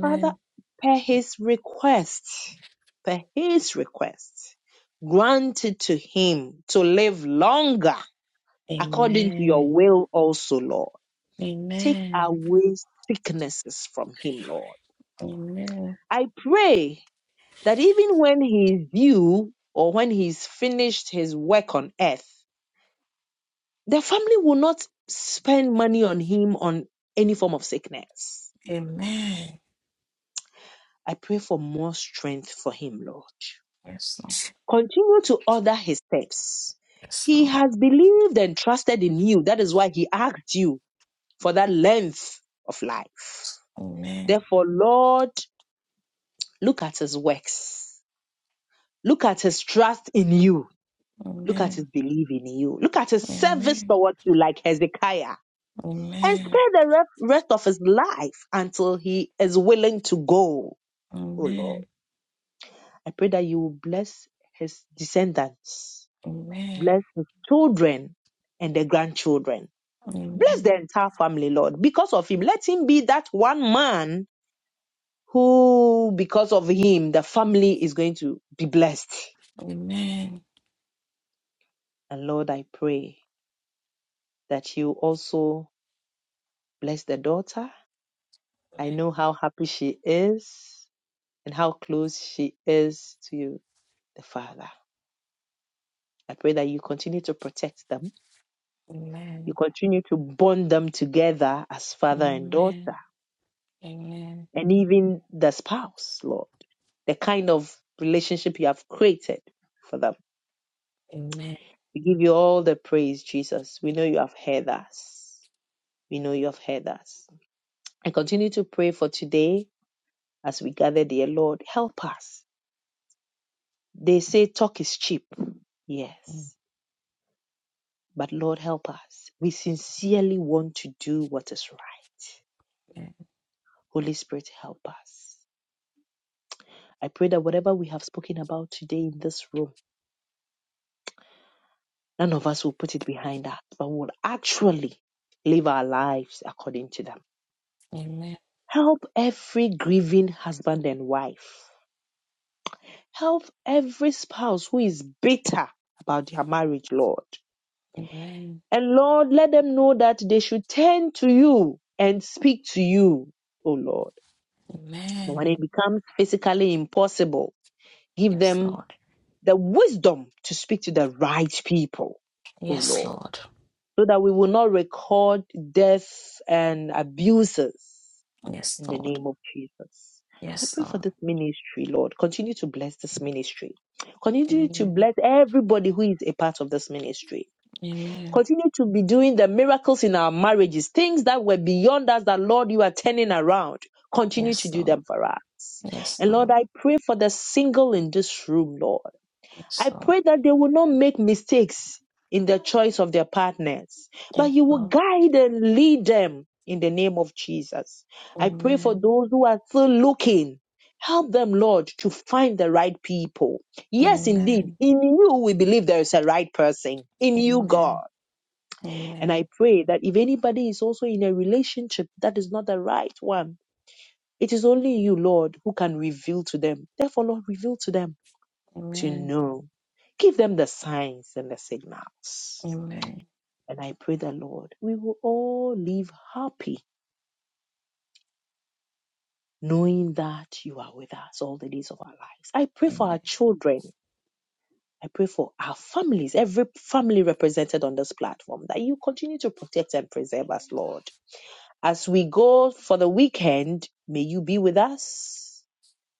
Speaker 3: Father, per his request, per his request, granted to him to live longer according to your
Speaker 1: Amen.
Speaker 3: will also, Lord. Take
Speaker 1: Amen.
Speaker 3: away sicknesses from him, Lord.
Speaker 1: Amen.
Speaker 3: I pray that even when he is due or when he's finished his work on earth, the family will not spend money on him on any form of sickness.
Speaker 1: Amen.
Speaker 3: I pray for more strength for him, Lord.
Speaker 1: Yes, Lord.
Speaker 3: Continue to order his steps.
Speaker 1: Yes,
Speaker 3: He
Speaker 1: Lord.
Speaker 3: has believed and trusted in you. That is why he asked you for that length of life.
Speaker 1: Amen.
Speaker 3: Therefore, Lord, look at his works. Look at his trust in you. Look at his
Speaker 1: Amen.
Speaker 3: belief in you. Look at his service
Speaker 1: Amen.
Speaker 3: towards you, like Hezekiah. And
Speaker 1: Amen.
Speaker 3: spare the re- rest of his life until he is willing to go, oh Lord.
Speaker 1: Amen.
Speaker 3: I pray that you will bless his descendants
Speaker 1: Amen.
Speaker 3: Bless his children and the grandchildren. Bless
Speaker 1: Amen.
Speaker 3: the entire family, Lord. Because of him, let him be that one man who, because of him, the family is going to be blessed.
Speaker 1: Amen.
Speaker 3: And Lord, I pray that you also bless the daughter. I
Speaker 1: Amen.
Speaker 3: know how happy she is and how close she is to you, the Father. I pray that you continue to protect them. You
Speaker 1: Amen.
Speaker 3: continue to bond them together as father and
Speaker 1: Amen.
Speaker 3: daughter
Speaker 1: Amen.
Speaker 3: and even the spouse, Lord, the kind of relationship you have created for them.
Speaker 1: Amen.
Speaker 3: We give you all the praise, Jesus. We know you have heard us. We know you have heard us. And continue to pray for today as we gather, dear Lord. Help us. They say talk is cheap. Yes. But Lord, help us. We sincerely want to do what is right.
Speaker 1: Amen.
Speaker 3: Holy Spirit, help us. I pray that whatever we have spoken about today in this room, None of us will put it behind us, but will actually live our lives according to them.
Speaker 1: Amen.
Speaker 3: Help every grieving husband and wife. Help every spouse who is bitter about their marriage, Lord.
Speaker 1: Amen.
Speaker 3: And Lord, let them know that they should turn to you and speak to you, O Lord. But when
Speaker 1: Amen.
Speaker 3: it becomes physically impossible, give
Speaker 1: Yes,
Speaker 3: them
Speaker 1: Lord.
Speaker 3: the wisdom to speak to the right people, O
Speaker 1: Yes,
Speaker 3: Lord
Speaker 1: Lord.
Speaker 3: so that we will not record deaths and abuses
Speaker 1: Yes,
Speaker 3: in the
Speaker 1: Lord.
Speaker 3: name of Jesus. I
Speaker 1: Yes,
Speaker 3: pray for
Speaker 1: Lord.
Speaker 3: this ministry, Lord. Continue to bless this ministry. Continue to
Speaker 1: Amen.
Speaker 3: bless everybody who is a part of this ministry.
Speaker 1: Amen.
Speaker 3: Continue to be doing the miracles in our marriages, things that were beyond us that, Lord, you are turning around. Continue to
Speaker 1: Yes,
Speaker 3: do
Speaker 1: Lord.
Speaker 3: them for us.
Speaker 1: Yes,
Speaker 3: And Lord,
Speaker 1: Lord.
Speaker 3: I pray for the single in this room, Lord.
Speaker 1: Yes,
Speaker 3: I
Speaker 1: Lord.
Speaker 3: pray that they will not make mistakes in the choice of their partners, but
Speaker 1: Yes,
Speaker 3: you will
Speaker 1: Lord.
Speaker 3: guide and lead them in the name of Jesus. I pray for
Speaker 1: Amen.
Speaker 3: those who are still looking. Help them, Lord, to find the right people. Yes, indeed.
Speaker 1: Amen.
Speaker 3: In you, we believe there is a right person. In you,
Speaker 1: Amen.
Speaker 3: God. And I
Speaker 1: Amen.
Speaker 3: pray that if anybody is also in a relationship that is not the right one, it is only you, Lord, who can reveal to them. Therefore, Lord, reveal to them to
Speaker 1: Amen.
Speaker 3: know. Give them the signs and the signals.
Speaker 1: Amen.
Speaker 3: And I pray the Lord, we will all live happy knowing that you are with us all the days of our lives. I pray for our
Speaker 1: Amen.
Speaker 3: children. I pray for our families, every family represented on this platform, that you continue to protect and preserve us, Lord. As we go for the weekend, may you be with us.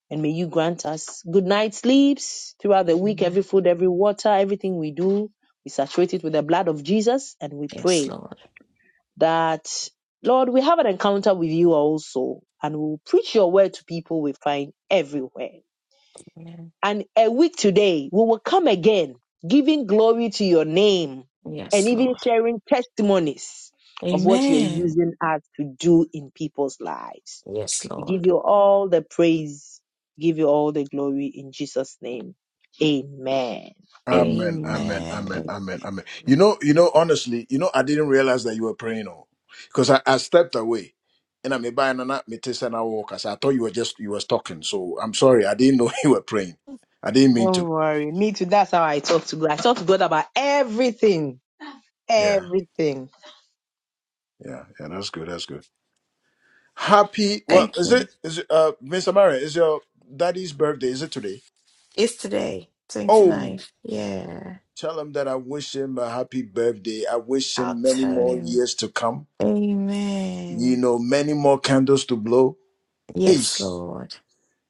Speaker 3: And may you grant us good night sleeps throughout the week,
Speaker 1: Amen.
Speaker 3: every food, every water, everything we do. We saturate it with the blood of Jesus and we
Speaker 1: Yes,
Speaker 3: pray
Speaker 1: Lord.
Speaker 3: that, Lord, we have an encounter with you also and we'll preach your word to people we find everywhere.
Speaker 1: Amen.
Speaker 3: And a week today, we will come again, giving glory to your name and
Speaker 1: Yes,
Speaker 3: even
Speaker 1: Lord.
Speaker 3: sharing testimonies of what you're
Speaker 1: Amen.
Speaker 3: using us to do in people's lives.
Speaker 1: Yes,
Speaker 3: We
Speaker 1: Lord.
Speaker 3: give you all the praise. We give you all the glory in Jesus' name. Amen.
Speaker 5: Amen, amen,
Speaker 1: Amen.
Speaker 5: amen,
Speaker 1: Amen.
Speaker 5: amen, amen. You
Speaker 1: Amen.
Speaker 5: know, you know, honestly, you know, I didn't realize that you were praying, oh, because I, I stepped away and I'm a buying and me taste and I walk. I said, I thought you were just, you was talking. So I'm sorry. I didn't know you were praying. I didn't mean
Speaker 3: Don't
Speaker 5: to.
Speaker 3: worry. Me too. That's how I talk to God. I talk to God about everything.
Speaker 5: Yeah,
Speaker 3: Everything.
Speaker 5: yeah, yeah, that's good. That's good. Happy. Well,
Speaker 1: Thank
Speaker 5: is
Speaker 1: you.
Speaker 5: it? Is it, uh, Miss Amara? Is your daddy's birthday? Is it today?
Speaker 1: It's today, twenty
Speaker 5: Oh,
Speaker 1: ninth. Yeah.
Speaker 5: tell him that I wish him a happy birthday. I wish
Speaker 1: I'll
Speaker 5: him many
Speaker 1: tell
Speaker 5: more
Speaker 1: him.
Speaker 5: years to come. You
Speaker 1: Amen.
Speaker 5: know, many more candles to blow.
Speaker 1: Yes,
Speaker 5: Ace.
Speaker 1: Lord.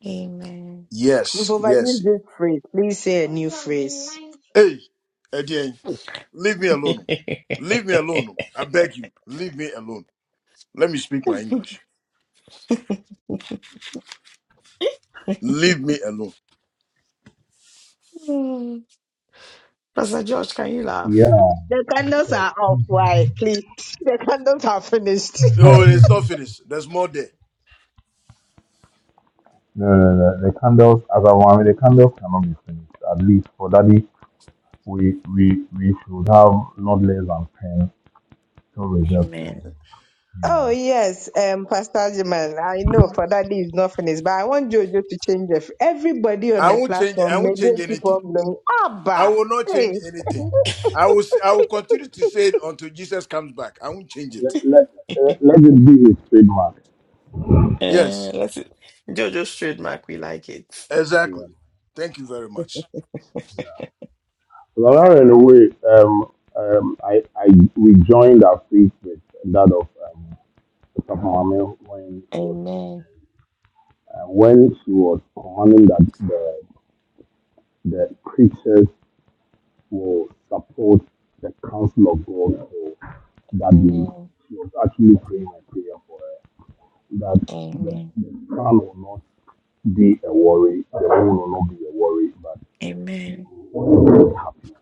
Speaker 1: Amen.
Speaker 3: If
Speaker 5: Yes. Yes.
Speaker 3: overuse this phrase, please say a new phrase.
Speaker 5: Hey, again, leave me alone. Leave me alone. I beg you, leave me alone. Let me speak my English. Leave me alone.
Speaker 1: Hmm. Pastor George, can you
Speaker 6: Yeah.
Speaker 1: laugh?
Speaker 3: The candles are off. Why? Please. The candles are finished.
Speaker 5: Oh, it's not finished. There's more there.
Speaker 6: No, no, no. The candles, as I want, the candles cannot be finished, at least for daddy we we we should have not less than ten to reserve for
Speaker 1: Amen.
Speaker 6: him. You
Speaker 3: Oh
Speaker 6: know,
Speaker 3: yes, um, Pastor Jiman. I know for that day is not finished, but I want Jojo to change it. Everybody on
Speaker 5: I
Speaker 3: the
Speaker 5: won't change. I
Speaker 3: platform, may
Speaker 5: won't
Speaker 3: they
Speaker 5: change
Speaker 3: keep
Speaker 5: anything.
Speaker 3: on blowing.
Speaker 5: I
Speaker 3: Abba,
Speaker 5: will not
Speaker 3: hey,
Speaker 5: change anything. I will s- I will continue to say it until Jesus comes back. I won't change
Speaker 6: let
Speaker 5: it.
Speaker 6: let, let let it be his trademark.
Speaker 1: Uh,
Speaker 5: Yes,
Speaker 1: let's Jojo trademark, we like it.
Speaker 6: Yeah.
Speaker 5: exactly. Thank you very much.
Speaker 6: Laura, in a way, um, um, I I we joined our faith with that of um, Papa Mame when she was
Speaker 1: Amen.
Speaker 6: uh, when she was commanding that the the creatures to support the counsel of God for that day.
Speaker 1: Amen.
Speaker 6: She was actually praying a prayer for her that the,
Speaker 1: Amen.
Speaker 6: the son will not be a worry, the woman will not be a worry, but they
Speaker 1: Amen.
Speaker 6: will be happy.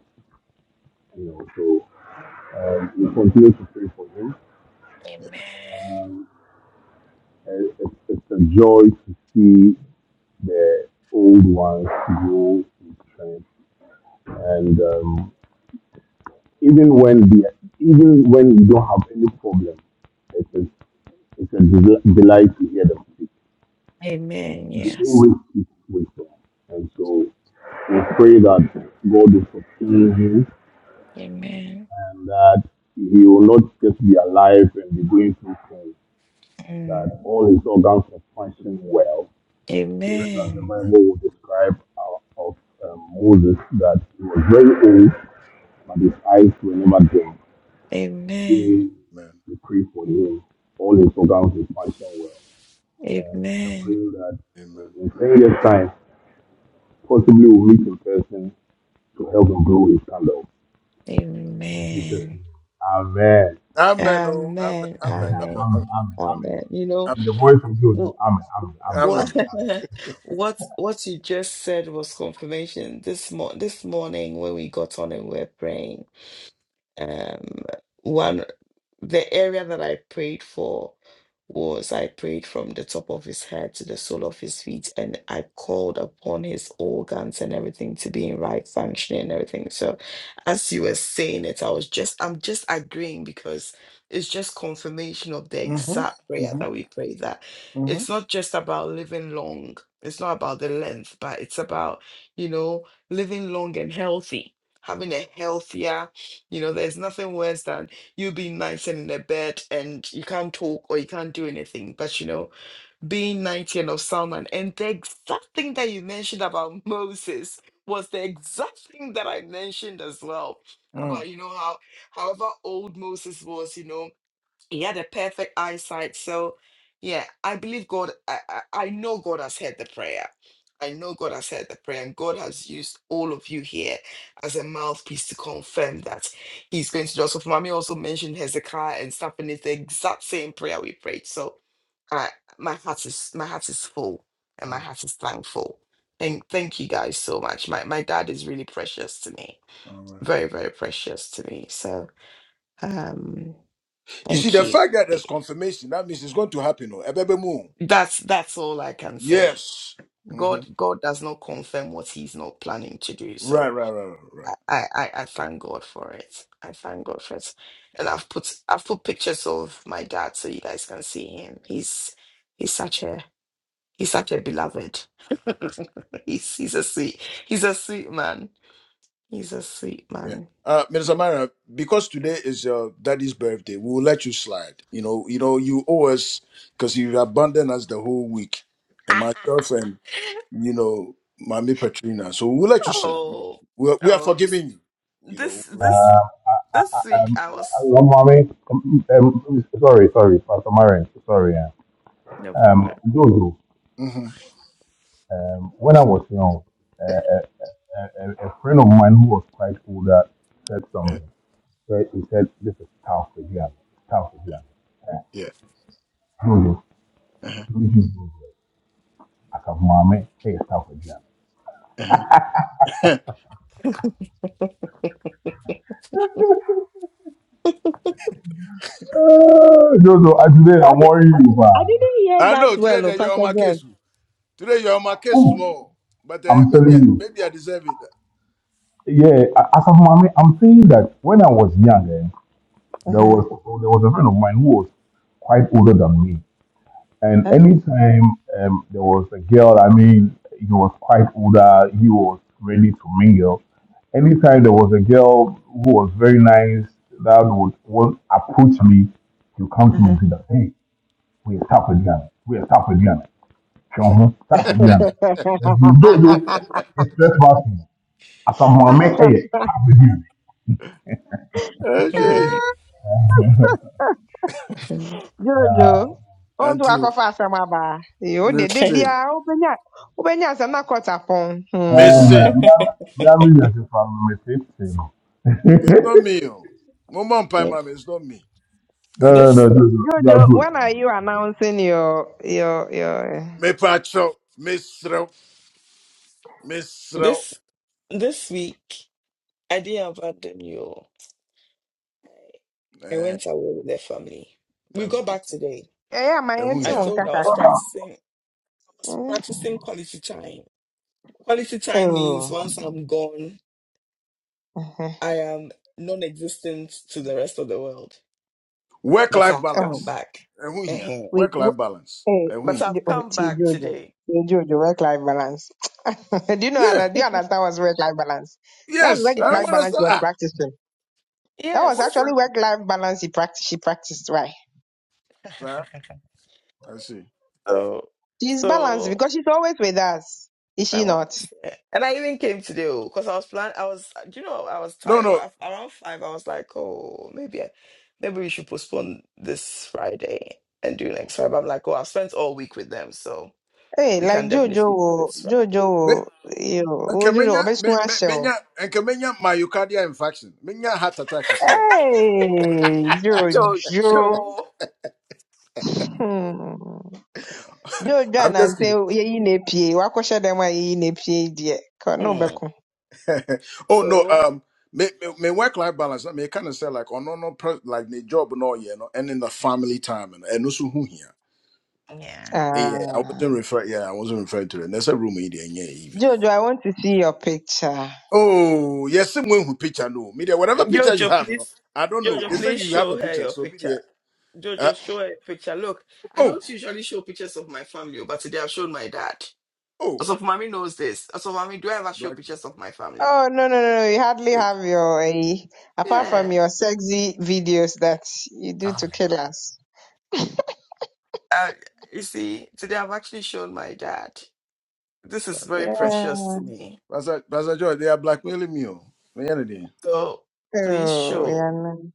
Speaker 6: You know, so um, we continue to pray for him.
Speaker 1: Amen.
Speaker 6: Um, it's, it's a joy to see the old ones grow in strength, and um, even when the even when you don't have any problem, it's a, it's a del- delight to hear them speak.
Speaker 1: Amen.
Speaker 5: Yes.
Speaker 6: They
Speaker 1: Yes.
Speaker 6: always speak wisdom, and so we pray that God will sustain him
Speaker 1: Amen.
Speaker 6: and that he will not just be alive and be going through things,
Speaker 1: Mm.
Speaker 6: that all his organs are functioning well.
Speaker 5: Amen.
Speaker 6: Just as the
Speaker 1: Amen.
Speaker 6: Bible will describe of, of um, Moses, that he was very old, but his eyes were never dim.
Speaker 1: Amen.
Speaker 6: We,
Speaker 5: Amen.
Speaker 6: we pray for him. All his organs will function well. Um, I pray
Speaker 1: Amen.
Speaker 6: that
Speaker 5: Amen.
Speaker 6: in 10 years' time, possibly we'll meet in person to help him grow his candle. In Jesus'
Speaker 1: Amen.
Speaker 6: name. Amen.
Speaker 5: Amen. Amen. Oh, amen.
Speaker 1: Amen.
Speaker 5: Amen. Amen.
Speaker 1: Amen.
Speaker 6: Amen. Amen. Amen.
Speaker 1: Amen. You know,
Speaker 6: In
Speaker 5: Amen.
Speaker 6: the voice of God, oh,
Speaker 1: wh-
Speaker 6: Amen. Amen. Amen.
Speaker 5: Amen.
Speaker 1: what
Speaker 6: Amen. amen.
Speaker 1: what what you just said was confirmation. This mo- this morning when we got on and we were praying, Um, one, the area that I prayed for was I prayed from the top of his head to the sole of his feet, and I called upon his organs and everything to be in right functioning and everything. So, as you were saying it, I was just, I'm just agreeing because it's just confirmation of the
Speaker 5: Mhm.
Speaker 1: exact prayer
Speaker 5: Mhm.
Speaker 1: that we pray that
Speaker 5: Mhm.
Speaker 1: it's not just about living long, it's not about the length, but it's about, you know, living long and healthy, having a healthier you know, there's nothing worse than you being 19 in a bed and you can't talk or you can't do anything. But you know, being 90 and of someone and the exact thing that you mentioned about Moses was the exact thing that I mentioned as well.
Speaker 5: Mm.
Speaker 1: About, you know, how however old Moses was, you know. He had a perfect eyesight. So, yeah, I believe God, I, I, I know God has heard the prayer. I know God has heard the prayer, and God has used all of you here as a mouthpiece to confirm that He's going to do. So, Mami also mentioned Hezekiah and stuff, and it's the exact same prayer we prayed. So, I, my heart is my heart is full, and my
Speaker 5: Amen.
Speaker 1: heart is thankful. Thank, thank you guys so much. My my dad is really precious to me,
Speaker 5: Amen.
Speaker 1: very very precious to me. So, um,
Speaker 5: You see,
Speaker 1: thank
Speaker 5: the
Speaker 1: you.
Speaker 5: fact that there's confirmation, that means it's going to happen. oh. Ebebe mu.
Speaker 1: That's that's all I can say.
Speaker 5: Yes. hmm
Speaker 1: God God does not confirm what he's not planning to do.
Speaker 5: Right,
Speaker 1: So
Speaker 5: right, right, right, right.
Speaker 1: I, I, I I thank God for it. I thank God for it. And I've put I've put pictures of my dad so you guys can see him. He's he's such a he's such a beloved. he's he's a sweet he's a sweet man. He's a sweet
Speaker 5: Yeah.
Speaker 1: man.
Speaker 5: Uh, Ms. Amara, because today is your daddy's birthday, we will let you slide. You know, you know, you owe us because you abandoned us the whole week, and myself and you know, Mami Petrina. So we'll let you slide.
Speaker 1: oh
Speaker 5: We are, we are
Speaker 1: oh this
Speaker 5: forgiving you. You
Speaker 1: this
Speaker 5: know, we'll let you.
Speaker 1: this
Speaker 6: Uh, I, I,
Speaker 1: this
Speaker 6: I,
Speaker 1: week
Speaker 6: um,
Speaker 1: I was
Speaker 6: uh, mommy, um, um, sorry, sorry, Pastor Marion, sorry. Uh,
Speaker 1: no
Speaker 6: um,
Speaker 1: problem.
Speaker 6: Jojo,
Speaker 5: Mhm.
Speaker 6: Um, when I was young, uh, a, a, a a friend of mine who was quite older said
Speaker 5: Yeah.
Speaker 6: something. So he said, This is tough for you. Tough for you.
Speaker 5: yeah.
Speaker 6: Jojo, don't you do Mommy, hey, it's tough for you.
Speaker 5: Uh-huh. Uh-huh.
Speaker 6: Uh, Jojo, I- today
Speaker 3: I,
Speaker 6: I'm worrying you.
Speaker 3: I
Speaker 6: man."
Speaker 3: didn't hear
Speaker 5: I
Speaker 3: that
Speaker 5: know today
Speaker 3: well, oh,
Speaker 5: that you're on
Speaker 3: Pastor
Speaker 5: my
Speaker 3: George.
Speaker 5: case. Today you're on my case
Speaker 6: Hmm,
Speaker 5: small, but uh,
Speaker 6: I'm
Speaker 5: maybe I,
Speaker 6: telling you.
Speaker 5: maybe I deserve it.
Speaker 6: Yeah, I I said, Mommy, I'm saying that when I was young, eh,
Speaker 3: Uh
Speaker 6: there
Speaker 3: huh.
Speaker 6: was there was a friend of mine who was quite older than me. And
Speaker 3: Okay.
Speaker 6: anytime um, there was a girl, I mean, he was quite older, he was ready to mingle. Anytime there was a girl who was very nice that would, would approach me, he would come
Speaker 3: Uh
Speaker 6: to me
Speaker 3: huh.
Speaker 6: and say that, hey, we are tough again, we are tough again, Shonho, tough again. You do do express mastery. As a Mohammed, hey, tough again.
Speaker 5: Okay.
Speaker 3: Jojo, on to
Speaker 5: Auntie,
Speaker 3: akɔfa asɛm aba. Yo, de
Speaker 5: let's
Speaker 3: de
Speaker 5: see,
Speaker 3: bia, ubenya, ubenya sana kota pon.
Speaker 5: let's
Speaker 6: And
Speaker 3: Hmm.
Speaker 5: see.
Speaker 6: uh, we are really from
Speaker 5: It's not
Speaker 6: Mississippi.
Speaker 5: me. oh. Mama and Pai Mama, it's not me.
Speaker 6: No,
Speaker 5: And if
Speaker 6: no, no,
Speaker 1: This
Speaker 6: no, no, you are
Speaker 3: Jojo, when
Speaker 6: good.
Speaker 3: are you announcing your your your?
Speaker 5: me pacho, Miss Row, Miss Row.
Speaker 1: this this week I didn't abandon you. I
Speaker 5: Eh,
Speaker 1: went away with the family. We
Speaker 5: that's
Speaker 1: got
Speaker 5: good.
Speaker 1: back today.
Speaker 3: Eh, eh, my
Speaker 5: And who
Speaker 3: auntie
Speaker 1: I
Speaker 5: here?
Speaker 3: won't
Speaker 1: told you I
Speaker 3: kaka.
Speaker 1: was
Speaker 3: Oh,
Speaker 1: practicing I was
Speaker 3: Hmm.
Speaker 1: practicing quality time. Quality time means
Speaker 3: oh,
Speaker 1: once I'm gone,
Speaker 3: Uh-huh.
Speaker 1: I am non existent to the rest of the world.
Speaker 5: Work
Speaker 1: But
Speaker 5: life
Speaker 1: I've
Speaker 3: Oh.
Speaker 1: come
Speaker 5: balance.
Speaker 1: back.
Speaker 5: And who
Speaker 1: uh
Speaker 5: here?
Speaker 3: We,
Speaker 5: Work
Speaker 3: we
Speaker 5: life balance.
Speaker 3: hey,
Speaker 5: And who
Speaker 1: But
Speaker 5: here?
Speaker 3: Jo-
Speaker 1: I've
Speaker 3: oh,
Speaker 1: come
Speaker 3: see,
Speaker 1: back
Speaker 3: Jojo,
Speaker 1: today.
Speaker 3: See, Jojo, work-life balance. do you know
Speaker 5: Yeah.
Speaker 3: that? Do you understand what's work-life balance? That's
Speaker 5: Yes. I don't
Speaker 3: work-life
Speaker 1: Yes.
Speaker 5: want to
Speaker 3: balance you
Speaker 5: start.
Speaker 3: were
Speaker 5: Ah,
Speaker 3: practicing. That was
Speaker 5: work
Speaker 1: Yes.
Speaker 3: actually
Speaker 5: life.
Speaker 3: work-life balance he practiced. She practiced right.
Speaker 5: Sir, I see.
Speaker 1: so
Speaker 3: She's balanced
Speaker 1: so
Speaker 3: because she's always with us. Is
Speaker 1: I
Speaker 3: she
Speaker 1: will
Speaker 3: not?
Speaker 1: And I even came today because I was planning. I was, do you know, I was
Speaker 5: No,
Speaker 1: tired
Speaker 5: no.
Speaker 1: around five. I was like, oh, maybe, I, maybe we should postpone this Friday and do next Friday. But I'm like, oh, I've spent all week with them, so
Speaker 3: Hey,
Speaker 1: we
Speaker 3: like
Speaker 1: can
Speaker 3: Jojo,
Speaker 1: definitely do
Speaker 3: oh,
Speaker 1: this
Speaker 3: Jojo,
Speaker 1: Friday.
Speaker 5: Me,
Speaker 3: oh, you, know, oh, Jojo,
Speaker 5: Nkemenya, me,
Speaker 3: obesunwa
Speaker 5: me,
Speaker 3: shell.
Speaker 5: menya, Nkemenya myocardial infarction. Menya heart attack is here.
Speaker 3: Hey, Jojo.
Speaker 1: Jojo,
Speaker 3: Hmm. Joe
Speaker 5: I'm
Speaker 3: John
Speaker 5: just
Speaker 3: and
Speaker 5: kidding.
Speaker 3: say yeyi na epie wakɔhyɛ dɛm a yeyi na epie yi deɛ kɔ na
Speaker 1: hmm.
Speaker 5: oh no,
Speaker 1: so
Speaker 5: um, me, me, me work life balance. I mean, kind of say like, oh no, no, pre- like the job no, yeah, you and in the family time and and also who here.
Speaker 1: yeah,
Speaker 5: Eh, Yeah, I
Speaker 3: Ah,
Speaker 5: wasn't referring. Yeah, I wasn't referring to it. That's a room idea. Yeah, yeah. yeah.
Speaker 3: Jojo, I want to see your picture.
Speaker 5: Oh, yes, someone who picture no media. Whatever picture you
Speaker 1: Jojo,
Speaker 5: have, you know,
Speaker 1: please,
Speaker 5: I don't know.
Speaker 1: Jojo,
Speaker 5: They say
Speaker 1: please
Speaker 5: you have the
Speaker 1: show her
Speaker 5: picture,
Speaker 1: your
Speaker 5: so
Speaker 1: picture.
Speaker 5: media. Uh,
Speaker 1: Jojo, show her your picture. Look, I
Speaker 5: oh,
Speaker 1: don't usually show pictures of my family, oh, but today I've shown my dad.
Speaker 5: oh,
Speaker 1: So mommy knows this. So mommy, do I ever show
Speaker 5: black.
Speaker 1: pictures of my family?
Speaker 3: Oh no no no! no, You hardly have your eh, apart from
Speaker 1: Yeah.
Speaker 3: your sexy videos that you do
Speaker 1: Ah.
Speaker 3: to kill us.
Speaker 1: Uh, you see, today I've actually shown my dad. This is very
Speaker 3: Yeah.
Speaker 5: That's
Speaker 1: precious
Speaker 3: Oh,
Speaker 1: to me.
Speaker 5: that's a that's a joy. They are blackmailing me. Oh, Me and it,
Speaker 1: So please
Speaker 3: yeah.
Speaker 1: show.
Speaker 3: no.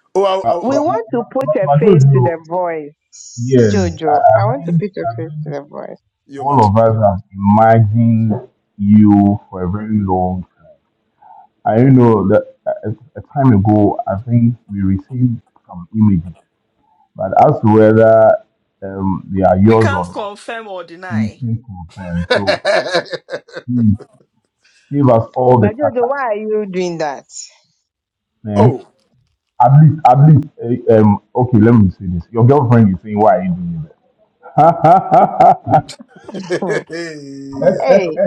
Speaker 5: oh, oh,
Speaker 6: Uh,
Speaker 5: oh,
Speaker 3: We
Speaker 5: oh,
Speaker 6: But, but,
Speaker 3: want to put
Speaker 6: but,
Speaker 3: a
Speaker 6: but those
Speaker 3: face to the
Speaker 6: who-
Speaker 3: voice,
Speaker 5: you,
Speaker 6: yes, I,
Speaker 3: Jojo. I want
Speaker 6: I
Speaker 3: to
Speaker 5: yeah,
Speaker 6: think
Speaker 3: put a
Speaker 6: I
Speaker 3: face to
Speaker 6: think
Speaker 3: the voice.
Speaker 5: you
Speaker 6: all
Speaker 5: matter.
Speaker 6: of us have imagined you for a very long time. I don't know that a, a time ago, I think we received some images, but as to whether um, they are
Speaker 1: We
Speaker 6: yours or
Speaker 1: can't
Speaker 6: not,
Speaker 1: confirm or
Speaker 6: we
Speaker 1: deny.
Speaker 6: can confirm. So please give us all the
Speaker 3: But Jojo,
Speaker 6: tata.
Speaker 3: why are you doing that?
Speaker 6: Eh?
Speaker 5: oh.
Speaker 6: At least, at least, eh, um, okay, let me say this. Your girlfriend is saying, why are you doing
Speaker 5: Hey,
Speaker 6: that?
Speaker 3: Hey.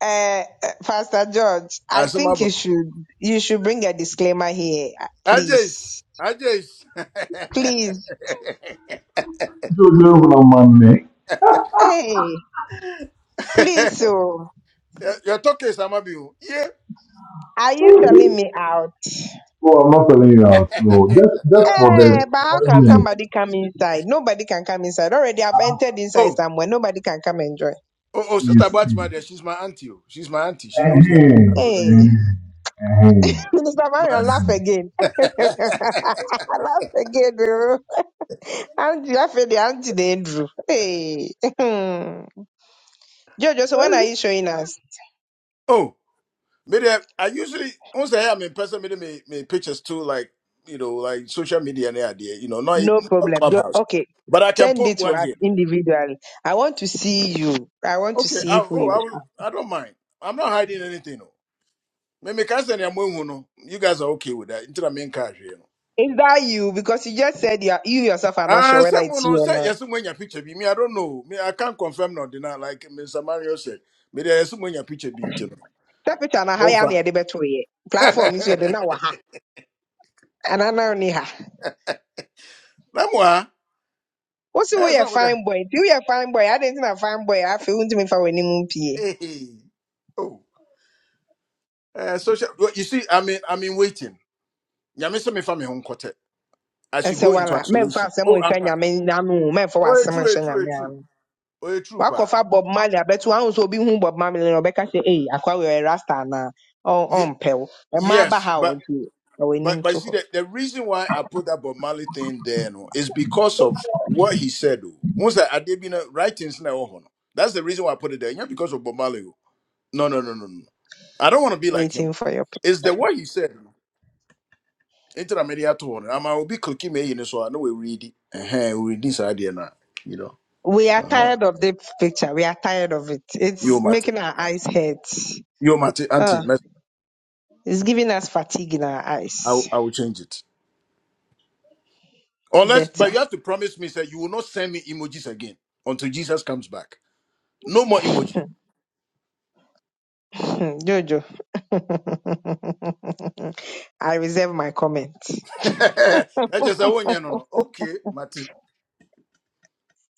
Speaker 3: Uh, uh, Pastor George, I think you
Speaker 5: Asamabo.
Speaker 3: should you should bring a disclaimer here, uh,
Speaker 5: Ajis.
Speaker 3: please,
Speaker 5: Ajis.
Speaker 3: please,
Speaker 6: Jojo Lamane.
Speaker 3: hey, please. So,
Speaker 5: Your talk is Amabio. Yeah.
Speaker 3: are you selling
Speaker 6: Oh,
Speaker 3: me out?
Speaker 6: I'm not telling you out. No, just just for
Speaker 3: Hey,
Speaker 6: the
Speaker 3: but how
Speaker 6: five
Speaker 3: can
Speaker 6: minutes.
Speaker 3: somebody come inside? Nobody can come inside. Already, I've entered inside
Speaker 5: Oh,
Speaker 3: somewhere. Nobody can come and join.
Speaker 5: oh, oh,
Speaker 6: You
Speaker 5: sister
Speaker 6: see.
Speaker 5: Batman there. She's my auntie. oh. She's my auntie. She knows that. I
Speaker 6: Ahem,
Speaker 5: know
Speaker 6: ahem,
Speaker 3: Hey,
Speaker 6: ahem,
Speaker 3: Minister Marion,
Speaker 5: that.
Speaker 3: laugh
Speaker 6: ahem.
Speaker 3: again.
Speaker 5: My-
Speaker 3: laugh again, oh. I'm laughing the Auntie Andrew. Hey, Jojo. So when are you showing us?
Speaker 5: oh, maybe I, I usually once I am in person, maybe me, me pictures too, like you know, like social media and idea, you know, not, e,
Speaker 3: No
Speaker 5: not
Speaker 3: problem. You-
Speaker 5: clubhouse,
Speaker 3: Okay,
Speaker 5: but I can
Speaker 3: send
Speaker 5: put
Speaker 3: it to
Speaker 5: one
Speaker 3: us
Speaker 5: here.
Speaker 3: individually. I want to see you. I want to
Speaker 5: Okay.
Speaker 3: see
Speaker 5: I,
Speaker 3: who
Speaker 5: oh,
Speaker 3: you
Speaker 5: I will.
Speaker 3: are.
Speaker 5: I don't mind. I'm not hiding anything. oh. me me kasa na no you guys are okay with that ntira me nka hwe no
Speaker 3: Is that you? Because you just said you, are, you yourself are not sure
Speaker 5: ah say
Speaker 3: whether
Speaker 5: mo
Speaker 3: it's you
Speaker 5: no
Speaker 3: or
Speaker 5: say
Speaker 3: not.
Speaker 5: yes mo nya picture be me i don't know me i can't confirm nor deny like Mr. Mario said maybe there yes mo picture be ntino
Speaker 3: Step it on a
Speaker 5: mo
Speaker 3: higher
Speaker 5: fa
Speaker 3: near the better Platform is where they now ha. And I know ni ha.
Speaker 5: na mo a
Speaker 3: What's the
Speaker 5: eh
Speaker 3: way a
Speaker 5: so mo da
Speaker 3: fine boy? Do you a fine boy? I didn't a fine boy. I feel to me for any moon PA.
Speaker 5: eh oh Uh, social well, you see i mean i mean waiting nya me say me fa me ho nkote as
Speaker 3: I
Speaker 5: you
Speaker 3: said,
Speaker 5: go into
Speaker 3: well, men for
Speaker 5: isolation oh
Speaker 3: someone
Speaker 5: i'm
Speaker 3: shiny, I
Speaker 5: pa-
Speaker 3: mean, I'm men for what
Speaker 5: oh eh,
Speaker 3: someone
Speaker 5: true eh, true eh, true
Speaker 3: shiny.
Speaker 5: oh eh, true pa
Speaker 3: wakɔfa bob marley abɛto ahụ sɛ obi hu bob marley na ɔbɛka sɛ ei akwa wɛrɛ rasta na
Speaker 5: Ye-
Speaker 3: ɔmpɛ wo ɛma aba
Speaker 5: yes
Speaker 3: ha o
Speaker 5: but
Speaker 3: nti ɔwɔ
Speaker 5: But
Speaker 3: anim
Speaker 5: but
Speaker 3: to
Speaker 5: see
Speaker 3: hɔ
Speaker 5: the, the reason why I put that Bob Marley thing there no, is because of what he said. oh. Once that I did you know, writings na ɛwɔ no. That's the reason why I put it there. Not because of Bob Marley. oh. No no no no no. no. I don't want to be like him.
Speaker 3: waiting for your pic.
Speaker 5: It's the what he said. no. Enter a I'm I will be cooking me in so I know we read it. Uh-huh, we read this idea now. You know.
Speaker 3: we are
Speaker 5: Uh-huh.
Speaker 3: tired of the picture we are tired of it
Speaker 5: You
Speaker 3: it's
Speaker 5: matter.
Speaker 3: making our eyes hurt
Speaker 5: You matter, Auntie.
Speaker 3: oh,
Speaker 5: mess-
Speaker 3: it's giving us fatigue in our
Speaker 5: I will,
Speaker 3: eyes
Speaker 5: I will change it. Unless, but
Speaker 3: better
Speaker 5: you have to promise me sir. you will not send me emojis again until Jesus comes back. No more emoji.
Speaker 3: jojo i reserve my comment
Speaker 5: That's just a one year, no no. Okay, Mati.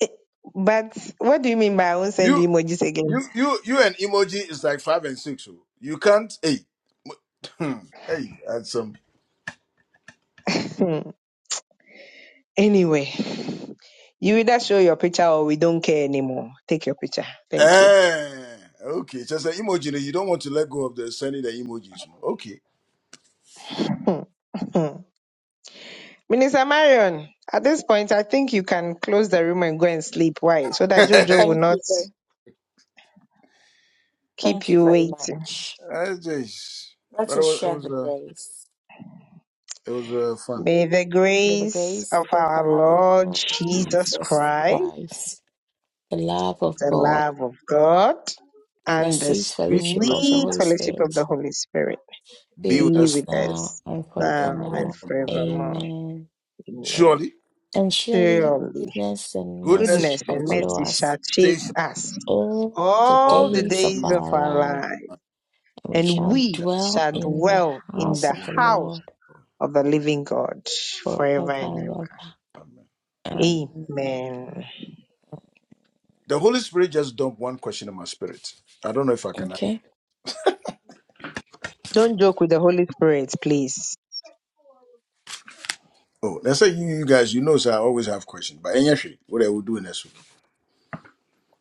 Speaker 3: Eh, but what do you mean by i won't send
Speaker 5: You
Speaker 3: the emojis again
Speaker 5: you you you and emoji is like five and six. oh. You can't hey hmm, hey handsome.
Speaker 3: Hmm. anyway You either show your picture or we don't care anymore. Take your picture. Thank you.
Speaker 5: Eh, okay, just an emoji. no, You don't want to let go of the sending the emojis. No? Okay.
Speaker 3: Hmm, hmm. Minister Marion, at this point, I think you can close the room and go and sleep. Why? So that Jojo will
Speaker 5: That's
Speaker 1: Thank
Speaker 3: not
Speaker 1: you very,
Speaker 3: keep
Speaker 1: thank you
Speaker 3: you
Speaker 1: very
Speaker 3: waiting.
Speaker 1: much.
Speaker 5: just
Speaker 1: Let
Speaker 5: but it
Speaker 1: us
Speaker 5: was it
Speaker 1: share
Speaker 5: was
Speaker 1: the
Speaker 5: uh,
Speaker 1: grace.
Speaker 5: it was uh, fun.
Speaker 3: May the
Speaker 1: May the
Speaker 3: grace
Speaker 1: grace
Speaker 3: of
Speaker 1: of
Speaker 3: our
Speaker 1: our
Speaker 3: Lord
Speaker 1: Lord
Speaker 3: Jesus
Speaker 1: Jesus
Speaker 3: Christ,
Speaker 1: Christ, the love of
Speaker 3: the
Speaker 1: God,
Speaker 3: love of God,
Speaker 1: and the
Speaker 3: and the
Speaker 1: sweet
Speaker 5: Be
Speaker 1: fellowship of the
Speaker 5: fellowship,
Speaker 3: sweet
Speaker 1: Holy
Speaker 3: fellowship of
Speaker 1: Spirit
Speaker 3: the Holy Spirit
Speaker 1: be
Speaker 5: be with
Speaker 1: with
Speaker 3: be
Speaker 5: us
Speaker 1: us
Speaker 3: with
Speaker 1: now
Speaker 3: us
Speaker 1: and
Speaker 5: and
Speaker 3: now and
Speaker 1: forevermore.
Speaker 5: forevermore.
Speaker 3: forevermore.
Speaker 1: Amen.
Speaker 3: Amen.
Speaker 5: Surely
Speaker 1: And surely
Speaker 3: Surely.
Speaker 1: goodness and mercy
Speaker 5: goodness
Speaker 3: Goodness
Speaker 5: and
Speaker 1: shall
Speaker 3: and
Speaker 5: mercy
Speaker 1: follow
Speaker 3: mercy shall
Speaker 1: us
Speaker 3: chase
Speaker 5: chase us
Speaker 3: us
Speaker 1: all the
Speaker 5: all
Speaker 3: all the
Speaker 5: the
Speaker 1: days of
Speaker 3: days
Speaker 5: days
Speaker 3: of
Speaker 1: our
Speaker 3: our
Speaker 1: life,
Speaker 3: life,
Speaker 1: and we
Speaker 3: and
Speaker 1: shall
Speaker 3: we
Speaker 1: dwell
Speaker 3: shall
Speaker 5: of
Speaker 1: in the
Speaker 3: dwell in
Speaker 1: house
Speaker 3: the
Speaker 1: of
Speaker 5: my
Speaker 1: the
Speaker 5: life.
Speaker 3: house
Speaker 1: Lord
Speaker 3: of the living God
Speaker 1: forever
Speaker 3: forever and
Speaker 1: and
Speaker 5: Amen.
Speaker 1: ever. Um,
Speaker 3: ever. Amen.
Speaker 5: The Holy Spirit just dumped one question in my spirit. I don't know if I can.
Speaker 1: okay.
Speaker 3: Don't joke with the Holy Spirit, please.
Speaker 5: Oh, let's say you, you guys, you know, sir, I always have questions. But anyway, what I will do next week.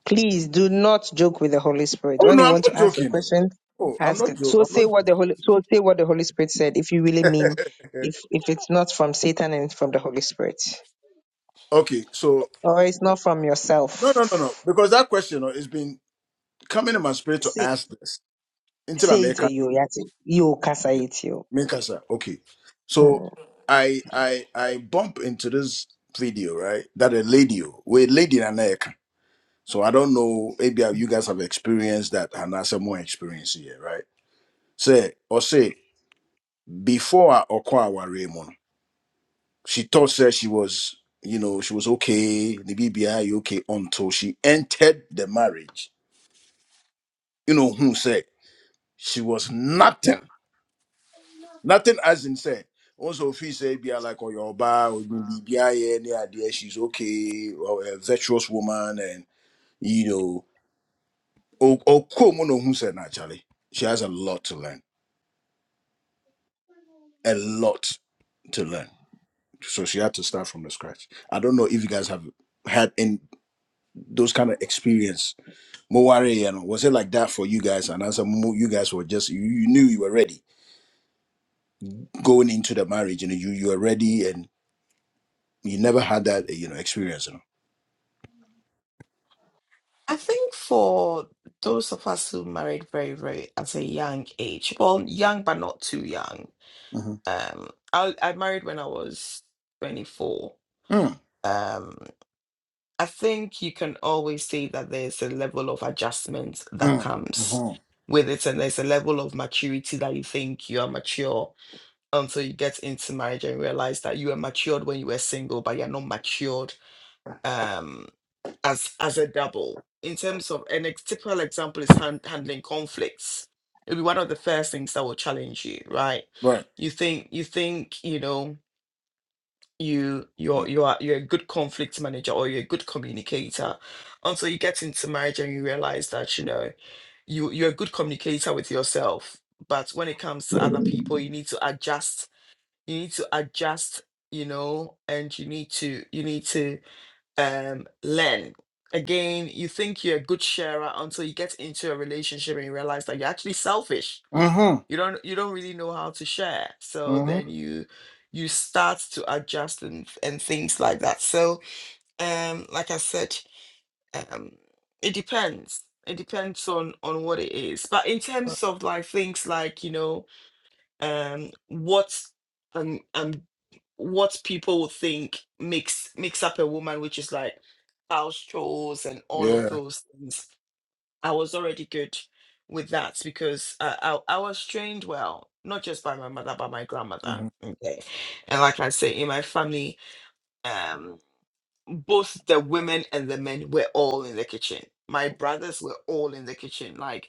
Speaker 3: Please do not joke with the Holy Spirit.
Speaker 5: Oh
Speaker 3: When
Speaker 5: no,
Speaker 3: you
Speaker 5: I'm
Speaker 3: want
Speaker 5: not
Speaker 3: to ask a
Speaker 5: joking. Oh,
Speaker 3: question,
Speaker 5: oh I'm
Speaker 3: ask
Speaker 5: not
Speaker 3: it.
Speaker 5: joking.
Speaker 3: So
Speaker 5: I'm
Speaker 3: say
Speaker 5: not
Speaker 3: what the Holy so say what the Holy Spirit said if you really mean
Speaker 5: joking.
Speaker 3: if if it's not from Satan and it's from the Holy Spirit.
Speaker 5: okay, so
Speaker 3: Or it's not from
Speaker 5: no, no, no, no,
Speaker 3: yourself.
Speaker 5: because that question oh, has been coming in my spirit to ask this until I
Speaker 3: say it
Speaker 5: make
Speaker 3: to you, yes, you cast
Speaker 5: it.
Speaker 3: it you.
Speaker 5: Make us, sir. Okay, so
Speaker 3: Hmm.
Speaker 5: I I I bump into this video right that a lady oh, with lady in America. So I don't know. Maybe you guys have experienced that, and that's a more experience here, right? Say or say before I Okwawa Raymond, she thought said she was, you know, she was okay, the BBI okay until she entered the marriage. You know who said she was nothing, nothing as in say. Also, if he say be like or your bar or BBI any idea she's okay or a virtuous woman and you know, or or who said naturally she has a lot to learn a lot to learn. So she had to start from the scratch. I don't know if you guys have had in those kind of experience. Moware, you know, was it like that for you guys? And as a mo- you guys were just you, you knew you were ready going into the marriage, you know, you you were ready and you never had that you know experience, you
Speaker 1: I think for those of us who married very, very at a young age, well, young but not too young.
Speaker 5: know.
Speaker 1: Um, I I married when I was 24.
Speaker 5: Mm-hmm. Mm,
Speaker 1: Um, I think you can always say that there's a level of adjustment that
Speaker 5: mm,
Speaker 1: comes
Speaker 5: hmm
Speaker 1: with it, and there's a level of maturity that you think you are mature until you get into marriage and realize that you were matured when you were single, but you're not matured um, as as a double. In terms of an ex- typical example is hand, handling conflicts. It'll be one of the first things that will challenge you, right?
Speaker 5: Right.
Speaker 1: You think you think you know you you're
Speaker 5: Mm.
Speaker 1: you are you're a good conflict manager or you're a good communicator until you get into marriage and you realize that you know you you're a good communicator with yourself but when it comes to other people you need to adjust you need to adjust you know and you need to you need to um learn again you think you're a good sharer until you get into a relationship and you realize that you're actually selfish
Speaker 5: Mm-hmm.
Speaker 1: you don't you don't really know how to share so
Speaker 5: Mm-hmm.
Speaker 1: then you you start to adjust and and things like that so um like i said um it depends it depends on on what it is but in
Speaker 5: Right.
Speaker 1: terms of like things like you know um what um um what people would think makes makes up a woman which is like house chores and all of
Speaker 5: Yeah.
Speaker 1: those things I was already good with that because uh, I, I was trained well, not just by my mother, but my grandmother.
Speaker 5: Mm-hmm.
Speaker 1: Okay. And like I say, in my family, um, both the women and the men were all in the kitchen. My brothers were all in the kitchen. Like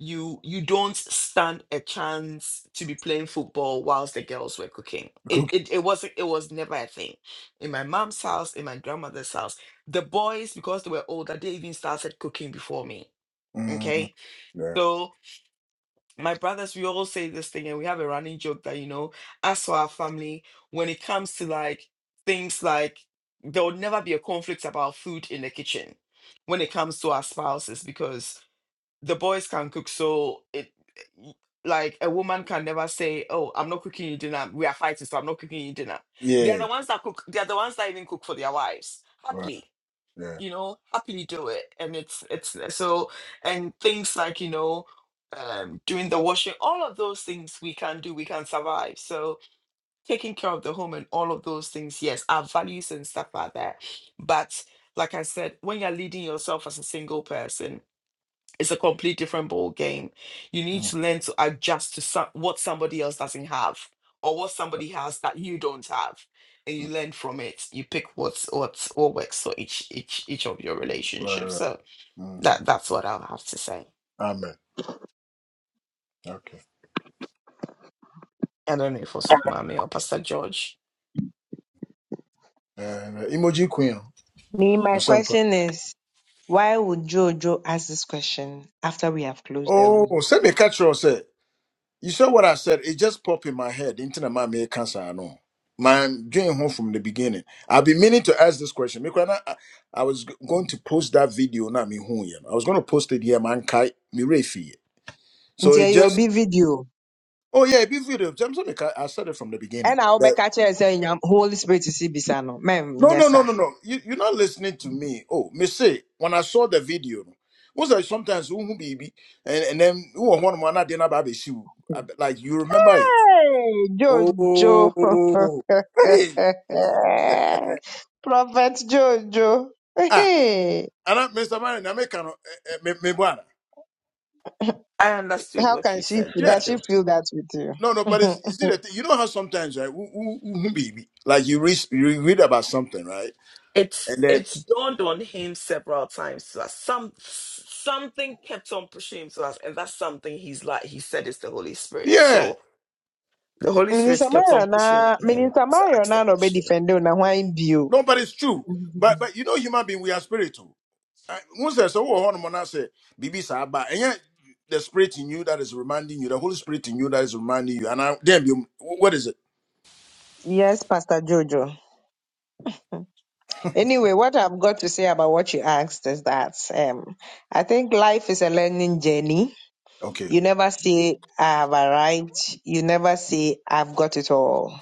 Speaker 1: you you don't stand a chance to be playing football whilst the girls were cooking. It
Speaker 5: Cookie.
Speaker 1: it, it wasn't it was never a thing. In my mom's house, in my grandmother's house, the boys, because they were older, they even started cooking before me. Okay
Speaker 5: Mm. Yeah.
Speaker 1: so my brothers, we all say this thing, and we have a running joke that you know, as for our family, when it comes to like things like there will never be a conflict about food in the kitchen when it comes to our spouses because the boys can cook, so it y- like a woman can never say, "Oh, I'm not cooking you dinner. We are fighting, so I'm not cooking you dinner." They are
Speaker 5: Yeah.
Speaker 1: the ones that cook. They are the ones that even cook for their wives
Speaker 5: Right.
Speaker 1: happily
Speaker 5: Yeah.
Speaker 1: you know happily do it and it's it's uh, so and things like you know um doing the washing all of those things we can do we can survive so taking care of the home and all of those things yes our values and stuff like that but like i said when you're leading yourself as a single person it's a complete different ball game. You need
Speaker 5: mm
Speaker 1: to learn to adjust to some, what somebody else doesn't have or what somebody has that you don't have, and you learn from it. You pick what's what's what works for each each each of your
Speaker 5: Right.
Speaker 1: relationships.
Speaker 5: right.
Speaker 1: So
Speaker 5: Mm-hmm.
Speaker 1: that that's what I'll have to say.
Speaker 5: Amen. Okay.
Speaker 1: I don't know if also Mami or Pastor George.
Speaker 5: uh, emoji queen.
Speaker 3: Me, my
Speaker 5: Usampa.
Speaker 3: question is, why would Jojo ask this question after we have closed the
Speaker 5: Oh,
Speaker 3: room?
Speaker 5: send me catch you say. You saw what I said. It just popped in my head. Into my me cancer. I know. Man, going home from the beginning. I've been meaning to ask this question. Because I, I I was g- going to post that video. Now me who you know. I was going to post it here. Man, kai me refi. So
Speaker 3: Until
Speaker 5: it
Speaker 3: you
Speaker 5: just.
Speaker 3: be video,
Speaker 5: Oh yeah, it be video. James, I said it from the beginning.
Speaker 3: and I'll be catching and saying, Holy Spirit, to see Bisano, ma'am,
Speaker 5: No, no,
Speaker 3: yes,
Speaker 5: no,
Speaker 3: sir.
Speaker 5: no, no. You, you're not listening to me. Oh, me say when I saw the video, no, was like sometimes who baby and and then who one man I didn't have shoe. I be- Like you remember it?
Speaker 3: Hey, Jojo,
Speaker 5: Oh, hey,
Speaker 3: Prophet Jojo,
Speaker 5: ah,
Speaker 3: hey,
Speaker 5: and I, Mr. Marion, I make kind of me me buana.
Speaker 1: I understood
Speaker 3: how
Speaker 1: what
Speaker 3: can
Speaker 1: you
Speaker 3: she?
Speaker 1: said,
Speaker 3: feel? Does
Speaker 5: Yeah,
Speaker 3: she
Speaker 1: Jojo.
Speaker 3: feel that with
Speaker 5: no, no, but
Speaker 3: you?
Speaker 5: it's you see the thing. You know how sometimes right? Who who who baby? Like you read you read about something right,
Speaker 1: It's
Speaker 5: and then
Speaker 1: it's dawned on him several times that some something kept on pushing him to us, and that's something he's like he said is the Holy Spirit.
Speaker 5: yeah,
Speaker 1: So The Holy Spirit
Speaker 3: Minister
Speaker 1: kept
Speaker 3: Mario
Speaker 1: on pushing
Speaker 3: na
Speaker 1: him
Speaker 3: Minister
Speaker 1: to
Speaker 3: Mario
Speaker 1: ask the
Speaker 3: na no be
Speaker 1: question.
Speaker 3: defend na why bio.
Speaker 5: no, but it's true. But but you know, human being, we are spiritual. Once there's a war on Monase, Bibi Saba, and yet the spirit in you that is reminding you, the Holy Spirit in you that is reminding you. And I, damn you, what is it?
Speaker 3: Yes, Pastor Jojo. Anyway, what I've got to say about what you asked is that um, I think life is a learning journey.
Speaker 5: Okay,
Speaker 3: You never say I have arrived. You never say I've got it all.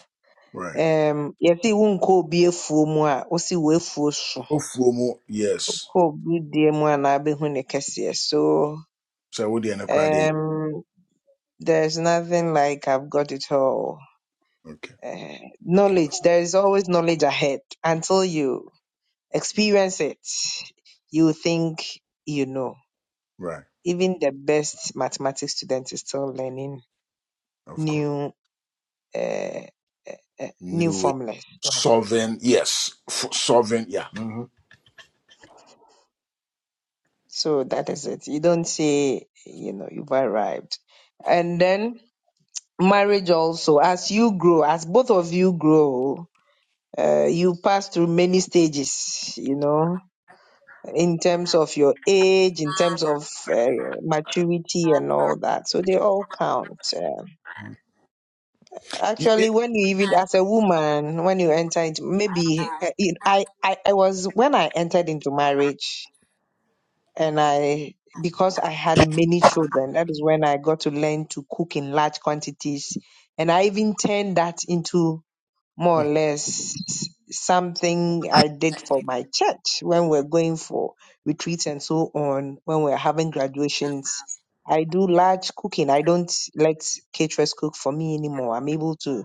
Speaker 5: right.
Speaker 3: Um, yɛte wo obi afuo mu a wosi w'afuo so
Speaker 5: Ofuomo, yes.
Speaker 3: kɔ obi deɛ mu anaa bɛhu ne kɛseɛ so
Speaker 5: So, what the Anakradi?
Speaker 3: um, there's nothing like I've got it all.
Speaker 5: Okay,
Speaker 3: Uh,
Speaker 5: okay,
Speaker 3: knowledge, there is always knowledge ahead until you Experience it. You think you know.
Speaker 5: right,
Speaker 3: Even the best mathematics student is still learning
Speaker 5: of course.
Speaker 3: new uh, uh, new
Speaker 5: New way.
Speaker 3: formulas. Right.
Speaker 5: Sovereign, yes. F- sovereign, yeah. hmm
Speaker 3: So that is it. You don't say you know you've arrived. And then marriage also. As you grow, as both of you grow, uh, you pass through many stages. You know, in terms of your age, in terms of uh, maturity and all that. So they all count. eh. Actually, when you even as a woman, when you enter into maybe uh, it, I, I I was when I entered into marriage and I because I had many children, that is when I got to learn to cook in large quantities, and I even turned that into more or less something I did for my church when we're going for retreats and so on, when we're having graduations. I do large cooking. I don't let caterers cook for me anymore. I'm able to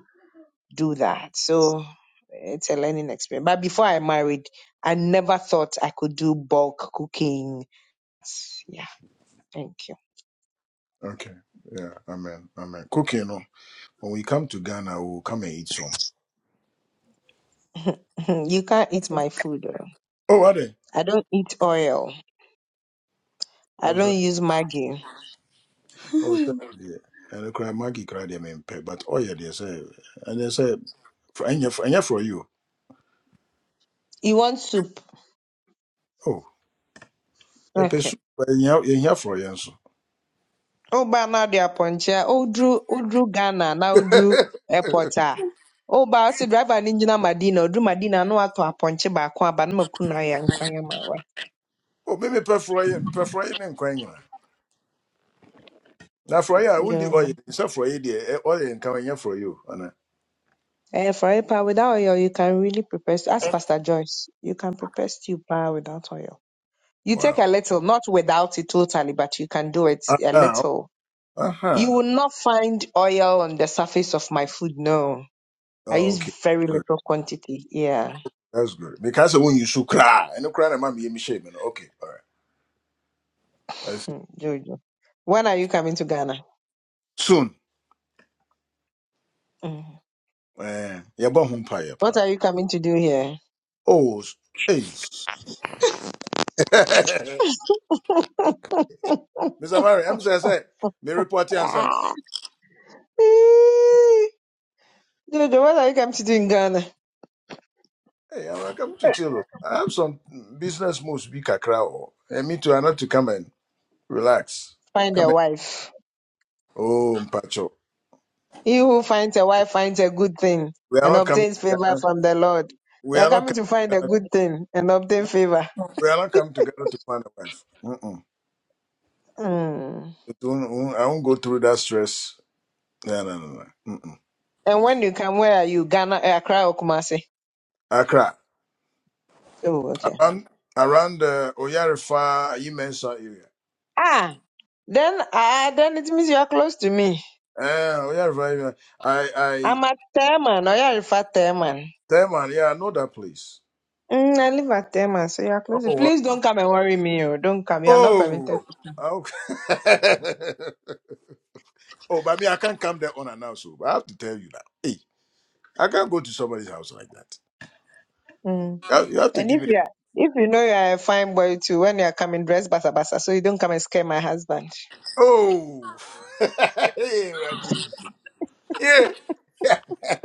Speaker 3: do that. So it's a learning experience. But before I married, I never thought I could do bulk cooking. Yeah, thank you.
Speaker 5: Okay, yeah, amen, amen. Cooking, no? when we come to Ghana, we'll come and eat some.
Speaker 3: you can't eat my food. oh.
Speaker 5: Oh, are
Speaker 3: I don't eat oil. I
Speaker 5: they?
Speaker 3: don't use Maggi.
Speaker 5: Oh, sɛ deɛ ɛno koraa magi koraa deɛ mempɛ but ɔyɛ they say, and they say, ɛnyɛ f- ɛnyɛ frɔ for you.
Speaker 3: You want soup?
Speaker 5: oh, yɛpɛ
Speaker 3: Okay.
Speaker 5: su but yɛhia yɛhia frɔ yɛ nso
Speaker 3: Oh, but now they are poncha. Oh, Drew, oh, Drew Ghana. Now, Drew Airport. ah. Oh, but I said, driver ninja Madina. Drew Madina. No, I to a poncha back. But no, Kuna and Kwayama. right?
Speaker 5: o me mepɛ frɔ yɛ mepɛ frɔ yɛ ne nkwan nyina na frɔ yɛ
Speaker 3: Yeah.
Speaker 5: oil. It's ɔyɛ for you, dear oil, and ɔyɛ nka for you. yi
Speaker 3: Eh, for a power without oil, you can really prepare. stew. Ask Pastor Joyce. You can prepare stew power without oil. You take
Speaker 5: Wow.
Speaker 3: a little, not without it totally, but you can do it
Speaker 5: Uh
Speaker 3: a
Speaker 5: huh.
Speaker 3: little.
Speaker 5: Uh huh.
Speaker 3: You will not find oil on the surface of my food. No, I
Speaker 5: oh,
Speaker 3: use
Speaker 5: okay
Speaker 3: very
Speaker 5: good
Speaker 3: little quantity. Yeah,
Speaker 5: that's good Because when you su koraa ɛno koraa na ma meyɛ mehyɛe me shame. okay alright I see.
Speaker 3: Hmm, Jojo. When are you coming to Ghana?
Speaker 5: soon
Speaker 3: Mhm.
Speaker 5: eh, yɛbɔ ho mpayɛ
Speaker 3: What
Speaker 5: paa
Speaker 3: are you coming to do here?
Speaker 5: oh, s- Hey, Mr. Mary, I'm saying, say, me report you answer. na.
Speaker 3: Ah, eh, Jojo, what are you coming to do in Ghana?
Speaker 5: Hey, I'm coming to chill. I have some business moves, be kakra. oh. And me too, I not to come and relax.
Speaker 3: Find
Speaker 5: Come
Speaker 3: a
Speaker 5: and,
Speaker 3: wife.
Speaker 5: oh, Mpacho.
Speaker 3: He who finds a wife finds a good thing
Speaker 5: We are
Speaker 3: and
Speaker 5: not coming
Speaker 3: obtains
Speaker 5: to
Speaker 3: favor
Speaker 5: Ghana.
Speaker 3: from the Lord.
Speaker 5: We
Speaker 3: You are
Speaker 5: are not
Speaker 3: coming
Speaker 5: coming
Speaker 3: to find
Speaker 5: to
Speaker 3: a
Speaker 5: Ghana.
Speaker 3: good thing and obtain favor.
Speaker 5: We are not coming to Ghana to find a wife. Mm-mm.
Speaker 3: Mm.
Speaker 5: It won't- I won't go through that stress. No, no, no, no. Mm-mm.
Speaker 3: And when you come, where are you? Ghana, eh, Accra, or Kumasi?
Speaker 5: Accra.
Speaker 3: Oh, okay.
Speaker 5: Around, around the Oyarifa, you mentioned area.
Speaker 3: Ah, then ah, then it means you are close to me.
Speaker 5: Eh, Oyarifa, area. I, I,
Speaker 3: I'm at Teman, or you are at Teman.
Speaker 5: Tell man, yeah, I know that place.
Speaker 3: Mm, I live at Teman, so you are
Speaker 5: Oh
Speaker 3: close.
Speaker 5: wow.
Speaker 3: Please don't come and worry me. Oh. Don't come. You are not permitted.
Speaker 5: Oh.
Speaker 3: to.
Speaker 5: Okay. oh, but me, I can't come there unannounced. So but I have to tell you now. Hey, I can't go to somebody's house like that.
Speaker 3: come. Mm.
Speaker 5: You have, you have to
Speaker 3: And
Speaker 5: give
Speaker 3: if
Speaker 5: me the.
Speaker 3: you are, if you know you are a fine boy too, when you are coming, dress basa basa, so you don't come and scare my husband.
Speaker 5: Oh. hey, Randy. Yeah. Yeah.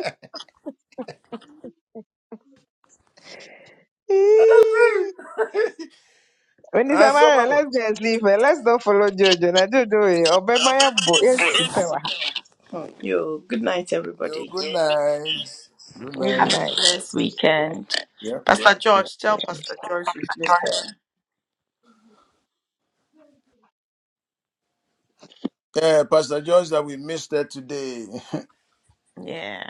Speaker 5: Agree.
Speaker 3: Onisa
Speaker 5: and some
Speaker 3: Mara,
Speaker 5: other.
Speaker 3: let's just leave her. Let's not follow Jojo. Na Jojo, eh, Obemaya bo, yes, she pay wa ha.
Speaker 1: Hmm. Yo, good night,
Speaker 5: Yo,
Speaker 1: everybody.
Speaker 5: good night. Good
Speaker 3: Good
Speaker 5: night.
Speaker 1: Have a
Speaker 3: night.
Speaker 1: blessed weekend.
Speaker 5: Yeah.
Speaker 1: Pastor
Speaker 5: Yeah,
Speaker 1: George, tell Pastor George you've missed her.
Speaker 5: Yeah, Pastor George, that we missed that today.
Speaker 1: Yeah.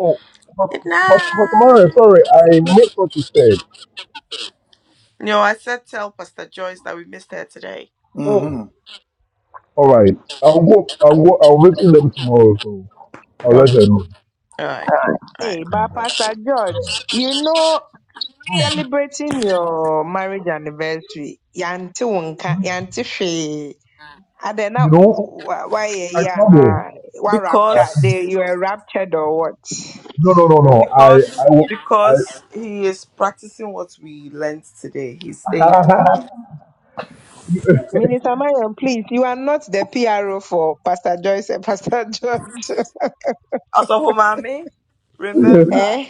Speaker 6: Oh, but,
Speaker 1: Good
Speaker 6: but, but Mara,
Speaker 1: night.
Speaker 6: sorry, I missed what you said.
Speaker 1: No, I said tell Pastor Joyce that we missed her today.
Speaker 6: Mm.
Speaker 5: mm-hmm.
Speaker 6: All right, I'll go. I'll go. I'll visit them tomorrow, so I'll let
Speaker 1: Okay.
Speaker 6: her know.
Speaker 1: All right. All right.
Speaker 3: Hey, but Pastor George, you know,
Speaker 6: Ah,
Speaker 3: celebrating your marriage anniversary, yanti wunka,
Speaker 6: ah.
Speaker 3: yanti she. And then now,
Speaker 6: You know,
Speaker 3: why eh,
Speaker 6: I
Speaker 3: yeah,
Speaker 6: trouble.
Speaker 3: na why
Speaker 6: Uh,
Speaker 3: rapture?
Speaker 1: Because
Speaker 3: They you are raptured or what?
Speaker 6: no, no, no, no. I,
Speaker 1: because
Speaker 6: I, will-
Speaker 1: because he is practicing what we learned today. He's staying.
Speaker 6: I.
Speaker 3: Minister Marion, please, you are not the PRO for Pastor Joyce and Pastor George.
Speaker 1: Also, for remember
Speaker 3: eh?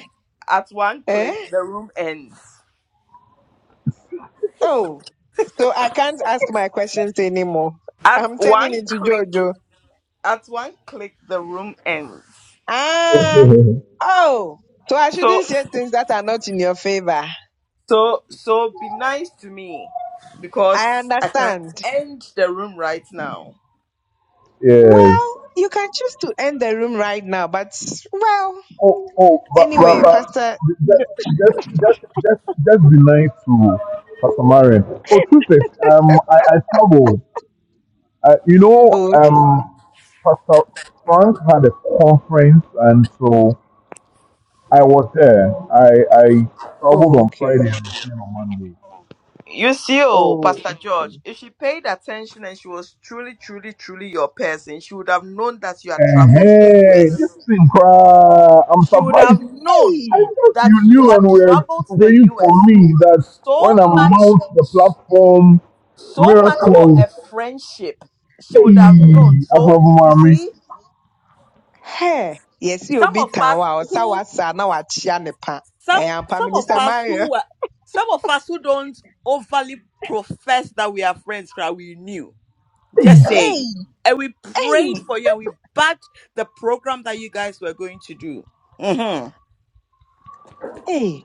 Speaker 1: at one
Speaker 3: Eh?
Speaker 1: click the room ends.
Speaker 3: Oh, so I can't ask my questions anymore.
Speaker 1: At
Speaker 3: I'm turning
Speaker 1: one
Speaker 3: into
Speaker 1: click,
Speaker 3: Jojo.
Speaker 1: at one click, the room ends.
Speaker 3: Ah, oh, so I
Speaker 1: So,
Speaker 3: shouldn't say things that are not in your favor.
Speaker 1: so, so, be nice to me,
Speaker 3: I
Speaker 1: because I can
Speaker 3: understand.
Speaker 1: end the room right now.
Speaker 6: Yes.
Speaker 3: Well, you can choose to end the room right now, but well,
Speaker 6: Oh, oh, but, but,
Speaker 3: anyway,
Speaker 6: but
Speaker 3: Pastor.
Speaker 6: just, just, just, just, just be nice to Pastor Marion. Oh, truth is, um, I, I traveled. Uh, you know,
Speaker 3: Oh, okay.
Speaker 6: um, Pastor Frank had a conference, and so I was there. I, I traveled
Speaker 3: Oh,
Speaker 6: on Friday
Speaker 3: okay.
Speaker 6: and returned on Monday.
Speaker 1: You see, oh,
Speaker 3: Oh,
Speaker 1: Pastor
Speaker 3: okay.
Speaker 1: George, if she paid attention and she was truly, truly, truly your person, she would have known that you had traveled to the
Speaker 6: hey, this
Speaker 1: US.
Speaker 6: thing cry. I'm
Speaker 1: She would have
Speaker 6: surprised.
Speaker 1: known
Speaker 6: I
Speaker 3: Hey,
Speaker 6: thought
Speaker 1: that
Speaker 6: you
Speaker 1: you
Speaker 6: knew
Speaker 1: had
Speaker 6: and were
Speaker 1: traveled to the
Speaker 6: praying for
Speaker 1: US
Speaker 6: me that
Speaker 1: so
Speaker 6: when I
Speaker 1: much,
Speaker 6: mount the platform,
Speaker 1: so much for
Speaker 6: miracles.
Speaker 1: a friendship. She would have
Speaker 6: Hey,
Speaker 1: known. So,
Speaker 6: above
Speaker 1: you
Speaker 6: mommy.
Speaker 1: see.
Speaker 3: hey. yes, you'll
Speaker 1: some
Speaker 3: be
Speaker 1: of
Speaker 3: town.
Speaker 1: us
Speaker 3: Wow,
Speaker 1: who
Speaker 3: Sawasa, now I chia nepa.
Speaker 1: some
Speaker 3: Hey, I'm Prime
Speaker 1: some of
Speaker 3: Minister
Speaker 1: us
Speaker 3: Mario.
Speaker 1: who were some of us who don't overly profess that we are friends cry we knew
Speaker 6: Hey,
Speaker 1: just
Speaker 3: Hey,
Speaker 1: saying and we prayed
Speaker 3: hey,
Speaker 1: for you and we backed the program that you guys were going to do hmm
Speaker 3: hey.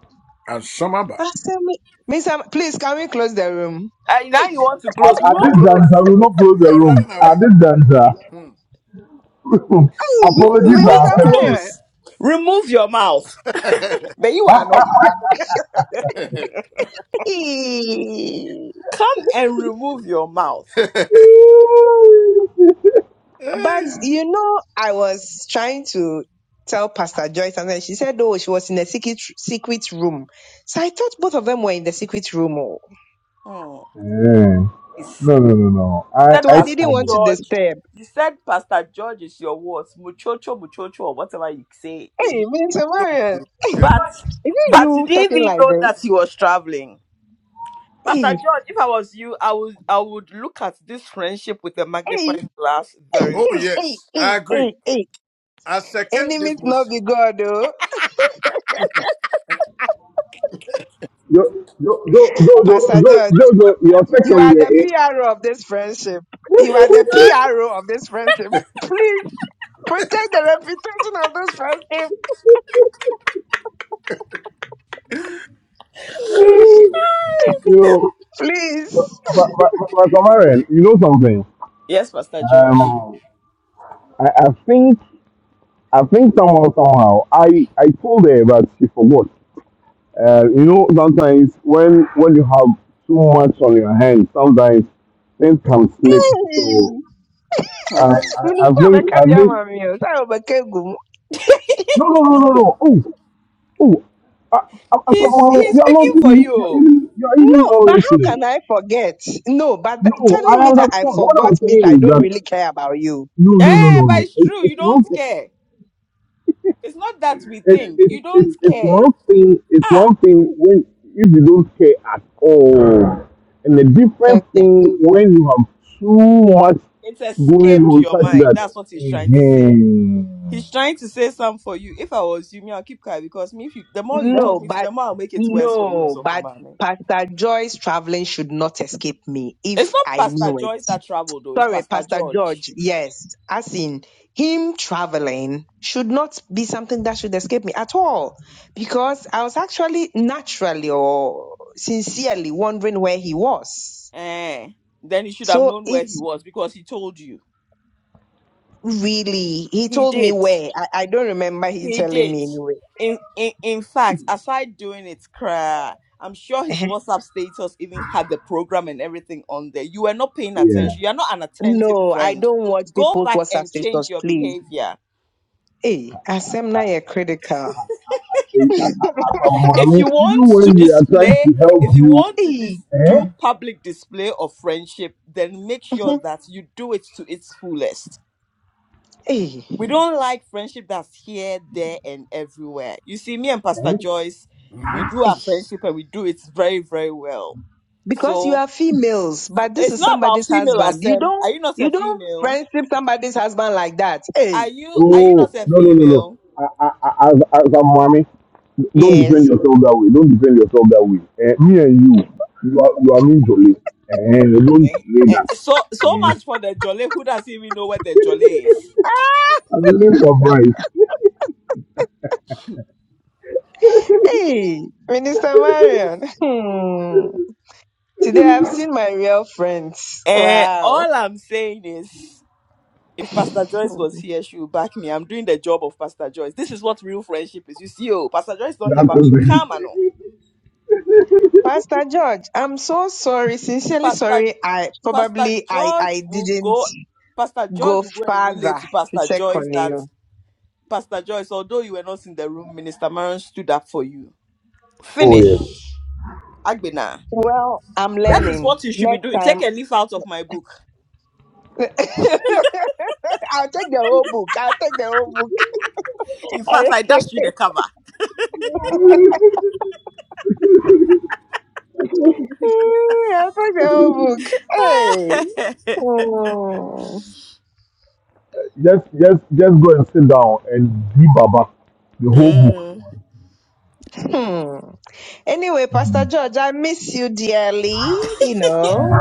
Speaker 5: And some other.
Speaker 3: I me, "Mi- Mr. Ma- Please, can we close the room?
Speaker 1: And now you want to
Speaker 6: at,
Speaker 1: close. We
Speaker 6: at
Speaker 1: won't
Speaker 6: this
Speaker 1: close.
Speaker 6: juncture, I will not close
Speaker 5: We
Speaker 6: the
Speaker 5: are
Speaker 6: room.
Speaker 5: running away.
Speaker 6: At this juncture,
Speaker 1: we,
Speaker 3: Hey,
Speaker 1: we
Speaker 6: apologies
Speaker 3: Minister
Speaker 6: are
Speaker 1: won't
Speaker 6: accepted.
Speaker 3: Mario.
Speaker 1: close remove your mouth but you are not
Speaker 5: Hmm.
Speaker 3: Hey.
Speaker 1: come and remove your mouth
Speaker 3: But
Speaker 5: Hey.
Speaker 3: you know, I was trying to tell Pastor Joyce, and then she said, "Oh, she was in a secret secret room." So I thought both of them were in the secret room. oh.
Speaker 1: Hmm.
Speaker 6: Eh,
Speaker 1: He said,
Speaker 6: No, no, no, no. I,
Speaker 3: So
Speaker 6: I
Speaker 3: I
Speaker 1: Pastor
Speaker 3: didn't want
Speaker 6: stumbled.
Speaker 3: to
Speaker 1: George.
Speaker 3: disturb.
Speaker 1: He said, Pastor George is your words, muchocho, muchocho, or whatever you say. Eh,
Speaker 3: Hey, Minister
Speaker 5: Don't
Speaker 3: Mario, is
Speaker 5: do- Yeah.
Speaker 1: But,
Speaker 3: it
Speaker 1: but you
Speaker 3: you
Speaker 1: didn't
Speaker 3: talking
Speaker 1: even
Speaker 3: like
Speaker 1: know
Speaker 3: this?
Speaker 1: that he was traveling. Pastor
Speaker 3: Hey,
Speaker 1: George, if I was you, I would, I would look at this friendship with a
Speaker 3: hey,
Speaker 1: magnifying glass very
Speaker 5: Oh
Speaker 3: hey,
Speaker 1: well.
Speaker 3: hey,
Speaker 5: yes, I
Speaker 3: hey, hey,
Speaker 5: agree.
Speaker 3: hey.
Speaker 5: I second this
Speaker 3: Enemies not
Speaker 5: motion.
Speaker 3: be God, oh.
Speaker 6: Yo, yo, yo, yo, yo,
Speaker 3: Pastor
Speaker 6: yo,
Speaker 3: George.
Speaker 6: yo, yo, your
Speaker 3: You
Speaker 6: second
Speaker 3: are
Speaker 6: year,
Speaker 3: the
Speaker 6: eh?
Speaker 3: PRO of this friendship. You are the PRO of this friendship. Please protect the reputation of this friendship.
Speaker 6: you know, but,
Speaker 3: Please.
Speaker 6: but, but, but Samarian, you know something?
Speaker 1: Yes, Pastor George.
Speaker 6: Um, I, I think, I think somehow, somehow, I, I told her, but she forgot. Uh, you know, sometimes when, when you have too much on your hands, sometimes things can slip.
Speaker 3: Hey.
Speaker 6: So, I,
Speaker 1: Oh.
Speaker 6: I, I
Speaker 3: Minister
Speaker 6: think, I
Speaker 3: Obekabia
Speaker 6: think,
Speaker 3: Mami, oh, Sarah Obekegu.
Speaker 6: no, no, no, no, no. Oh, Oh, I, I, I,
Speaker 1: He's he's
Speaker 6: you're not
Speaker 1: speaking for
Speaker 6: even, you're
Speaker 1: you.
Speaker 6: even, you're even
Speaker 3: No,
Speaker 6: not
Speaker 3: but how
Speaker 6: listening.
Speaker 3: can I forget? No, but th-
Speaker 6: No,
Speaker 3: telling
Speaker 6: I
Speaker 3: me that I
Speaker 6: understand. What
Speaker 3: forgot
Speaker 6: I'm
Speaker 3: means
Speaker 6: saying
Speaker 3: I
Speaker 6: is
Speaker 3: don't
Speaker 6: that,
Speaker 3: really care about you.
Speaker 6: no, no, no,
Speaker 1: Yeah,
Speaker 6: no,
Speaker 1: but
Speaker 6: no.
Speaker 1: it's
Speaker 6: It's,
Speaker 1: true.
Speaker 6: it's
Speaker 1: You
Speaker 6: one
Speaker 1: don't
Speaker 6: thing,
Speaker 1: care. It's not that we
Speaker 6: it's,
Speaker 1: think. You
Speaker 6: it's, it's,
Speaker 1: don't
Speaker 6: it's
Speaker 1: care.
Speaker 6: one thing, it's
Speaker 1: Ah,
Speaker 6: one thing when, if you don't care at all. And a different
Speaker 3: Okay.
Speaker 6: thing when you have too much
Speaker 1: it
Speaker 6: going
Speaker 1: escaped
Speaker 6: on
Speaker 1: your
Speaker 6: such
Speaker 1: mind.
Speaker 6: that,
Speaker 1: That's what he's trying to say.
Speaker 6: Mhm.
Speaker 1: He's trying to say something for you. If I was you, me, I'll keep quiet because me, if you, the more you
Speaker 6: Eh?
Speaker 1: talk
Speaker 3: No,
Speaker 1: me to,
Speaker 3: but
Speaker 1: the more I'll make it worse for you and
Speaker 3: no,
Speaker 1: so for
Speaker 3: but
Speaker 1: mommy.
Speaker 3: Pastor Joy's traveling should not escape me
Speaker 1: It's
Speaker 3: if
Speaker 1: not
Speaker 3: I
Speaker 1: Pastor
Speaker 3: knew it.
Speaker 1: Joyce that traveled though. It's
Speaker 3: Sorry,
Speaker 1: Pastor
Speaker 3: Pastor
Speaker 1: George.
Speaker 3: George. Yes, as in him traveling should not be something that should escape me at all, because I was actually naturally or sincerely wondering where he was.
Speaker 1: Eh. Then you should have
Speaker 3: So
Speaker 1: known where he
Speaker 3: it's
Speaker 1: was because he told you.
Speaker 3: really he
Speaker 1: He
Speaker 3: told me
Speaker 1: did.
Speaker 3: where. I, I don't remember he
Speaker 1: He
Speaker 3: telling
Speaker 1: did.
Speaker 3: me anyway.
Speaker 1: In, in in fact, aside doing it, cry, I'm sure his WhatsApp status even had the program and everything on there. You were not paying
Speaker 6: yeah.
Speaker 1: attention. You are not an attentive
Speaker 3: No, I
Speaker 1: friend.
Speaker 3: don't watch
Speaker 1: Go
Speaker 3: people's
Speaker 1: back
Speaker 3: WhatsApp
Speaker 1: and change
Speaker 3: status,
Speaker 1: your
Speaker 3: please.
Speaker 1: behavior.
Speaker 3: Hey, Asemna, you are critical.
Speaker 6: Eh, a I, I, I
Speaker 1: If
Speaker 6: mean,
Speaker 1: you want
Speaker 6: even
Speaker 1: to
Speaker 6: when we are trying
Speaker 1: display,
Speaker 6: to
Speaker 1: if
Speaker 6: help
Speaker 1: you
Speaker 6: you,
Speaker 1: want to
Speaker 3: Hey,
Speaker 1: dis-
Speaker 6: eh?
Speaker 1: do public display of friendship, then make sure that you do it to its fullest.
Speaker 3: hey,
Speaker 1: we don't like friendship that's here, there, and everywhere. You see, me and Pastor
Speaker 6: eh,
Speaker 1: Joyce, we
Speaker 5: Mhm.
Speaker 1: do our
Speaker 3: hey.
Speaker 1: friendship and we do it very, very well.
Speaker 3: because you
Speaker 1: So
Speaker 3: are females, but this
Speaker 1: it's
Speaker 3: is
Speaker 1: not about
Speaker 3: somebody's
Speaker 1: female
Speaker 3: husband. You
Speaker 1: assem. Are
Speaker 3: don't
Speaker 1: you not a
Speaker 3: you don't
Speaker 1: female?
Speaker 3: friendship somebody's husband like that.
Speaker 1: Are
Speaker 3: Hey,
Speaker 1: you are you not
Speaker 6: Oh,
Speaker 1: a
Speaker 6: no, no, no, no.
Speaker 1: female?
Speaker 6: I, I, I, as, as a mommy, don't defend
Speaker 3: Yes.
Speaker 6: yourself that way. Don't defend yourself that way. Eh, me and you, you are, you are me, Jolie. Eh, eh, don't
Speaker 1: Eh,
Speaker 6: say
Speaker 1: eh,
Speaker 6: that.
Speaker 1: So so
Speaker 6: Eh,
Speaker 1: much for the jolly who doesn't even know where the jolly is.
Speaker 3: Ah,
Speaker 6: at the name of Christ,
Speaker 3: hey, Minister Marion. Hmm. Today I've seen my real friends.
Speaker 1: And
Speaker 3: Wow.
Speaker 1: all I'm saying is if Pastor Joyce was here, she would back me. I'm doing the job of Pastor Joyce. This is what real friendship is. You see, oh, Pastor Joyce not here,
Speaker 6: that
Speaker 1: but me
Speaker 6: doesn't.
Speaker 1: come, I
Speaker 3: Pastor George, I'm so sorry, sincerely sorry. I
Speaker 1: Pastor
Speaker 3: probably I
Speaker 1: George
Speaker 3: I
Speaker 1: will
Speaker 3: didn't
Speaker 1: go. Pastor George
Speaker 3: go
Speaker 1: will go and relay
Speaker 3: further
Speaker 1: to
Speaker 3: to
Speaker 1: Pastor
Speaker 3: check
Speaker 1: Joyce
Speaker 3: on
Speaker 1: that
Speaker 3: you.
Speaker 1: Pastor Joyce, although you were not in the room, Minister Maron stood up for you.
Speaker 6: Oh yeah.
Speaker 1: Finish, Agbena.
Speaker 3: Well, I'm
Speaker 1: That is
Speaker 3: learning.
Speaker 1: what you should be
Speaker 3: Next
Speaker 1: doing. Take
Speaker 3: time
Speaker 1: a leaf out of my book.
Speaker 3: I'll take the whole book. I'll take the whole book.
Speaker 1: In
Speaker 3: I,
Speaker 1: fact, I dashed you the cover.
Speaker 3: I forgot the whole book.
Speaker 6: Just just just go and sit down and be Baba the whole book.
Speaker 1: Mm,
Speaker 3: Hey. Hmm. Hmm. Anyway, Pastor George, I miss you dearly, you know.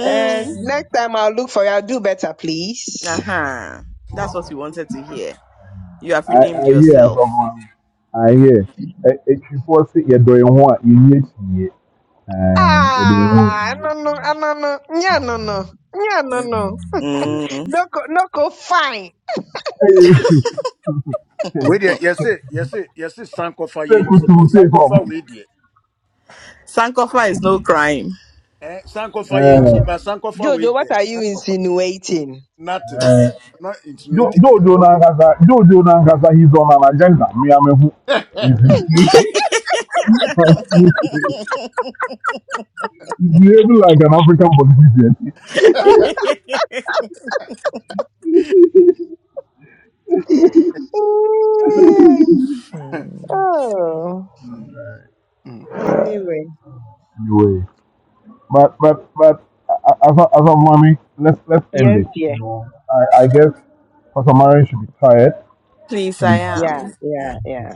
Speaker 3: And next time I'll look for you. I'll do better, please.
Speaker 1: uh-huh. That's what you wanted to hear. You have
Speaker 6: I I
Speaker 1: redeemed
Speaker 6: hear as a
Speaker 1: yourself.
Speaker 6: mommy. I hear. It should force it. You do you want you need to. I you do
Speaker 3: Ah,
Speaker 6: you
Speaker 3: no, no, ah, no, no, yeah, no, no, yeah, no, no.
Speaker 6: want.
Speaker 1: Mm.
Speaker 3: No, co- no, co- fine.
Speaker 5: Wait there, yes it, yes it, yes it. Sankofa yenchi,
Speaker 6: sekutu
Speaker 5: but
Speaker 6: sefom
Speaker 5: Sankofa wait there.
Speaker 1: Sankofa is no crime.
Speaker 5: Eh, Sankofa yenchi, but Sankofa
Speaker 3: Jojo,
Speaker 5: wait
Speaker 3: what
Speaker 5: there.
Speaker 3: are you
Speaker 5: Sankofa,
Speaker 3: insinuating?
Speaker 5: nothing. I'm not insinuating.
Speaker 6: jojo na ngaza jojo na ngaza hizo na na jenda miamehu izi you behave like an African politician
Speaker 3: Eh,
Speaker 1: Mm.
Speaker 3: Oh,
Speaker 5: Mm, mm.
Speaker 3: anyway.
Speaker 6: anyway but but but as a, as a mommy let's let's end
Speaker 3: Yes,
Speaker 6: it you
Speaker 3: dear.
Speaker 6: know I I guess Pastor Marion should be tired
Speaker 1: Please,
Speaker 6: you
Speaker 1: I
Speaker 6: know
Speaker 3: Yeah,
Speaker 1: am.
Speaker 5: yeah.
Speaker 3: yeah, yeah,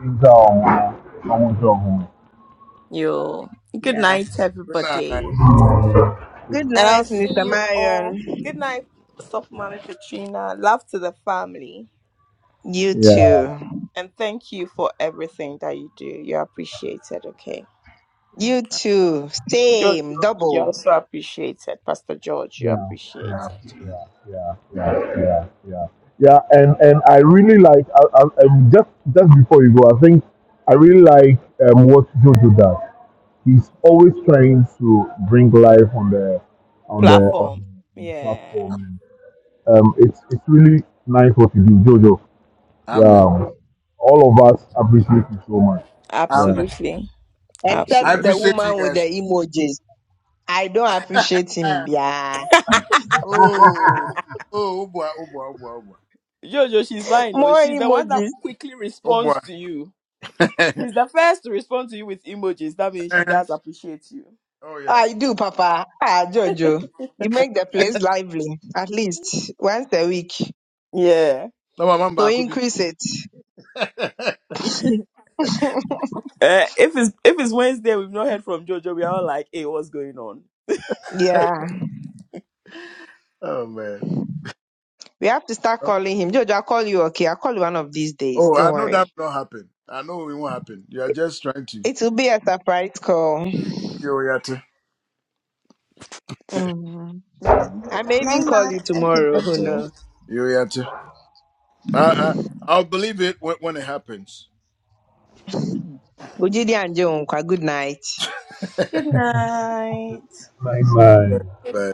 Speaker 6: things are on on job
Speaker 1: You. Good
Speaker 3: yeah.
Speaker 1: night,
Speaker 5: Good night.
Speaker 1: everybody. And
Speaker 3: Good
Speaker 1: I'll
Speaker 3: night,
Speaker 1: see
Speaker 3: Mr.
Speaker 1: you all.
Speaker 3: Marion.
Speaker 1: Good night, Sophomana Katrina. Love to the family.
Speaker 3: You
Speaker 6: yeah
Speaker 3: too.
Speaker 1: And thank you for everything that you do. You're appreciated, okay?
Speaker 3: You too.
Speaker 1: Jojo,
Speaker 3: Same,
Speaker 1: you're you're
Speaker 3: double.
Speaker 1: also appreciated. Pastor George,
Speaker 6: yeah,
Speaker 1: you're
Speaker 6: yeah,
Speaker 1: appreciated.
Speaker 5: Amen.
Speaker 6: yeah, yeah, yeah, yeah, yeah. Yeah, And and I really like I, I, um, just just before you go, I think I really like um, what Jojo does. He's always trying to bring life on the on the on
Speaker 1: Platform.
Speaker 6: the, on the
Speaker 1: Yeah,
Speaker 6: platform, and um, it's it's really nice what you do, Jojo.
Speaker 5: Amen.
Speaker 6: Yeah, all of us appreciate you so much. Yeah.
Speaker 5: Amen.
Speaker 1: absolutely.
Speaker 3: Except
Speaker 5: I
Speaker 3: the
Speaker 1: Absolutely.
Speaker 5: appreciate you
Speaker 3: woman with the
Speaker 5: guys.
Speaker 3: emojis. I don't appreciate him. Yeah.
Speaker 5: Oh, oh, oh boy, oh boy, oh boy,
Speaker 1: Jojo, she's lying. Oh,
Speaker 3: More
Speaker 1: she's the one that
Speaker 3: emojis.
Speaker 1: quickly
Speaker 5: oh boy,
Speaker 1: responds to you.
Speaker 5: oh boy.
Speaker 1: She's the first to respond to you with emojis. That means she does appreciate you.
Speaker 5: oh yeah.
Speaker 3: I do, Papa. Ah, Jojo. You make the place lively at least once a week.
Speaker 1: Yeah.
Speaker 5: No, my mom
Speaker 3: So
Speaker 5: back could be.
Speaker 3: increase it.
Speaker 1: Uh, if it's if it's Wednesday, we've not heard from Jojo. We are all like, hey, what's going on?
Speaker 3: Yeah.
Speaker 5: oh man.
Speaker 3: We have to start
Speaker 5: Oh,
Speaker 3: calling him. Jojo, I'll call you, okay? I'll call you one of these days.
Speaker 5: oh,
Speaker 3: Don't
Speaker 5: I know
Speaker 3: worry.
Speaker 5: that will not happen. I know it won't happen. You are just trying to. You
Speaker 3: It will be a surprise call.
Speaker 5: yata.
Speaker 3: Mhm. I may even call you tomorrow. Who
Speaker 1: Everybody.
Speaker 3: knows?
Speaker 5: You yata. I, I, I'll believe it when, when it happens.
Speaker 3: Ujidi and Joan good night
Speaker 6: Bye bye.
Speaker 5: But